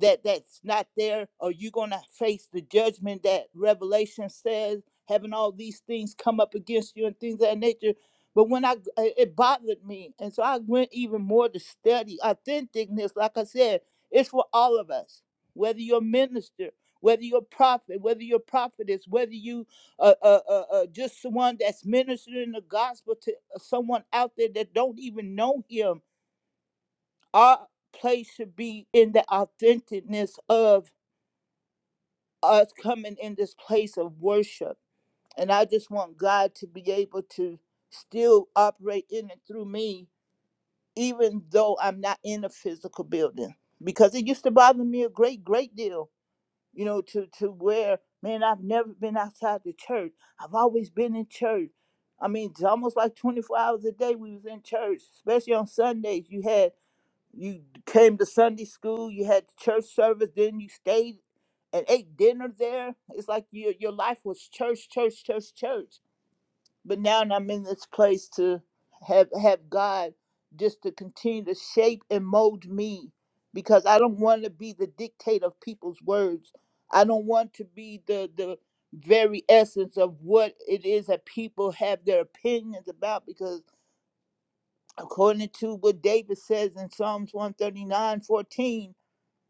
[SPEAKER 12] that that's not there, or you're gonna face the judgment that Revelation says. Having all these things come up against you and things of that nature. But when I, it it bothered me. And so I went even more to study authenticness. Like I said, it's for all of us, whether you're a minister, whether you're a prophet, whether you're a prophetess, whether you uh, uh, uh, uh, just someone that's ministering the gospel to someone out there that don't even know him. Our place should be in the authenticness of us coming in this place of worship. And I just want God to be able to still operate in and through me, even though I'm not in a physical building. Because it used to bother me a great, great deal you know, to, to where, man, I've never been outside the church. I've always been in church. I mean, it's almost like 24 hours a day we was in church, especially on Sundays. You had, you came to Sunday school, you had church service, then you stayed and ate dinner there. It's like your, your life was church, church, church, church but now I'm in this place to have have God just to continue to shape and mold me because I don't want to be the dictate of people's words. I don't want to be the the very essence of what it is that people have their opinions about because according to what David says in Psalms one thirty nine fourteen.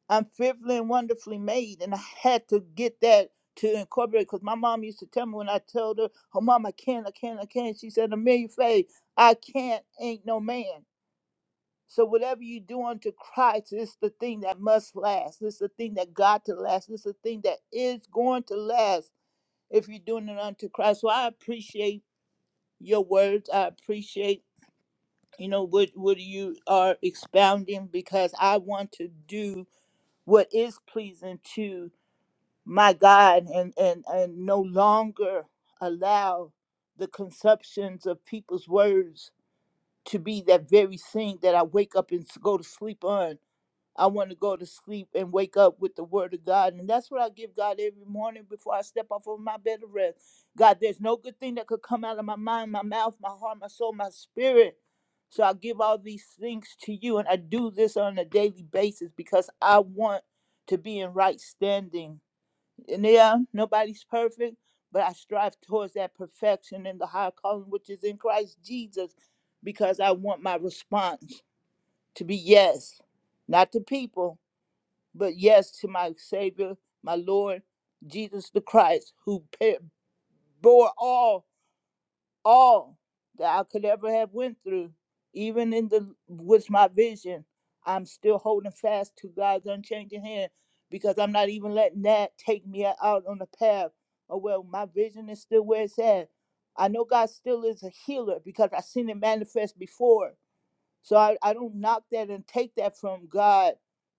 [SPEAKER 12] I'm fearfully and wonderfully made. And I had to get that to incorporate because my mom used to tell me when I told her, Oh, mom, I can't, I can't, I can't. She said, Amelia Faye, I can't, ain't no man. So whatever you do unto Christ, it's the thing that must last. It's the thing that got to last. It's the thing that is going to last if you're doing it unto Christ. So I appreciate your words. I appreciate, you know, what what you are expounding because I want to do what is pleasing to my God, and, and, and no longer allow the conceptions of people's words to be that very thing that I wake up and s- go to sleep on. I want to go to sleep and wake up with the word of God. And that's what I give God every morning before I step off of my bed of rest. God, there's no good thing that could come out of my mind, my mouth, my heart, my soul, my spirit. So I give all these things to you. And I do this on a daily basis because I want to be in right standing and yeah, nobody's perfect, but I strive towards that perfection in the higher calling which is in Christ Jesus because I want my response to be yes, not to people, but yes to my Savior, my Lord, Jesus the Christ, who pa- bore all all that I could ever have went through, even in the with my vision, I'm still holding fast to God's unchanging hand because I'm not even letting that take me out on the path. Oh well, my vision is still where it's at. I know God still is a healer because I've seen it manifest before. So I, I don't knock that and take that from God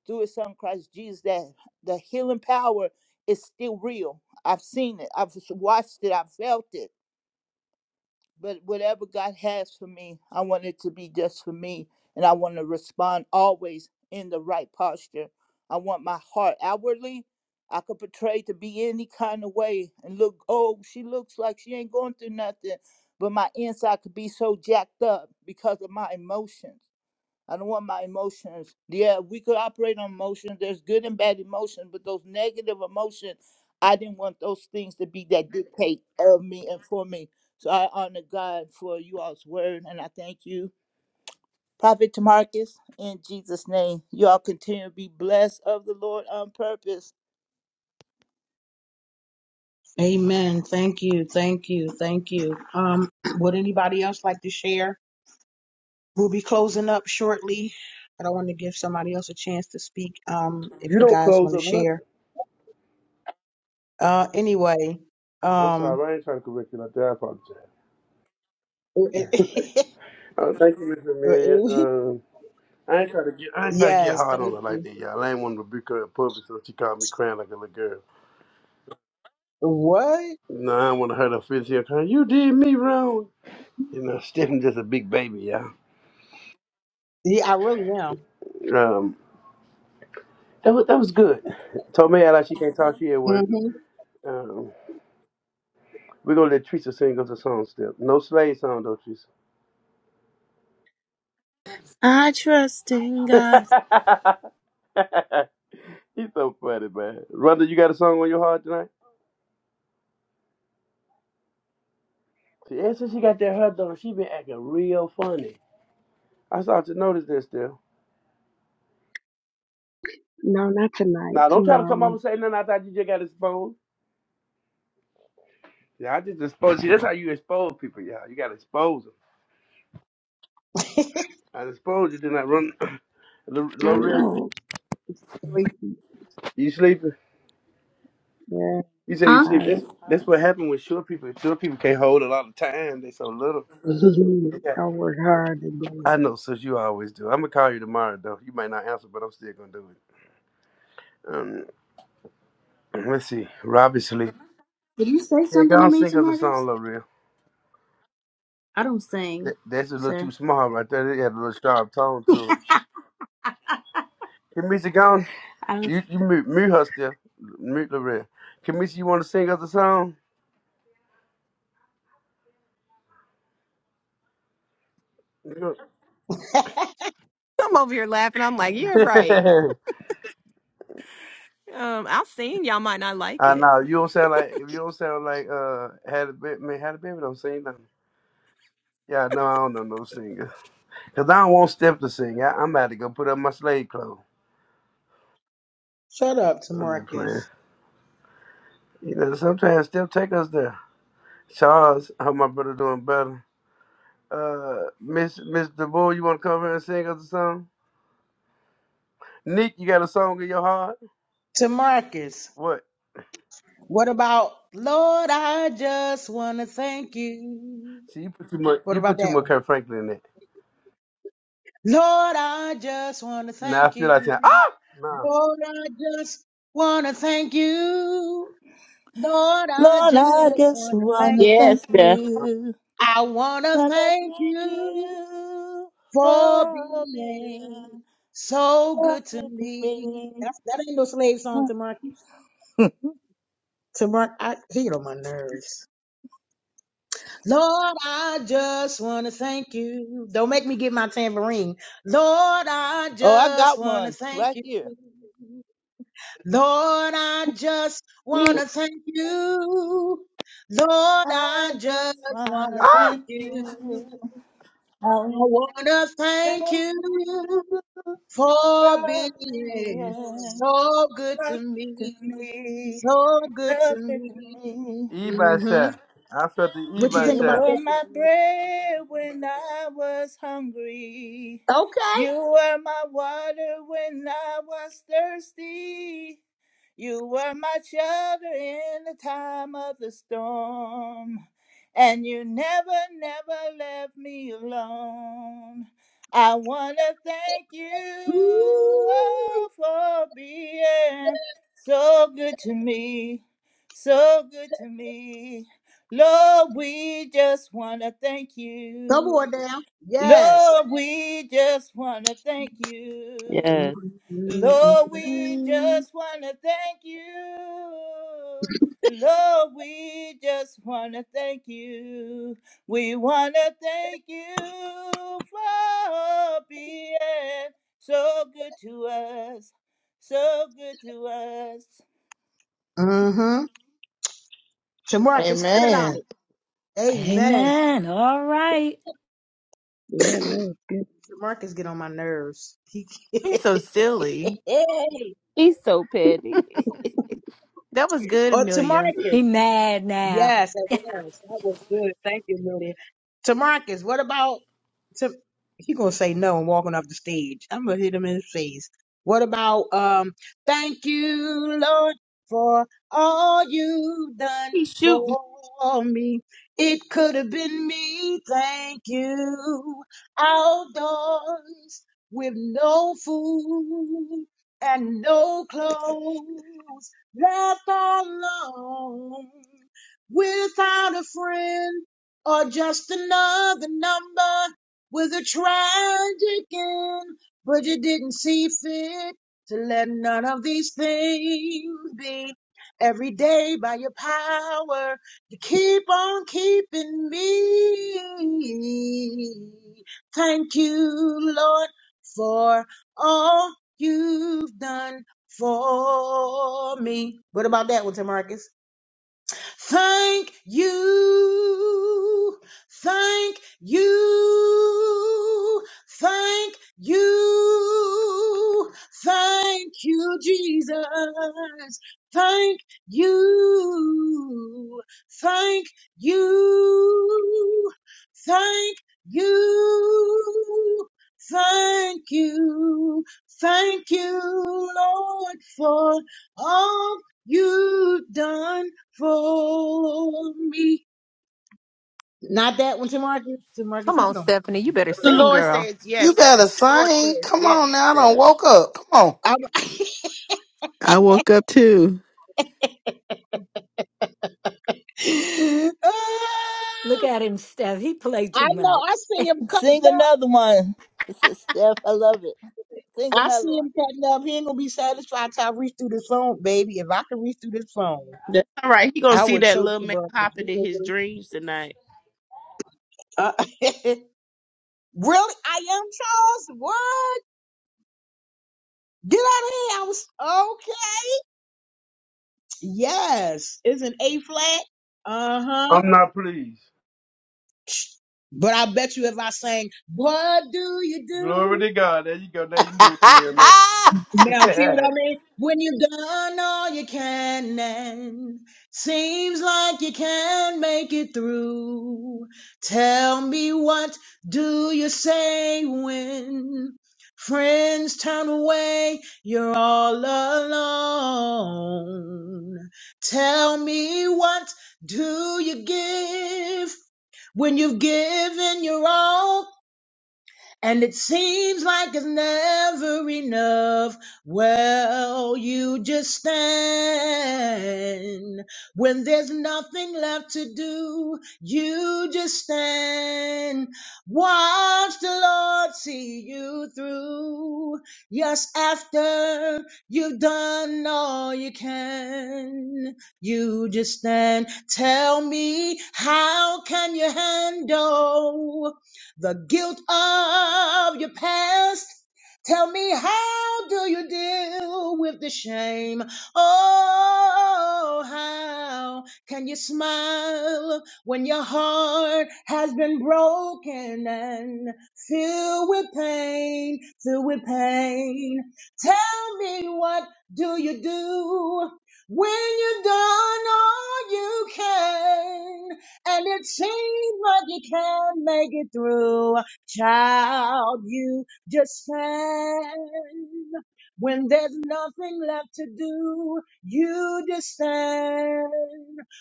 [SPEAKER 12] through his son Christ Jesus that the healing power is still real. I've seen it. I've watched it. I've felt it but whatever God has for me, I want it to be just for me. And I want to respond always in the right posture. I want my heart outwardly. I could portray to be any kind of way and look, oh, she looks like she ain't going through nothing. But my inside could be so jacked up because of my emotions. I don't want my emotions. Yeah, we could operate on emotions. There's good and bad emotions, but those negative emotions, I didn't want those things to be that dictate of me and for me. So I honor God for you all's word, and I thank you, Prophet Tamarcus, in Jesus' name. You all continue to be blessed of the Lord on purpose.
[SPEAKER 1] Amen. Thank you. Thank you. Thank you. Um, would anybody else like to share? We'll be closing up shortly, but I want to give somebody else a chance to speak. Um,
[SPEAKER 6] You
[SPEAKER 1] if you
[SPEAKER 6] don't
[SPEAKER 1] guys
[SPEAKER 6] close
[SPEAKER 1] want to
[SPEAKER 6] up nothing.
[SPEAKER 1] share. Uh, anyway.
[SPEAKER 6] I'm
[SPEAKER 1] Um.
[SPEAKER 6] sorry, I ain't trying to correct you like that. I apologize. Uh, thank you, Miss Amelia. Um, I ain't trying to get I ain't trying to get
[SPEAKER 1] yes.
[SPEAKER 6] hard on
[SPEAKER 1] Thank
[SPEAKER 6] her like
[SPEAKER 1] you.
[SPEAKER 6] that, y'all. I ain't want to rebuke her in public, so she called me crying like a little girl.
[SPEAKER 1] What?
[SPEAKER 6] No, I don't want to hurt her feelings here. Crying, you did me wrong. You know, Stephanie's just a big baby, y'all.
[SPEAKER 1] Yeah, I really am.
[SPEAKER 6] Um, that was that was good. Told me like she can't talk. She at work.
[SPEAKER 1] hmm
[SPEAKER 6] Um, we're gonna let Teresa sing us a song still. No slave song though, Teresa.
[SPEAKER 13] I trust in God.
[SPEAKER 6] He's so funny, man. Rhonda, you got a song on your heart tonight? See, ever since she got that hair done, she been acting real funny. I started to notice this still.
[SPEAKER 14] No, not tonight.
[SPEAKER 6] Now, don't try to come up
[SPEAKER 14] Tomorrow.
[SPEAKER 6] and say nothing. I thought you just got exposed. Yeah, I just exposed you. That's how you expose people, y'all. You got to expose them. I exposed you, then I run.
[SPEAKER 14] I
[SPEAKER 6] L'Oreal,
[SPEAKER 14] know. I'm sleepy.
[SPEAKER 6] you sleeping?
[SPEAKER 14] Yeah,
[SPEAKER 6] You say you
[SPEAKER 10] Huh?
[SPEAKER 14] I
[SPEAKER 6] sleep. This
[SPEAKER 14] am
[SPEAKER 6] this
[SPEAKER 14] tired.
[SPEAKER 6] what happened with short people. Short people can't hold a lot of time. They so little. Okay.
[SPEAKER 14] I worked hard today.
[SPEAKER 6] I know, sis. You always do. I'm gonna call you tomorrow, though. You might not answer, but I'm still gonna do it. Um, let's see. Robbie sleep.
[SPEAKER 10] Did you say
[SPEAKER 6] Yeah, go
[SPEAKER 10] something to
[SPEAKER 6] on,
[SPEAKER 10] me,
[SPEAKER 6] sing us a song,
[SPEAKER 10] Tamarcus?
[SPEAKER 6] L'Oreal.
[SPEAKER 10] I don't sing,
[SPEAKER 6] That, that's a little too
[SPEAKER 10] sir.
[SPEAKER 6] small right there. They had a little sharp tone to it.
[SPEAKER 10] I
[SPEAKER 6] Kimisi Gone,
[SPEAKER 10] don't.
[SPEAKER 6] you, you mute, mute her still. Mute Loretta. Kimisi, you want to sing us a song? You know-
[SPEAKER 15] I'm over here laughing. I'm like, yeah, right. Um, i will sing. y'all might not like
[SPEAKER 6] I
[SPEAKER 15] it.
[SPEAKER 6] know you don't sound like if you don't sound like uh had a baby man had a baby don't sing nothing. Yeah, no, I don't know no singer. Cause I don't want Steph to sing. I, I'm about to go put up my slave clothes.
[SPEAKER 1] Shut up,
[SPEAKER 6] I'm just playing.
[SPEAKER 1] Tamarcus.
[SPEAKER 6] You know, sometimes Steph take us there. Charles, how my brother doing better? Uh, Miss Miss DeVoe, you want to come here and sing us a song? Nick, you got a song in your heart?
[SPEAKER 1] Tamarcus.
[SPEAKER 6] What?
[SPEAKER 1] What about Lord? I just want to thank you.
[SPEAKER 6] See, you put too much.
[SPEAKER 1] What
[SPEAKER 6] You
[SPEAKER 1] about
[SPEAKER 6] put too
[SPEAKER 1] that one?
[SPEAKER 6] much Kurt Franklin in it.
[SPEAKER 1] Lord, I just want to
[SPEAKER 6] Now I
[SPEAKER 1] thank
[SPEAKER 6] feel like saying, ah,
[SPEAKER 1] you. Lord, I just want to thank you. Lord, I
[SPEAKER 12] Lord, I
[SPEAKER 1] just
[SPEAKER 12] just
[SPEAKER 1] want to
[SPEAKER 12] want
[SPEAKER 1] thank
[SPEAKER 12] to
[SPEAKER 1] you.
[SPEAKER 12] thank
[SPEAKER 13] Yes, Steph.
[SPEAKER 12] you.
[SPEAKER 1] I want to
[SPEAKER 12] Want to
[SPEAKER 1] thank
[SPEAKER 12] thank
[SPEAKER 1] you
[SPEAKER 12] you
[SPEAKER 1] for
[SPEAKER 12] for being
[SPEAKER 1] being so
[SPEAKER 12] so
[SPEAKER 1] good to
[SPEAKER 12] good to
[SPEAKER 1] me.
[SPEAKER 12] me.
[SPEAKER 1] That's, that ain't no slave song to my, to my, I, he on my nerves. Lord, I just want to thank you. Don't make me get my tambourine. Lord, I
[SPEAKER 12] Oh, I
[SPEAKER 1] just
[SPEAKER 12] got
[SPEAKER 1] want to
[SPEAKER 12] one
[SPEAKER 1] thank
[SPEAKER 12] right here.
[SPEAKER 1] you. Lord, I just want to thank you. Lord, I
[SPEAKER 12] I
[SPEAKER 1] just
[SPEAKER 12] just
[SPEAKER 1] want to
[SPEAKER 12] wanna
[SPEAKER 1] thank
[SPEAKER 12] thank
[SPEAKER 1] you.
[SPEAKER 12] you. I
[SPEAKER 1] I
[SPEAKER 12] wanna
[SPEAKER 1] want to
[SPEAKER 12] thank
[SPEAKER 1] thank
[SPEAKER 12] you
[SPEAKER 1] you for
[SPEAKER 12] for being
[SPEAKER 1] being
[SPEAKER 12] good
[SPEAKER 1] so good to
[SPEAKER 12] to
[SPEAKER 1] me.
[SPEAKER 12] me,
[SPEAKER 1] So good
[SPEAKER 12] good
[SPEAKER 1] to
[SPEAKER 12] to
[SPEAKER 1] me.
[SPEAKER 12] me.
[SPEAKER 6] E by
[SPEAKER 1] hmm
[SPEAKER 6] Shy. I felt the E
[SPEAKER 1] What you
[SPEAKER 6] by
[SPEAKER 12] You
[SPEAKER 1] think about
[SPEAKER 6] Shy.
[SPEAKER 12] were
[SPEAKER 1] that?
[SPEAKER 12] my bread when I was hungry.
[SPEAKER 1] Okay.
[SPEAKER 12] You were my water when I was thirsty. You were my shelter in the time of the storm. And you never, never left me alone. I want to thank you
[SPEAKER 1] Ooh.
[SPEAKER 12] oh, for being so good to me, so good to me. Lord, we just want to thank
[SPEAKER 1] Come
[SPEAKER 12] you.
[SPEAKER 1] on down. Yes.
[SPEAKER 12] Lord, we just want to thank you.
[SPEAKER 13] Yes.
[SPEAKER 1] Mm-hmm.
[SPEAKER 12] Lord, we
[SPEAKER 13] Mm.
[SPEAKER 12] just want to thank you. Lord, we just want to thank you. We want to thank you for being so good to us. So good to us.
[SPEAKER 1] Shamarcus, cut it out.
[SPEAKER 16] Amen.
[SPEAKER 1] Amen.
[SPEAKER 3] Amen. All right.
[SPEAKER 14] Yeah, that was good.
[SPEAKER 1] Marcus get on my nerves. He,
[SPEAKER 15] He's so silly.
[SPEAKER 1] hey,
[SPEAKER 13] He's so petty.
[SPEAKER 15] That was good,
[SPEAKER 1] or
[SPEAKER 15] Amelia.
[SPEAKER 1] Tamarcus.
[SPEAKER 3] be mad now
[SPEAKER 1] Yes, it was. That was good. Thank you, Lydia. Tamarcus, what about to he gonna say no and walking off the stage. I'm gonna hit him in the face. What about um thank you, Lord, for all you've done
[SPEAKER 13] He shooting.
[SPEAKER 1] for me. It could have been me, thank you. Outdoors with no food and no clothes left alone without a friend or just another number with a tragic end. But you didn't see fit to let none of these things be. Every day by your power, you keep on keeping me. Thank you, Lord, for all you've done for me. What about that one, Tamarcus? Thank you. Thank you. Thank you. Thank you, Jesus. Thank you. Thank you. Thank you. Thank you. Thank you, Lord, for all you've done for me. Not that one, Tim Marcus. Tim Marcus,
[SPEAKER 15] Come
[SPEAKER 1] he
[SPEAKER 15] on,
[SPEAKER 1] get on my
[SPEAKER 15] Stephanie. You better
[SPEAKER 13] The
[SPEAKER 1] nerves.
[SPEAKER 15] sing,
[SPEAKER 13] Lord
[SPEAKER 15] girl.
[SPEAKER 13] says
[SPEAKER 16] You
[SPEAKER 13] yes, Steph.
[SPEAKER 16] better
[SPEAKER 13] The Lord
[SPEAKER 16] sing.
[SPEAKER 13] says
[SPEAKER 16] Come
[SPEAKER 13] yes,
[SPEAKER 16] on now. I done
[SPEAKER 13] Steph.
[SPEAKER 16] woke up. Come on.
[SPEAKER 1] I'm-
[SPEAKER 9] I woke up too.
[SPEAKER 3] Look
[SPEAKER 1] Ah,
[SPEAKER 3] at him, Steph. He played too
[SPEAKER 1] I know. I
[SPEAKER 3] much.
[SPEAKER 1] see him
[SPEAKER 12] Sing
[SPEAKER 1] cutting up.
[SPEAKER 12] another one. This is Steph. I love it. Sing
[SPEAKER 1] I
[SPEAKER 12] another one.
[SPEAKER 1] see him cutting up. He ain't gonna be satisfied till I reach through this phone, baby. If I could reach through this phone,
[SPEAKER 13] That's all right. He gonna
[SPEAKER 1] I
[SPEAKER 13] see
[SPEAKER 1] would
[SPEAKER 13] that
[SPEAKER 1] choke
[SPEAKER 13] little
[SPEAKER 1] Tim
[SPEAKER 13] man
[SPEAKER 1] Marcus.
[SPEAKER 13] hopping in his dreams tonight.
[SPEAKER 1] Uh, really, I am Charles. What? Get out of here. I was okay. Yes, it's an A flat. Uh huh.
[SPEAKER 6] I'm not pleased.
[SPEAKER 1] But I bet you if I sang, What do you do? Now, see what I mean? When you've done all you can and seems like you can't make it through, tell me what do you say when friends turn away? You're all alone. Tell me what do you give when you've given your all? and it seems like it's never enough. Well, you just stand when there's nothing left to do. You just stand, watch the Lord see you through. Yes, after you've done all you can, you just stand. Tell me, how can you handle? the guilt of your past. Tell me, how do you deal with the shame? Oh, how can you smile when your heart has been broken and filled with pain, filled with pain? Tell me, what do you do when you've done all you can? and it seems like you can't make it through. Child, you just stand. When there's nothing left to do, you just stand.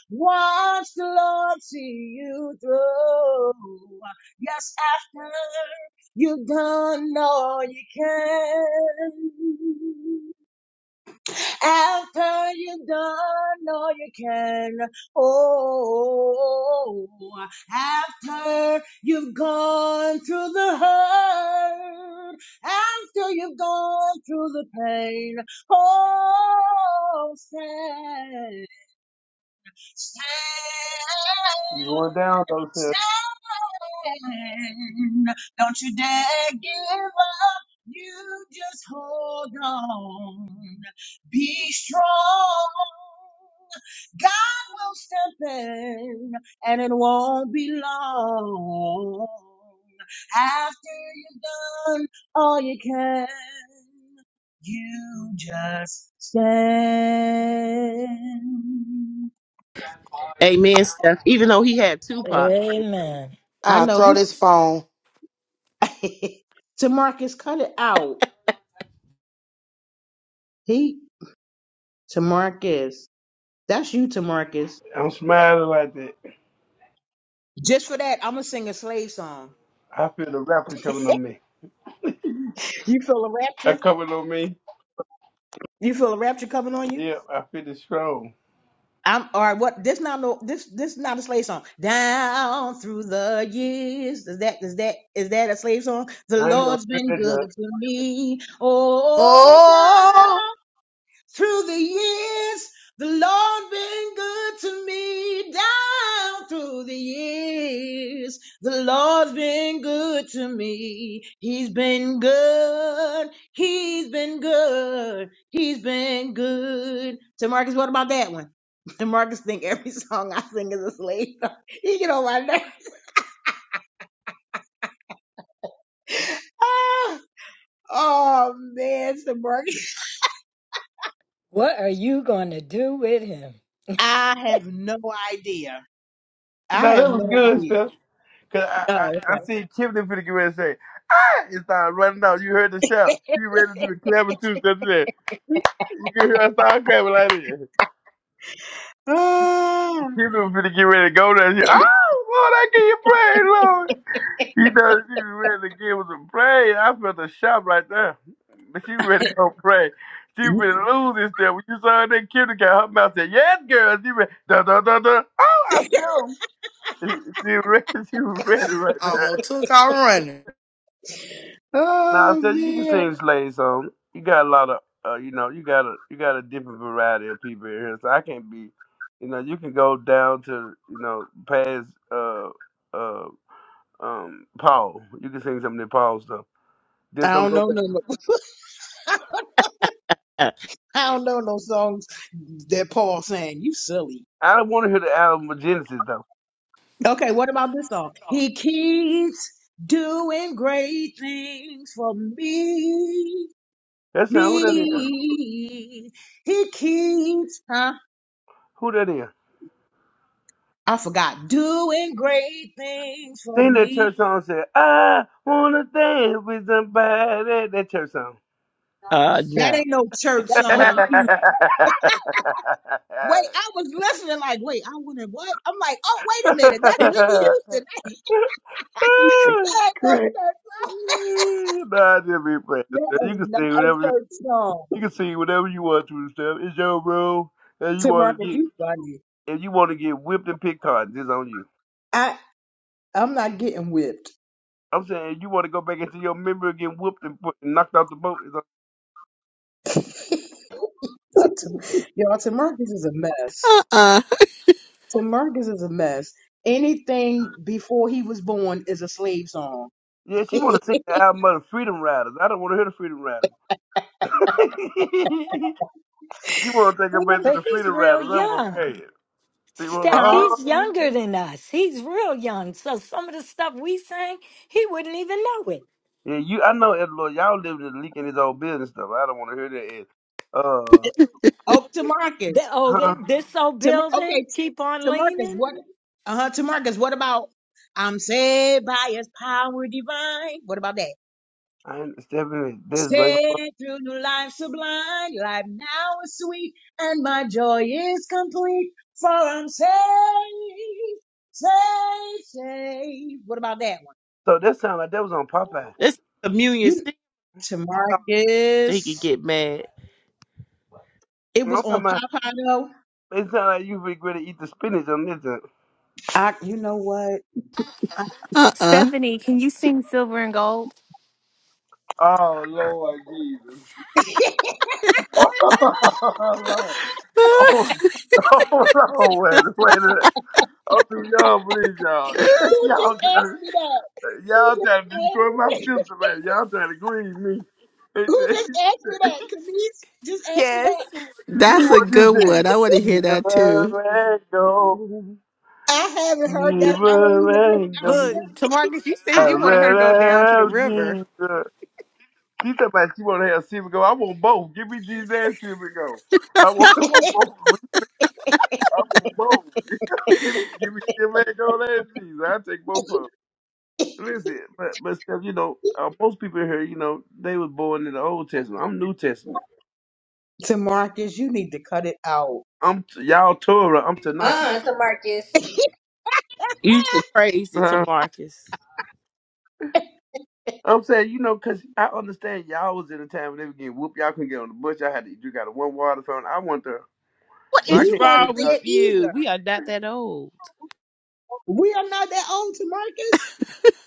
[SPEAKER 1] Watch the Lord see you through. Yes, after you've done all you can. After you've done all you can, oh, after you've gone through the hurt, after you've gone through the pain, oh, say, Stand,
[SPEAKER 6] You going down though, sir?
[SPEAKER 1] stand. Don't you dare give up. You just hold on. Be strong. God will step in, and it won't be long. After you've done all you can, you just stand.
[SPEAKER 13] Amen, Steph. Even though he had Tupac. praise
[SPEAKER 3] Amen.
[SPEAKER 1] I
[SPEAKER 16] I'll
[SPEAKER 1] know
[SPEAKER 16] throw this phone.
[SPEAKER 1] he Tamarcus, cut it out. He Tamarcus. That's you, Tamarcus.
[SPEAKER 6] I'm smiling like that.
[SPEAKER 1] Just for that, I'm gonna sing a slave song.
[SPEAKER 6] I feel the rapper coming on me.
[SPEAKER 1] You feel a
[SPEAKER 6] That
[SPEAKER 1] rapture?
[SPEAKER 6] coming on me.
[SPEAKER 1] You feel a rapture coming on you?
[SPEAKER 6] Yeah, I feel the strong.
[SPEAKER 1] I'm all right. What? This not no. This this not a slave song. Down through the years, is that is that is that a slave song? The Lord's been good to me. Oh,
[SPEAKER 16] Oh,
[SPEAKER 1] Through the years, the Lord been good to me. Down through the years, the Lord's been good to me. He's been good. He's been good. He's been good. So Marcus, what about that one? Marcus think every song I sing is a slave. song. He get on my nerves. Ah, oh man, Sir Marcus.
[SPEAKER 3] What are you going to do with him?
[SPEAKER 1] I have no idea. I
[SPEAKER 6] Now that
[SPEAKER 1] have
[SPEAKER 6] was
[SPEAKER 1] no
[SPEAKER 6] good
[SPEAKER 1] idea.
[SPEAKER 6] stuff. Cause I I,
[SPEAKER 1] Oh, okay.
[SPEAKER 6] I see Tiffany finna get ready to say, ah, it started running out. You heard the shout. She ready to do the clapping too, stuff there. You can hear I start clapping like this.
[SPEAKER 1] Ah,
[SPEAKER 6] You know, finna get ready to go there. here. Oh, Lord, I give you praise, Lord. You know, she was ready to give us some praise. I felt a shock right there. But she ready to go pray. She
[SPEAKER 1] you-
[SPEAKER 6] finna lose this stuff. When you saw her that kid got her mouth said, yes, girl. She ready, da, da, da, da. Oh, I feel him. She was ready, she was ready right
[SPEAKER 16] almost
[SPEAKER 6] there.
[SPEAKER 16] took out running.
[SPEAKER 6] Now I
[SPEAKER 1] oh
[SPEAKER 6] said you can sing
[SPEAKER 1] man.
[SPEAKER 6] slave song. You got a lot of uh, you know, you got a you got a different variety of people in here, so I can't be you know, you can go down to you know, past uh uh um Paul. You can sing some of the Paul stuff. Just
[SPEAKER 1] I
[SPEAKER 6] don't
[SPEAKER 1] don't
[SPEAKER 6] go
[SPEAKER 1] know
[SPEAKER 6] back.
[SPEAKER 1] no
[SPEAKER 13] God.
[SPEAKER 1] I don't know no songs that Paul sang. You silly.
[SPEAKER 6] I don't wanna hear the album of Genesis though.
[SPEAKER 1] Okay, what about this song? He keeps doing great things for me.
[SPEAKER 6] That's not who that is.
[SPEAKER 1] Me. He keeps huh?
[SPEAKER 6] Who that is?
[SPEAKER 1] I forgot. Doing great things for
[SPEAKER 6] Sing that
[SPEAKER 1] me.
[SPEAKER 6] church song Say, I wanna dance with somebody that church song.
[SPEAKER 13] Uh,
[SPEAKER 1] That
[SPEAKER 13] no,
[SPEAKER 1] ain't no church
[SPEAKER 13] that's with
[SPEAKER 1] song.
[SPEAKER 13] you.
[SPEAKER 1] Wait, I was listening like, wait, I wonder what? I'm like, oh, wait a minute. That's Whitney
[SPEAKER 13] yeah,
[SPEAKER 1] Houston.
[SPEAKER 14] Like,
[SPEAKER 6] nah,
[SPEAKER 1] ain't no
[SPEAKER 14] great.
[SPEAKER 1] church song.
[SPEAKER 6] I just be playing.
[SPEAKER 1] That
[SPEAKER 6] You
[SPEAKER 1] is
[SPEAKER 6] can
[SPEAKER 1] not
[SPEAKER 6] sing
[SPEAKER 1] a
[SPEAKER 6] whatever you,
[SPEAKER 1] church song.
[SPEAKER 6] you can sing whatever you want to and stuff. It's your bro, and you want to
[SPEAKER 1] Tamarcus,
[SPEAKER 6] get
[SPEAKER 1] you funny.
[SPEAKER 6] and you want to get whipped and pick cotton. It's on you.
[SPEAKER 1] I I'm not getting whipped.
[SPEAKER 6] I'm saying you want to go back into your memory and get whooped and, put, and knocked out the boat. It's on,
[SPEAKER 1] Tim- Y'all, Tamarcus is a mess.
[SPEAKER 9] Uh uh-uh,
[SPEAKER 1] Tamarcus is a mess. Anything before he was born is a slave song.
[SPEAKER 6] yeah, she want to sing the album of the Freedom Riders. I don't want to hear the Freedom Riders. she want to take her back to
[SPEAKER 3] But
[SPEAKER 6] the
[SPEAKER 3] he's
[SPEAKER 6] Freedom
[SPEAKER 3] real
[SPEAKER 6] Riders. I'm
[SPEAKER 3] young.
[SPEAKER 6] okay. She want to.
[SPEAKER 3] Steph,
[SPEAKER 1] huh?
[SPEAKER 3] he's
[SPEAKER 6] Oh.
[SPEAKER 3] younger than us. He's real young. So some of the stuff we sang, he wouldn't even know it.
[SPEAKER 6] Yeah, you. I know, Ed Lord, y'all living in leaking his old business stuff. I don't want to hear that. Ed. Uh.
[SPEAKER 1] Oh,
[SPEAKER 3] The,
[SPEAKER 1] Tamarcus.
[SPEAKER 3] oh,
[SPEAKER 6] Huh?
[SPEAKER 3] th- this old
[SPEAKER 1] Tamar-
[SPEAKER 3] building,
[SPEAKER 1] okay,
[SPEAKER 3] keep on
[SPEAKER 1] Tamarcus,
[SPEAKER 3] leaning.
[SPEAKER 1] what? Uh huh. Tamarcus, what about? I'm saved by His power divine. What about that?
[SPEAKER 6] I ain't stepping in this, baby.
[SPEAKER 1] Stay through new life sublime, life now is sweet, and my joy is complete, for I'm saved, saved, saved. What about that one?
[SPEAKER 6] So that sound like that was on Popeye.
[SPEAKER 13] that's communion
[SPEAKER 1] You,
[SPEAKER 13] sing song so he could
[SPEAKER 1] Tamarcus,
[SPEAKER 13] get mad.
[SPEAKER 1] it
[SPEAKER 6] I'm
[SPEAKER 1] was
[SPEAKER 6] talking
[SPEAKER 1] on
[SPEAKER 6] about,
[SPEAKER 1] Popeye though.
[SPEAKER 6] it sound like you regret to eat the spinach on this one.
[SPEAKER 1] I, you know what?
[SPEAKER 9] uh. Uh
[SPEAKER 15] Stephanie, can you sing Silver and Gold?
[SPEAKER 6] Oh Lord Jesus. oh Lord,
[SPEAKER 9] uh.
[SPEAKER 6] Oh, Lord. wait, wait a minute. I'm too young for this, y'all. y'all
[SPEAKER 1] Ask
[SPEAKER 6] trying to
[SPEAKER 1] me that. Who
[SPEAKER 6] y'all
[SPEAKER 1] just
[SPEAKER 6] trying to destroy my
[SPEAKER 1] asked me?
[SPEAKER 6] sister, man. Y'all trying to grieve me.
[SPEAKER 1] Who just asked me
[SPEAKER 6] See
[SPEAKER 1] that? Camise just asked me
[SPEAKER 15] Yes.
[SPEAKER 1] that.
[SPEAKER 9] That's a
[SPEAKER 6] what you
[SPEAKER 9] good one.
[SPEAKER 6] say.
[SPEAKER 9] I want to hear that
[SPEAKER 6] Never
[SPEAKER 9] too.
[SPEAKER 6] let go.
[SPEAKER 1] I haven't heard that. I don't
[SPEAKER 6] Never
[SPEAKER 1] even think
[SPEAKER 6] let
[SPEAKER 1] I remember.
[SPEAKER 6] go.
[SPEAKER 15] Look, Tamarcus, you
[SPEAKER 1] I
[SPEAKER 6] I
[SPEAKER 15] said you wanted
[SPEAKER 1] haven't.
[SPEAKER 15] her to go
[SPEAKER 6] rather
[SPEAKER 15] down to the
[SPEAKER 6] have
[SPEAKER 15] river.
[SPEAKER 6] Jesus. He talking about she want to have silver go. I want both. Give me Jesus and silver go. I want, I want both. I want both. give me, give me silver and gold and Jesus. I take both of them. Listen, but but Steph, you know, uh, most people here, you know, they was born in the Old Testament. I'm New Testament.
[SPEAKER 1] Tamarcus, you need to cut it out.
[SPEAKER 6] I'm t- y'all Torah. I'm Tanaki.
[SPEAKER 11] Uh, it's
[SPEAKER 13] You too crazy to
[SPEAKER 6] Uh,
[SPEAKER 13] Marcus.
[SPEAKER 6] I'm saying, you know, because I understand y'all was in a time when they were getting whooped. Y'all couldn't get on the bus. Y'all had to drink out of one water fountain. I went there.
[SPEAKER 13] What
[SPEAKER 6] So I
[SPEAKER 13] is
[SPEAKER 1] We
[SPEAKER 6] can't think.
[SPEAKER 13] wrong
[SPEAKER 1] wasn't
[SPEAKER 13] with
[SPEAKER 1] there
[SPEAKER 13] you?
[SPEAKER 1] either.
[SPEAKER 13] We are not that old.
[SPEAKER 1] We are not that old to Marcus.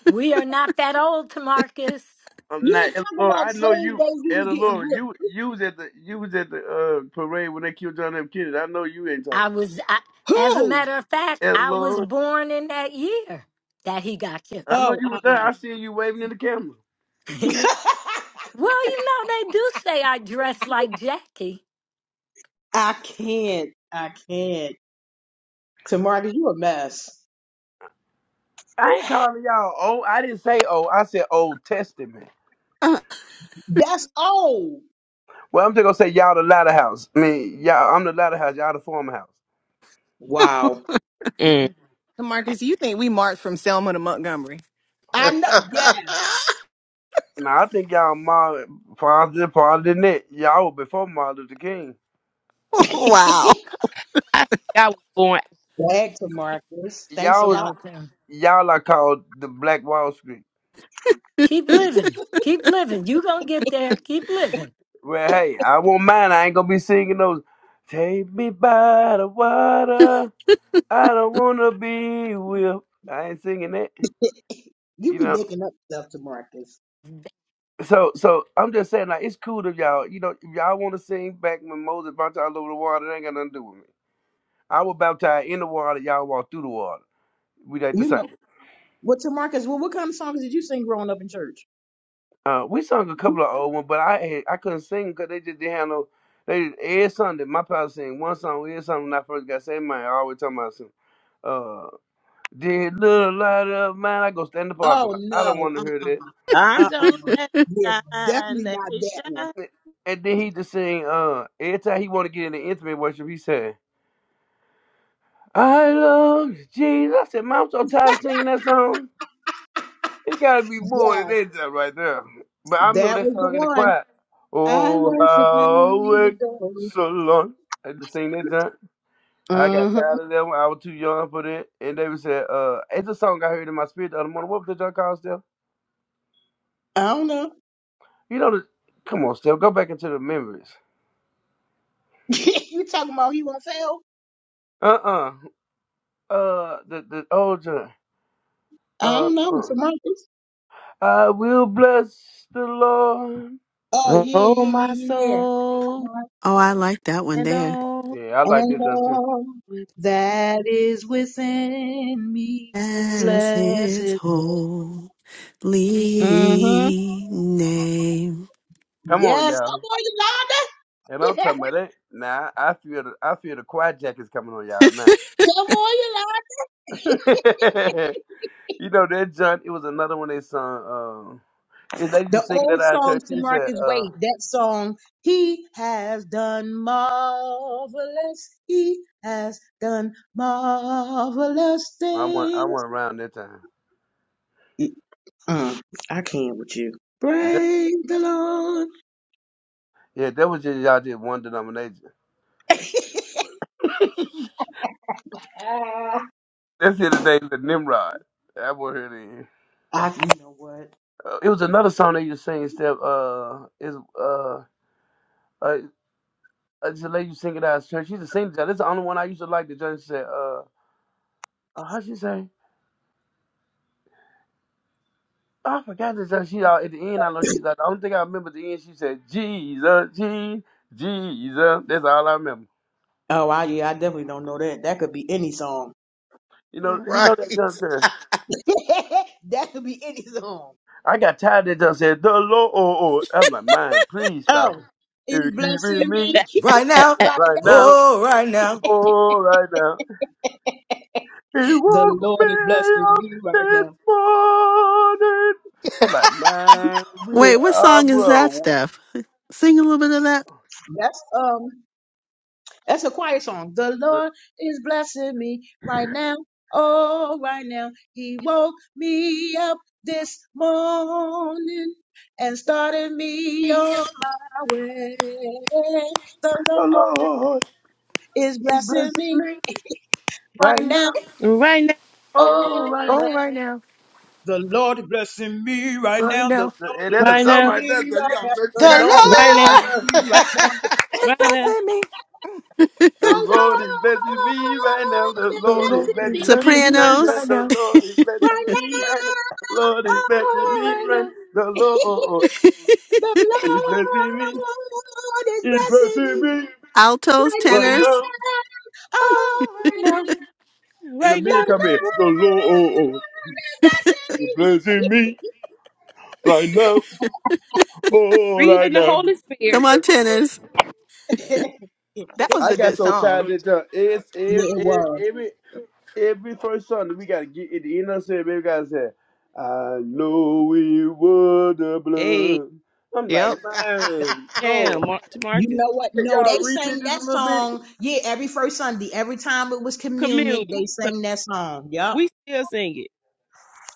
[SPEAKER 3] We are not that old, Tamarcus.
[SPEAKER 6] I'm
[SPEAKER 1] Yeah,
[SPEAKER 6] not
[SPEAKER 1] talking
[SPEAKER 6] Elder Lord.
[SPEAKER 1] about
[SPEAKER 6] I know
[SPEAKER 1] slave
[SPEAKER 6] you,
[SPEAKER 1] days, we was
[SPEAKER 6] Elder
[SPEAKER 1] getting
[SPEAKER 6] Lord.
[SPEAKER 1] whipped.
[SPEAKER 6] You you was at the you was at the uh, parade when they killed John F. Kennedy. I know you ain't talking,
[SPEAKER 3] I was, I, as a
[SPEAKER 1] Who?
[SPEAKER 3] matter of fact,
[SPEAKER 6] Elder
[SPEAKER 3] I was
[SPEAKER 6] Lord.
[SPEAKER 3] born in that year that he got killed.
[SPEAKER 6] I know
[SPEAKER 1] Oh,
[SPEAKER 6] you were there.
[SPEAKER 1] uh-uh.
[SPEAKER 6] I seen you waving in the camera.
[SPEAKER 3] well, you know, they do say I dress like Jackie.
[SPEAKER 1] I can't. I can't. To Marcus, you a mess.
[SPEAKER 6] I ain't calling y'all old. I didn't say old. I said Old Testament.
[SPEAKER 1] That's old.
[SPEAKER 6] Well, I'm just gonna say y'all the latter house. I mean, y'all, I'm the latter house. Y'all the former house.
[SPEAKER 1] Wow.
[SPEAKER 15] Tamarcus, you think we marched from Selma to Montgomery?
[SPEAKER 1] I know. Yes.
[SPEAKER 6] Now I think y'all more farther farther than that. Y'all were before Martin Luther King.
[SPEAKER 9] wow.
[SPEAKER 13] I think I was born.
[SPEAKER 1] Back to Marcus. Thanks a
[SPEAKER 6] Y'all was
[SPEAKER 1] lot.
[SPEAKER 3] Help him.
[SPEAKER 6] y'all are called the Black Wall Street.
[SPEAKER 3] Keep living. Keep living. You gonna get there. Keep living.
[SPEAKER 6] Well, hey, I won't mind. I ain't gonna be singing those. Take me by the water. I don't wanna be with. I ain't singing that.
[SPEAKER 1] You
[SPEAKER 6] You
[SPEAKER 1] be
[SPEAKER 6] know.
[SPEAKER 1] making up stuff to Marcus.
[SPEAKER 6] So, so I'm just saying, like, it's cool if y'all, you know, if y'all want to sing back when Moses bounced all over the water, it ain't got nothing to do with me. I was baptized in the water. Y'all walk through the water. We like the
[SPEAKER 1] You
[SPEAKER 6] same.
[SPEAKER 1] know. Well, to Marcus, well, what kind of songs did you sing growing up in church?
[SPEAKER 6] Uh, we sung a couple of old ones, but I had- I couldn't sing because they just didn't have no. They every Sunday, my pastor sang one song every Sunday when I first got saved. Man, I always talking about something. Did little light up, man. I go stand in the parking
[SPEAKER 1] Oh,
[SPEAKER 6] lot. I don't
[SPEAKER 1] no.
[SPEAKER 6] want to
[SPEAKER 1] Uh,
[SPEAKER 6] hear
[SPEAKER 13] I'm gonna
[SPEAKER 1] uh-uh.
[SPEAKER 13] let it
[SPEAKER 9] oh,
[SPEAKER 1] Yeah,
[SPEAKER 13] shine,
[SPEAKER 1] definitely
[SPEAKER 13] let
[SPEAKER 1] not
[SPEAKER 13] it
[SPEAKER 1] that one.
[SPEAKER 13] shine.
[SPEAKER 6] that. And then he just sing, uh, every time he want to get in the intimate worship, he said, I love you, Jesus. I said, man, I'm so tired of singing that song. It got to be more than
[SPEAKER 1] Yes,
[SPEAKER 6] that just right there. But I remember
[SPEAKER 1] that
[SPEAKER 6] that
[SPEAKER 1] was the
[SPEAKER 6] song in the
[SPEAKER 1] one.
[SPEAKER 6] choir.
[SPEAKER 1] I
[SPEAKER 6] Oh,
[SPEAKER 1] worship
[SPEAKER 6] how
[SPEAKER 1] and
[SPEAKER 6] it
[SPEAKER 1] adore.
[SPEAKER 6] so long. I just sing that junk. I got
[SPEAKER 1] Uh-huh.
[SPEAKER 6] tired of that one. I was too young for that. And they would say, uh, it's a song I heard in my spirit the other morning. What was the junk called, Steph?
[SPEAKER 1] I don't know.
[SPEAKER 6] You know, the, come on, Steph, go back into the memories.
[SPEAKER 1] you talking about he won't fail?
[SPEAKER 6] Uh-uh. Uh, the, the old John.
[SPEAKER 1] I
[SPEAKER 6] Uh,
[SPEAKER 1] don't know.
[SPEAKER 6] uh.
[SPEAKER 1] It's a Marcus.
[SPEAKER 6] I will bless the Lord.
[SPEAKER 1] Oh yeah,
[SPEAKER 13] Oh,
[SPEAKER 1] yeah, yeah,
[SPEAKER 13] my
[SPEAKER 1] yeah, yeah.
[SPEAKER 13] soul,
[SPEAKER 9] I like that one
[SPEAKER 13] and
[SPEAKER 9] there.
[SPEAKER 13] all
[SPEAKER 6] Yeah, I like
[SPEAKER 1] And
[SPEAKER 6] this one too.
[SPEAKER 1] all
[SPEAKER 13] with
[SPEAKER 1] that is within me,
[SPEAKER 9] Bless
[SPEAKER 1] blessed.
[SPEAKER 9] his
[SPEAKER 1] Lord.
[SPEAKER 9] holy
[SPEAKER 1] Mm-hmm.
[SPEAKER 9] name.
[SPEAKER 6] Come on,
[SPEAKER 1] Yes, come
[SPEAKER 6] y'all.
[SPEAKER 1] on,
[SPEAKER 6] And I'm
[SPEAKER 1] Yolanda.
[SPEAKER 6] talking about that. Nah, I feel the I feel the quiet jackets coming on y'all now.
[SPEAKER 1] Come on,
[SPEAKER 6] you know that John. It was another one they sung. Um, it's lady you
[SPEAKER 1] The
[SPEAKER 6] singing at
[SPEAKER 1] old
[SPEAKER 6] our
[SPEAKER 1] song
[SPEAKER 6] church.
[SPEAKER 1] to
[SPEAKER 6] he said,
[SPEAKER 1] Marcus
[SPEAKER 6] "Uh,
[SPEAKER 1] Wade, that song, He has done marvelous. He has done marvelous
[SPEAKER 6] I went I
[SPEAKER 1] things.
[SPEAKER 6] went around that time."
[SPEAKER 1] mm I can't with you.
[SPEAKER 6] That-
[SPEAKER 1] Praise the Lord.
[SPEAKER 6] yeah, that was just y'all did one denomination.
[SPEAKER 1] Ah,
[SPEAKER 6] that's here today the Nimrod. That one here.
[SPEAKER 1] I, you know what?
[SPEAKER 6] Uh, It was another song they used to sing. Step uh is uh uh uh, it's a lady you sing it out of church. She's a singer. That's the only one I used to like. The judge said uh, uh how she say. Oh, I forgot this. uh, She out at the end. I know she's like. The only thing I remember at the end. She said Jesus, Je- Jesus. That's all I remember.
[SPEAKER 1] Oh, I, yeah, I definitely don't know that. That could be any song.
[SPEAKER 6] You know, you
[SPEAKER 16] right.
[SPEAKER 6] know that judge said.
[SPEAKER 1] that could be any song.
[SPEAKER 6] I got tired of that judge said the Lord. I'm like, mine, please stop.
[SPEAKER 1] Oh,
[SPEAKER 6] It.
[SPEAKER 1] he's
[SPEAKER 6] If you give
[SPEAKER 1] blessing
[SPEAKER 6] me
[SPEAKER 1] me
[SPEAKER 16] Right now.
[SPEAKER 1] right
[SPEAKER 6] right
[SPEAKER 1] now.
[SPEAKER 6] now,
[SPEAKER 16] Oh, right now.
[SPEAKER 6] oh right now. He
[SPEAKER 1] The
[SPEAKER 6] woke me
[SPEAKER 1] Lord is blessing
[SPEAKER 6] up
[SPEAKER 1] me right
[SPEAKER 6] this
[SPEAKER 1] now.
[SPEAKER 6] morning. I'm like, man, we in
[SPEAKER 9] Wait, what
[SPEAKER 6] uh,
[SPEAKER 9] song is that,
[SPEAKER 6] bro.
[SPEAKER 9] Steph? Sing a little bit of that.
[SPEAKER 1] That's um. That's a choir song. The Lord
[SPEAKER 6] The
[SPEAKER 1] is blessing me right now. Oh, right now. He woke me up this morning and started me on my way. The Lord
[SPEAKER 6] Lord
[SPEAKER 1] is
[SPEAKER 6] is blessing
[SPEAKER 1] blessing me
[SPEAKER 6] me
[SPEAKER 1] right
[SPEAKER 6] right
[SPEAKER 1] now.
[SPEAKER 6] now.
[SPEAKER 13] right now,
[SPEAKER 6] Oh,
[SPEAKER 1] Oh,
[SPEAKER 6] right
[SPEAKER 1] right
[SPEAKER 6] now.
[SPEAKER 1] now.
[SPEAKER 15] Oh, right now.
[SPEAKER 1] The Lord is blessing me right
[SPEAKER 15] Right
[SPEAKER 1] now. The
[SPEAKER 15] now.
[SPEAKER 1] Lord
[SPEAKER 6] And
[SPEAKER 1] is
[SPEAKER 6] that's the
[SPEAKER 13] right
[SPEAKER 6] dumb
[SPEAKER 1] blessing
[SPEAKER 13] now,
[SPEAKER 6] right there,
[SPEAKER 1] me
[SPEAKER 6] so you
[SPEAKER 1] right
[SPEAKER 6] gotta
[SPEAKER 1] now.
[SPEAKER 6] just
[SPEAKER 16] The
[SPEAKER 1] The
[SPEAKER 6] get out of my
[SPEAKER 1] Lord is
[SPEAKER 13] right
[SPEAKER 6] bed right
[SPEAKER 13] now,
[SPEAKER 16] Lord.
[SPEAKER 1] blessing
[SPEAKER 6] there.
[SPEAKER 1] me
[SPEAKER 13] right
[SPEAKER 1] right now.
[SPEAKER 13] now,
[SPEAKER 1] The
[SPEAKER 15] It's
[SPEAKER 13] right now,
[SPEAKER 15] blessing me.
[SPEAKER 6] The
[SPEAKER 1] Lord
[SPEAKER 6] Lord is blessing me right now. The
[SPEAKER 1] is
[SPEAKER 15] The
[SPEAKER 6] Lord is
[SPEAKER 1] blessing
[SPEAKER 15] Lord is
[SPEAKER 1] me
[SPEAKER 6] blessing
[SPEAKER 15] blessing
[SPEAKER 6] me
[SPEAKER 15] me
[SPEAKER 6] right now.
[SPEAKER 15] right
[SPEAKER 9] Sopranos,
[SPEAKER 6] The
[SPEAKER 15] now.
[SPEAKER 6] Lord is blessing
[SPEAKER 1] Right now,
[SPEAKER 6] me right now. The Lord is
[SPEAKER 1] oh,
[SPEAKER 6] blessing
[SPEAKER 15] Oh,
[SPEAKER 1] right
[SPEAKER 6] me
[SPEAKER 15] right
[SPEAKER 1] now.
[SPEAKER 6] right
[SPEAKER 15] now.
[SPEAKER 6] now. The Lord
[SPEAKER 1] the Lord
[SPEAKER 6] is blessing me.
[SPEAKER 1] is
[SPEAKER 6] He's
[SPEAKER 1] blessing
[SPEAKER 6] blessing
[SPEAKER 1] me
[SPEAKER 6] me
[SPEAKER 9] altos,
[SPEAKER 1] right now,
[SPEAKER 6] right
[SPEAKER 9] tenors.
[SPEAKER 6] now.
[SPEAKER 1] oh,
[SPEAKER 15] Oh, right
[SPEAKER 1] right
[SPEAKER 15] now.
[SPEAKER 1] now.
[SPEAKER 6] And the
[SPEAKER 13] right
[SPEAKER 1] The
[SPEAKER 6] men
[SPEAKER 13] now.
[SPEAKER 6] come in. The
[SPEAKER 1] Lord
[SPEAKER 6] Lord
[SPEAKER 1] is
[SPEAKER 6] is blessing me right now.
[SPEAKER 13] Y'all
[SPEAKER 6] Oh, right
[SPEAKER 13] breathing the
[SPEAKER 6] now.
[SPEAKER 13] Holy Spirit.
[SPEAKER 9] Come
[SPEAKER 6] Man,
[SPEAKER 9] on,
[SPEAKER 6] that's-
[SPEAKER 9] tenors.
[SPEAKER 1] blessing me.
[SPEAKER 15] That was
[SPEAKER 6] I
[SPEAKER 15] a
[SPEAKER 6] got
[SPEAKER 15] good
[SPEAKER 6] so tired
[SPEAKER 15] song.
[SPEAKER 6] that uh, it's,
[SPEAKER 1] yeah,
[SPEAKER 6] it's,
[SPEAKER 1] it
[SPEAKER 6] it's,
[SPEAKER 1] was.
[SPEAKER 6] every every first Sunday we gotta get at the end of the service. We gotta say, "I know it was the
[SPEAKER 13] Hey,
[SPEAKER 6] blood." I'm like,
[SPEAKER 15] Yep.
[SPEAKER 13] that's
[SPEAKER 6] man, Lord,
[SPEAKER 13] jam, Mark to
[SPEAKER 1] You
[SPEAKER 13] Marcus.
[SPEAKER 1] know what?
[SPEAKER 6] can
[SPEAKER 1] No, they
[SPEAKER 6] y'all repeat
[SPEAKER 1] sang
[SPEAKER 6] this a
[SPEAKER 1] that
[SPEAKER 6] little bit?
[SPEAKER 1] song. Yeah, every first Sunday, every time it was
[SPEAKER 13] Communion.
[SPEAKER 1] communion, they sang that song. Yep.
[SPEAKER 13] We still sing it.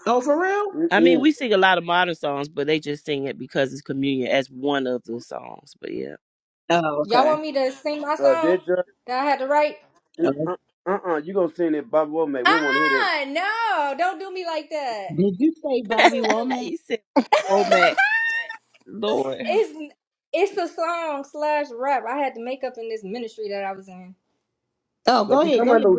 [SPEAKER 1] Oh, for real?
[SPEAKER 13] I mean,
[SPEAKER 6] Mm-mm.
[SPEAKER 13] we sing a lot of modern songs, but they just sing it because it's communion as one of the songs. But yeah,
[SPEAKER 1] Oh,
[SPEAKER 11] y'all
[SPEAKER 1] okay.
[SPEAKER 11] want me to sing my
[SPEAKER 6] Uh,
[SPEAKER 11] song
[SPEAKER 6] that
[SPEAKER 11] that I had to write?
[SPEAKER 1] Oh,
[SPEAKER 6] just,
[SPEAKER 1] Did
[SPEAKER 11] Ah, no, don't do me like that.
[SPEAKER 1] you say Bobby Womack?
[SPEAKER 13] you said, Lord.
[SPEAKER 11] It's it's a song slash rap I had to make up in this ministry that I was in.
[SPEAKER 1] Oh,
[SPEAKER 6] the
[SPEAKER 1] go ahead. Go ahead,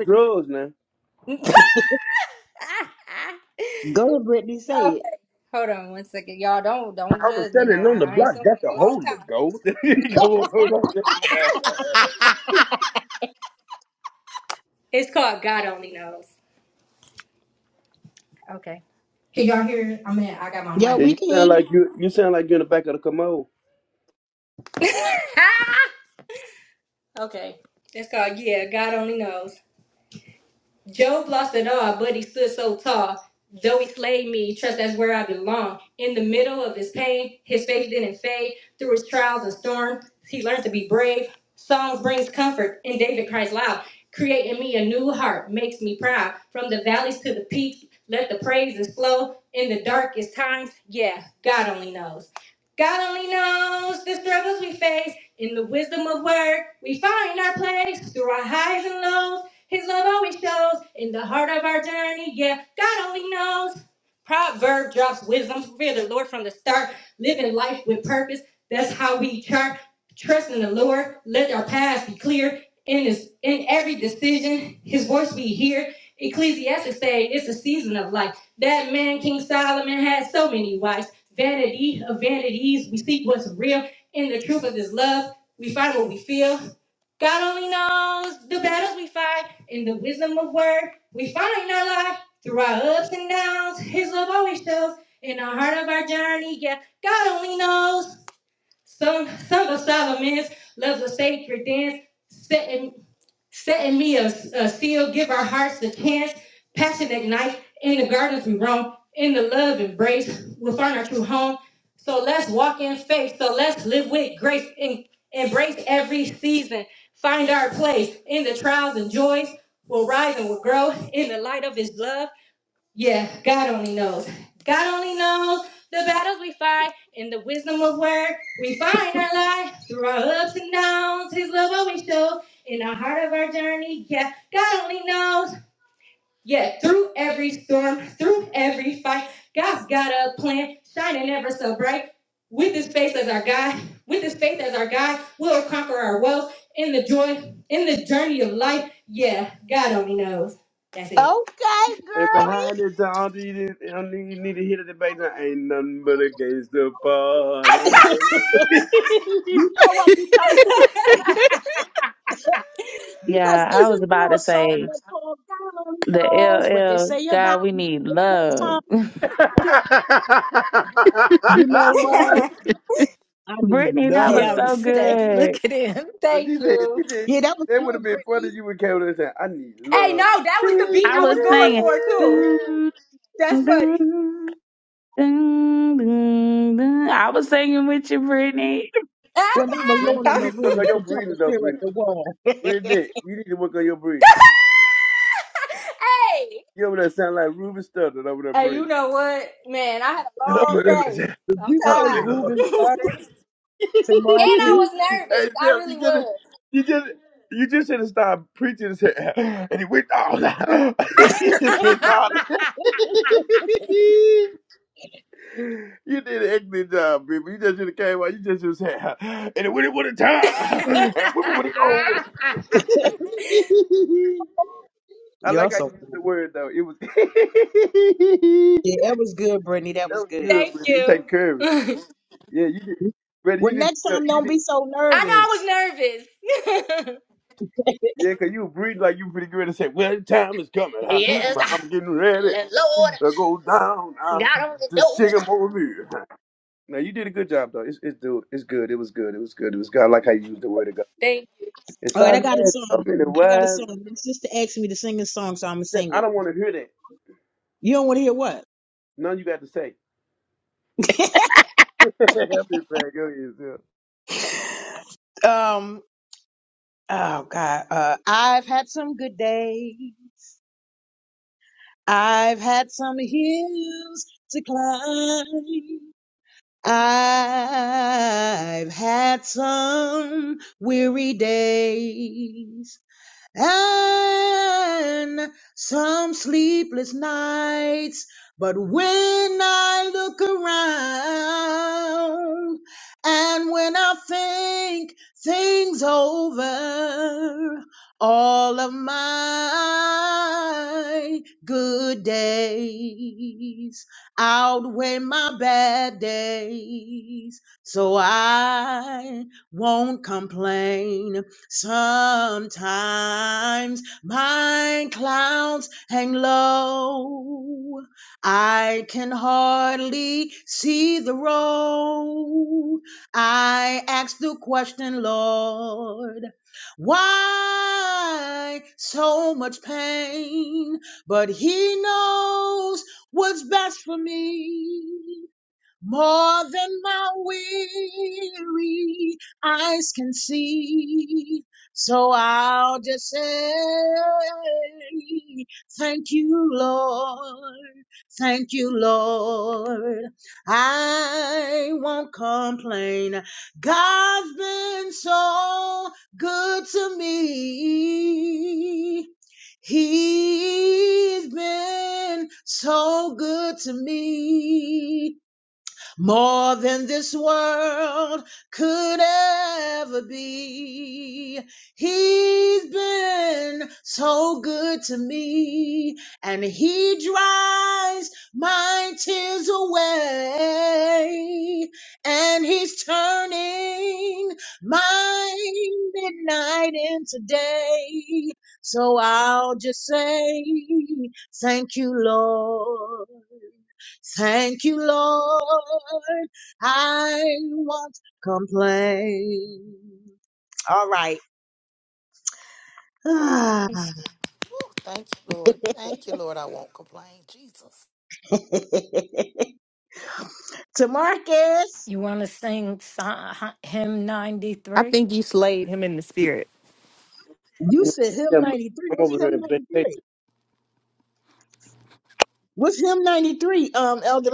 [SPEAKER 1] Go ahead, Brittany, say it.
[SPEAKER 11] Okay, hold on one second, y'all. Don't don't judge me now. I ain't sung in a long
[SPEAKER 6] Holy
[SPEAKER 11] time.
[SPEAKER 6] Ghost. Come on, so
[SPEAKER 11] It's called God Only Knows. Okay. Can y'all hear? it? I mean, I got my
[SPEAKER 1] Yeah, we
[SPEAKER 11] mic.
[SPEAKER 1] can hear you.
[SPEAKER 11] Okay. It's called Yeah, God Only Knows. Job lost it all, but he stood so tall. Though he slayed me, trust that's where I belong. In the middle of his pain, his faith didn't fade. Through his trials and storms, he learned to be brave. Psalms brings comfort, and David cries loud. Create in me a new heart, makes me proud. From the valleys to the peaks, let the praises flow. In the darkest times, yeah, God only knows. God only knows the struggles we face. In the wisdom of word, we find our place. Through our highs and lows, his love always shows in the heart of our journey. Yeah, God only knows. Proverb drops wisdom. Fear the Lord from the start. Living life with purpose. That's how we chart. Trust in the Lord. Let our paths be clear. In his in every decision, his voice we hear. Ecclesiastes say it's a season of life. That man, King Solomon, had so many wives. Vanity of vanities. We seek what's real in the truth of his love. We find what we feel. God only knows the battles we fight and the wisdom of word we find in our life through our ups and downs. His love always shows in the heart of our journey. Yeah, God only knows. Song, Song of Solomon's loves a sacred dance, setting, setting me a, a seal, give our hearts a chance, passion ignite, in the gardens we roam, in the love embrace, we'll find our true home. So let's walk in faith, so let's live with grace, and embrace every season, find our place in the trials and joys, we'll rise and we'll grow in the light of his love. Yeah, God only knows. God only knows the battles we fight and the wisdom of where we find our life through our ups and downs. His love always shows in the heart of our journey. Yeah, God only knows. Yeah, through every storm, through every fight, God's got a plan shining ever so bright. With His faith as our guide, with His faith as our guide, we'll conquer our woes in the joy, in the journey of life. Yeah, God only knows. That's it.
[SPEAKER 1] Okay,
[SPEAKER 6] And behind it, all you need, all you need to hear the debate now, ain't nothing but a gangster party.
[SPEAKER 1] girlie. You know what? Because
[SPEAKER 17] Yeah,
[SPEAKER 1] because
[SPEAKER 17] I was
[SPEAKER 1] isn't
[SPEAKER 17] about
[SPEAKER 1] there a
[SPEAKER 17] to
[SPEAKER 1] song
[SPEAKER 17] say
[SPEAKER 1] that called God
[SPEAKER 17] the L
[SPEAKER 1] knows what they
[SPEAKER 17] L.
[SPEAKER 1] say about
[SPEAKER 17] God, we
[SPEAKER 1] me?
[SPEAKER 17] need
[SPEAKER 1] Isn't that a song?
[SPEAKER 17] love.
[SPEAKER 1] You know what? I'm in
[SPEAKER 17] Brittany, that was
[SPEAKER 3] Yo,
[SPEAKER 1] love.
[SPEAKER 17] so
[SPEAKER 3] Steph, look
[SPEAKER 17] good.
[SPEAKER 3] at him.
[SPEAKER 6] Cause
[SPEAKER 11] Thank
[SPEAKER 6] she said,
[SPEAKER 11] you.
[SPEAKER 6] she said
[SPEAKER 1] yeah, that was
[SPEAKER 6] that would have
[SPEAKER 1] good,
[SPEAKER 6] been funny.
[SPEAKER 1] Brittany.
[SPEAKER 6] if You would came to and said, "I need
[SPEAKER 11] Hey,
[SPEAKER 6] love."
[SPEAKER 11] no, that was the beat
[SPEAKER 17] I
[SPEAKER 11] I
[SPEAKER 17] was
[SPEAKER 11] was going
[SPEAKER 17] singing.
[SPEAKER 11] for too.
[SPEAKER 17] Dun,
[SPEAKER 11] That's
[SPEAKER 17] dun,
[SPEAKER 11] funny.
[SPEAKER 17] dun, dun, dun. I was singing with you, Brittany.
[SPEAKER 1] When I'm
[SPEAKER 6] Brittany,
[SPEAKER 1] alone in
[SPEAKER 6] you
[SPEAKER 1] my
[SPEAKER 6] need to
[SPEAKER 11] hey,
[SPEAKER 6] work on
[SPEAKER 1] room,
[SPEAKER 6] your
[SPEAKER 1] to talk
[SPEAKER 6] breathing,
[SPEAKER 1] to
[SPEAKER 6] though,
[SPEAKER 1] stare at
[SPEAKER 6] Brittany.
[SPEAKER 1] the wall.
[SPEAKER 6] Brittany,
[SPEAKER 1] Did
[SPEAKER 6] you need to work on your breathing. Your
[SPEAKER 11] hey, you
[SPEAKER 6] breathing.
[SPEAKER 11] know what, man? I had a
[SPEAKER 6] Hello,
[SPEAKER 11] long
[SPEAKER 6] Brittany.
[SPEAKER 11] day. I'm
[SPEAKER 1] you say
[SPEAKER 11] tired,
[SPEAKER 6] Hello,
[SPEAKER 1] Reuben Sutter to
[SPEAKER 11] and I
[SPEAKER 1] Marcus?
[SPEAKER 11] was
[SPEAKER 6] hey,
[SPEAKER 11] nervous.
[SPEAKER 6] Steph,
[SPEAKER 11] I really
[SPEAKER 6] you just
[SPEAKER 11] was.
[SPEAKER 6] You just you just should have stopped preaching and said, and he went all on. he just hit on. you did an excellent job, baby. You just should have came out. You just should have said, and it went it with a time, and women would have gone. with it. I
[SPEAKER 1] You're
[SPEAKER 6] like how
[SPEAKER 1] so
[SPEAKER 6] you used the
[SPEAKER 1] funny.
[SPEAKER 6] word though. It was that
[SPEAKER 1] Yeah, that was good, Brittany. That was
[SPEAKER 6] was
[SPEAKER 1] good.
[SPEAKER 6] good,
[SPEAKER 11] Thank
[SPEAKER 6] but it
[SPEAKER 11] you.
[SPEAKER 6] take courage.
[SPEAKER 11] I
[SPEAKER 6] Yeah, you did, brother.
[SPEAKER 1] Well,
[SPEAKER 6] You
[SPEAKER 1] next time,
[SPEAKER 6] did.
[SPEAKER 1] don't be so
[SPEAKER 11] know
[SPEAKER 1] nervous.
[SPEAKER 11] I was nervous.
[SPEAKER 6] Yeah, 'cause you breathe like you pretty good and say, "Well, the time is coming. I,
[SPEAKER 11] yes,
[SPEAKER 6] I'm getting
[SPEAKER 11] I-
[SPEAKER 6] ready
[SPEAKER 11] let- Lord,
[SPEAKER 6] to go down uh,
[SPEAKER 11] God,
[SPEAKER 6] to Sycamore View." Now you did a good job though. It's it's do it's good. It was good. It was
[SPEAKER 11] thank.
[SPEAKER 1] All right, I got a song. I got a song. My sister asked me to sing a song, so I'm gonna sing it. You don't want to hear what?
[SPEAKER 6] no.
[SPEAKER 1] um. Oh God. Uh, I've had some good days. I've had some hills to climb. I've had some weary days. and some sleepless nights. But when I look around and when I think things over, all of my good days outweigh my bad days. So I won't complain Sometimes my clouds hang low. I can hardly see the road. I ask the question, Lord, why so much pain? But He knows what's best for me. More than my weary eyes can see. So I'll just say, thank you, Lord. Thank you, Lord. I won't complain. God's been so good to me. He's been so good to me more than this world could ever be. He's been so good to me, and He dries my tears away, and He's turning my midnight into day. So I'll just say, Thank you, Lord. Thank you, Lord. I won't complain. All right. to
[SPEAKER 16] Woo, Thank you, Lord. Thank you, Lord. I won't complain. Jesus.
[SPEAKER 1] Marcus,
[SPEAKER 3] You want to sing so- hymn
[SPEAKER 15] I
[SPEAKER 3] 93?
[SPEAKER 15] think you slayed him in the spirit.
[SPEAKER 1] you
[SPEAKER 6] no,
[SPEAKER 1] said him
[SPEAKER 6] Yeah, I'm
[SPEAKER 1] 93.
[SPEAKER 6] I'm
[SPEAKER 1] What's
[SPEAKER 6] over
[SPEAKER 1] him
[SPEAKER 6] here in
[SPEAKER 1] 93?
[SPEAKER 6] vacation.
[SPEAKER 1] What's him 93, um, Elder?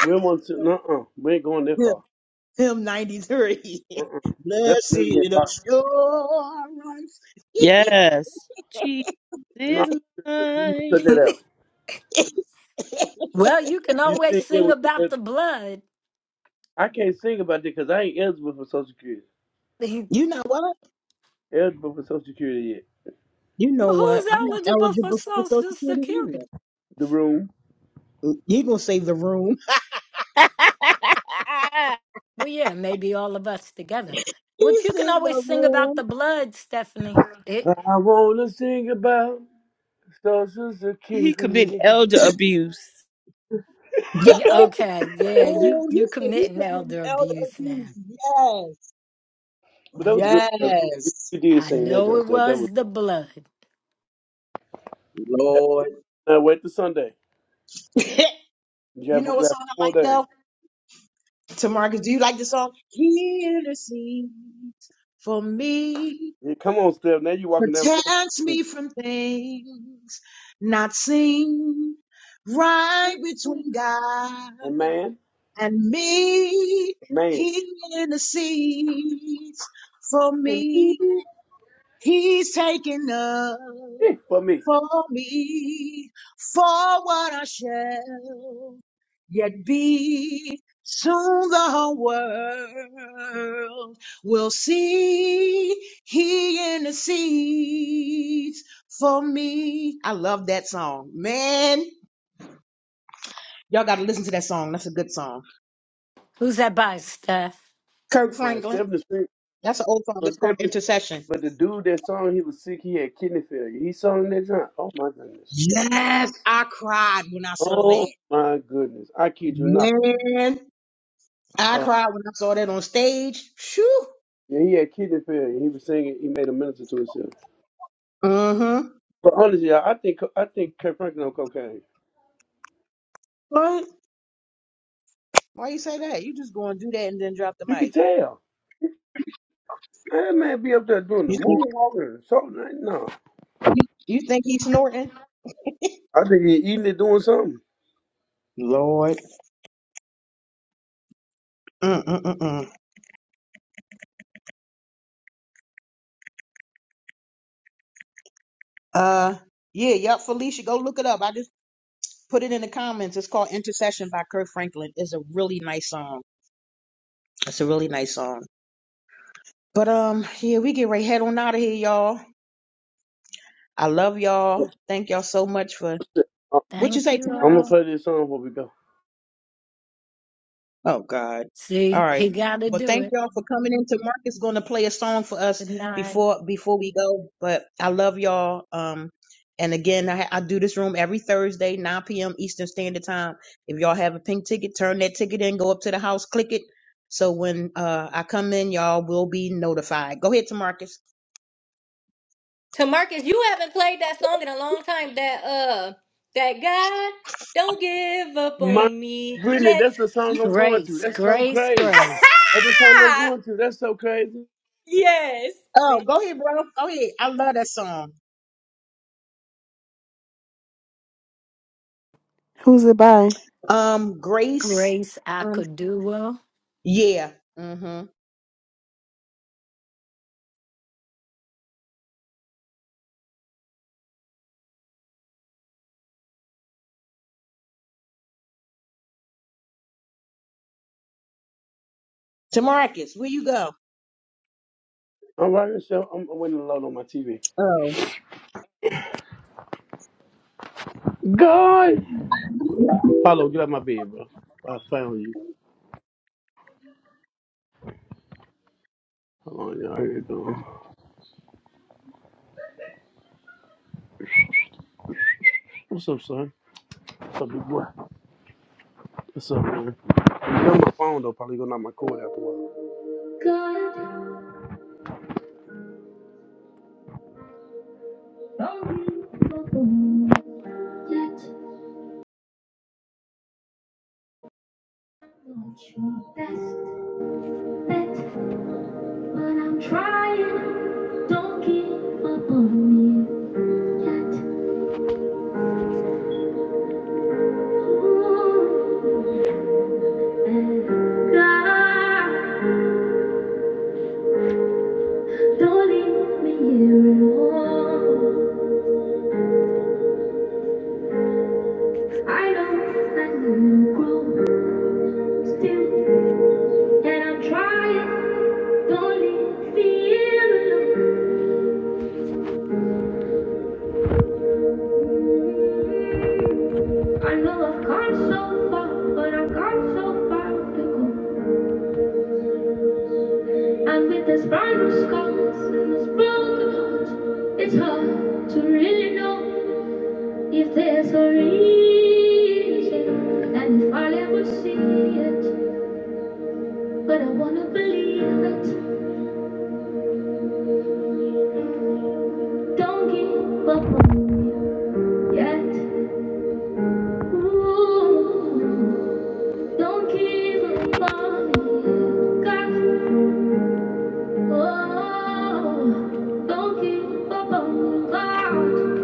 [SPEAKER 6] We want to. No, uh, we ain't going that
[SPEAKER 1] Him,
[SPEAKER 6] far.
[SPEAKER 1] him 93.
[SPEAKER 6] Uh-uh. That's
[SPEAKER 1] Blessed
[SPEAKER 6] maybe get locked.
[SPEAKER 1] assurance.
[SPEAKER 13] Yes. Jesus
[SPEAKER 6] No,
[SPEAKER 13] is
[SPEAKER 6] sister, you need to cut that
[SPEAKER 13] mine.
[SPEAKER 6] out.
[SPEAKER 3] well, you can
[SPEAKER 6] You
[SPEAKER 3] always
[SPEAKER 6] sing it
[SPEAKER 3] sing
[SPEAKER 6] with your.
[SPEAKER 3] about the blood.
[SPEAKER 6] I can't sing about that because I ain't eligible for Social Security.
[SPEAKER 1] you know what?
[SPEAKER 6] Eligible for Social Security yet?
[SPEAKER 1] You know
[SPEAKER 3] Well,
[SPEAKER 1] what?
[SPEAKER 3] who's
[SPEAKER 1] I'm not
[SPEAKER 3] eligible for
[SPEAKER 1] eligible for Social
[SPEAKER 3] Social
[SPEAKER 1] Security
[SPEAKER 3] Security?
[SPEAKER 1] either.
[SPEAKER 6] The room.
[SPEAKER 1] you going to save the room.
[SPEAKER 3] Well, yeah, maybe all of us together. But you
[SPEAKER 1] He's
[SPEAKER 3] can
[SPEAKER 1] in
[SPEAKER 3] always
[SPEAKER 1] the
[SPEAKER 3] sing about
[SPEAKER 1] room.
[SPEAKER 3] the blood, Stephanie. It,
[SPEAKER 6] I wanna sing about Social
[SPEAKER 13] he
[SPEAKER 6] Security.
[SPEAKER 13] committed elder abuse.
[SPEAKER 1] Yeah.
[SPEAKER 3] yeah,
[SPEAKER 1] Oh,
[SPEAKER 3] okay, yeah, you
[SPEAKER 1] oh,
[SPEAKER 3] you
[SPEAKER 1] you said he
[SPEAKER 3] committing
[SPEAKER 1] committed
[SPEAKER 3] elder
[SPEAKER 1] elder
[SPEAKER 3] abuse now.
[SPEAKER 1] abuse.
[SPEAKER 6] But
[SPEAKER 1] Yes.
[SPEAKER 6] that was good. stuff. You
[SPEAKER 1] Yes.
[SPEAKER 6] you did
[SPEAKER 3] I
[SPEAKER 6] sing that
[SPEAKER 3] know
[SPEAKER 6] good
[SPEAKER 3] it
[SPEAKER 6] stuff. That was
[SPEAKER 3] was the blood.
[SPEAKER 6] that.
[SPEAKER 1] Lord.
[SPEAKER 6] Now wait till Sunday.
[SPEAKER 1] you
[SPEAKER 6] You have,
[SPEAKER 1] know
[SPEAKER 6] we
[SPEAKER 1] what
[SPEAKER 6] have
[SPEAKER 1] song I
[SPEAKER 6] one more
[SPEAKER 1] like
[SPEAKER 6] days.
[SPEAKER 1] though? Tamarcus, do you like the song? He intercedes for me,
[SPEAKER 6] Yeah, come on, Steph. Now you walking down the other
[SPEAKER 1] protects
[SPEAKER 6] street.
[SPEAKER 1] me from things not seen. Right between God
[SPEAKER 6] And man,
[SPEAKER 1] and me,
[SPEAKER 6] man,
[SPEAKER 1] he intercedes for me. He's taken up
[SPEAKER 6] for me.
[SPEAKER 1] for me for what I shall yet be. Soon the whole world will see he intercedes for me. I love that song. Man, y'all got to listen to that song. That's a good song.
[SPEAKER 3] Who's that by, Steph?
[SPEAKER 1] Kirk
[SPEAKER 6] Right,
[SPEAKER 1] Franklin.
[SPEAKER 6] Stephanie Street.
[SPEAKER 1] That's an old song.
[SPEAKER 6] But
[SPEAKER 1] It's called
[SPEAKER 6] Stephanie,
[SPEAKER 1] Intercession.
[SPEAKER 6] but the dude that song, he was sick. He had kidney failure. He sung that drunk. Oh my goodness.
[SPEAKER 1] Yes, I cried when I saw that.
[SPEAKER 6] Oh my goodness. I kid you not.
[SPEAKER 1] Man. I
[SPEAKER 6] Uh,
[SPEAKER 1] cried when I saw that on stage. Shoo.
[SPEAKER 6] yeah, he had kidney failure. He was singing. He made a minister to himself.
[SPEAKER 1] Mm-hmm.
[SPEAKER 6] But honestly, I I think I think Kirk Franklin on cocaine.
[SPEAKER 1] What? Why you say that? You just going to do that and then drop the
[SPEAKER 6] You can
[SPEAKER 1] mic.
[SPEAKER 6] tell. That man be up there doing the
[SPEAKER 1] You think
[SPEAKER 6] moonwalking or something. Like, no,
[SPEAKER 1] you, you think he's snorting?
[SPEAKER 6] I think he eating it doing something.
[SPEAKER 1] Lord. Mm-mm-mm-mm. Uh, yeah, yup, Felicia, go look it up. I just put it in the comments. It's called Intercession by Kirk Franklin. It's a really nice song. It's a really nice song. But um, yeah, we get right head on out of here, y'all. I love y'all. Thank y'all so much for
[SPEAKER 6] I'm
[SPEAKER 1] what you
[SPEAKER 3] Thank
[SPEAKER 1] say,
[SPEAKER 3] you
[SPEAKER 1] Tamika?
[SPEAKER 6] gonna
[SPEAKER 3] all.
[SPEAKER 6] play this song before we go.
[SPEAKER 1] Oh God. All
[SPEAKER 3] See,
[SPEAKER 1] right.
[SPEAKER 3] he got to
[SPEAKER 1] Well,
[SPEAKER 3] do
[SPEAKER 1] thank
[SPEAKER 3] it.
[SPEAKER 1] y'all for coming in. Mark is going to play a song for us
[SPEAKER 3] Good night.
[SPEAKER 1] before before we go. But I love y'all. Um, and again, I, I do this room every Thursday, 9 p.m. Eastern Standard Time. If y'all have a pink ticket, turn that ticket in. Go up to the house, click it. So when uh I come in, y'all will be notified. Go ahead, Tamarcus.
[SPEAKER 11] To Marcus, you haven't played that song in a long time. That uh, that God don't give up
[SPEAKER 6] My
[SPEAKER 11] on me
[SPEAKER 6] goodness,
[SPEAKER 11] yet.
[SPEAKER 6] that's the song I'm going to.
[SPEAKER 3] Grace,
[SPEAKER 6] That's so
[SPEAKER 3] grace,
[SPEAKER 6] crazy.
[SPEAKER 3] grace,
[SPEAKER 6] That's the song I'm
[SPEAKER 11] Ha!
[SPEAKER 6] going to. That's so crazy.
[SPEAKER 11] Yes. See,
[SPEAKER 1] Oh, go ahead, bro. Go ahead. I love that song.
[SPEAKER 9] Who's it by?
[SPEAKER 1] Um, Grace.
[SPEAKER 3] grace. I
[SPEAKER 1] Um,
[SPEAKER 3] could do well.
[SPEAKER 1] yeah. Mm-hmm. Tamarcus, where you go?
[SPEAKER 6] I'm rocking the show. I'm, I'm winning a lot on my TV.
[SPEAKER 1] Oh.
[SPEAKER 6] God, Paulo, get out my bed, bro. I found you. Hold on, y'all. Here you go. What's up, son? What's up, big boy? What's up, man? Get on my phone though. Probably gonna knock my cord after a while. God, Don't you best bet But I'm trying. Don't give up on me yet. Ooh, and God, don't leave me here alone. I know that you grow still, and I'm trying. Don't leave me here alone. I know I've come so far, but I've come so far to go. And with this burn of scars and this broken heart, it's hard to really know if there's a reason. And if I ever see it, but I wanna believe it. Don't give up on me yet. Ooh, don't give up on me, God. Oh, don't give up on me, God.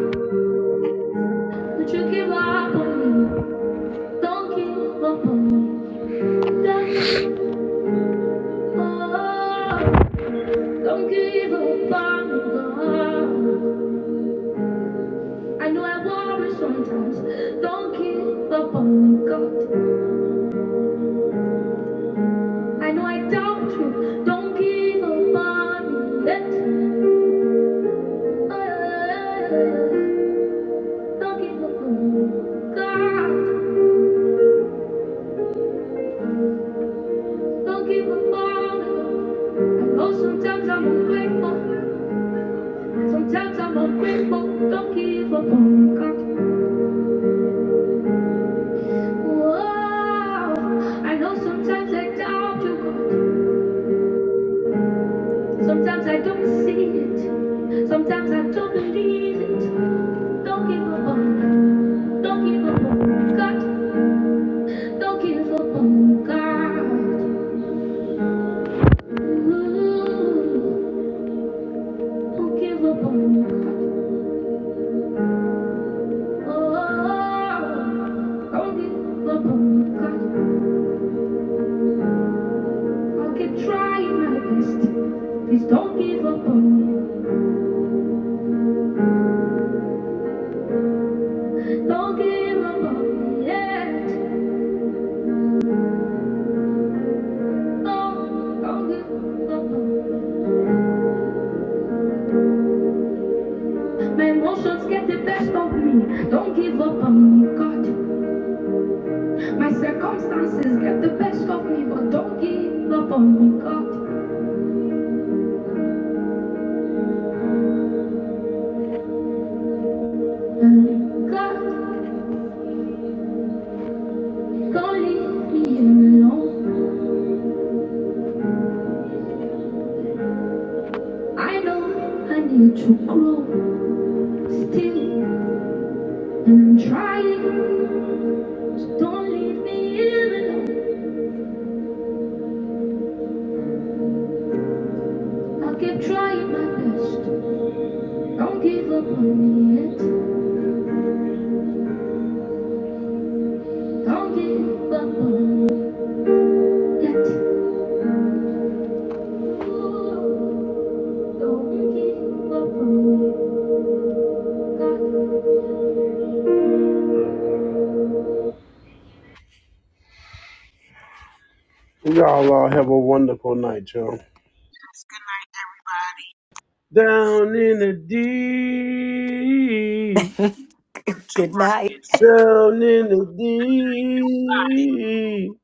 [SPEAKER 6] Would you give up on me? Don't give up on me. Don't don't give up on me, God. I know I worry sometimes. Don't give up on me, God. I know I doubt you. Don't give up on me. yet. Don't give up on me, God. Don't give up on me. I know sometimes I'm ungrateful. Sometimes I'm ungrateful. Don't give up on me, God. Whoa, I know sometimes I doubt you, God. Sometimes I don't see it. Sometimes I don't believe it. Don't give up on, me. don't give up on me, God. Don't give up on me, God. Ooh, don't give up on me, God. Oh, don't give up on me, God. I'll keep trying my best. Please don't give up on me. Don't give up on me yet. My emotions get the best of me. Don't give up on me, God. My circumstances get the best of me, but don't give up on me, God. And God, don't leave me alone. I know I need to grow still, and I'm trying. So don't leave me alone. I'll keep trying my best. Don't give up on me yet. Don't give up on me yet. Y'all all have a wonderful night, y'all. Down in the deep,
[SPEAKER 3] Good night.
[SPEAKER 6] down in the deep.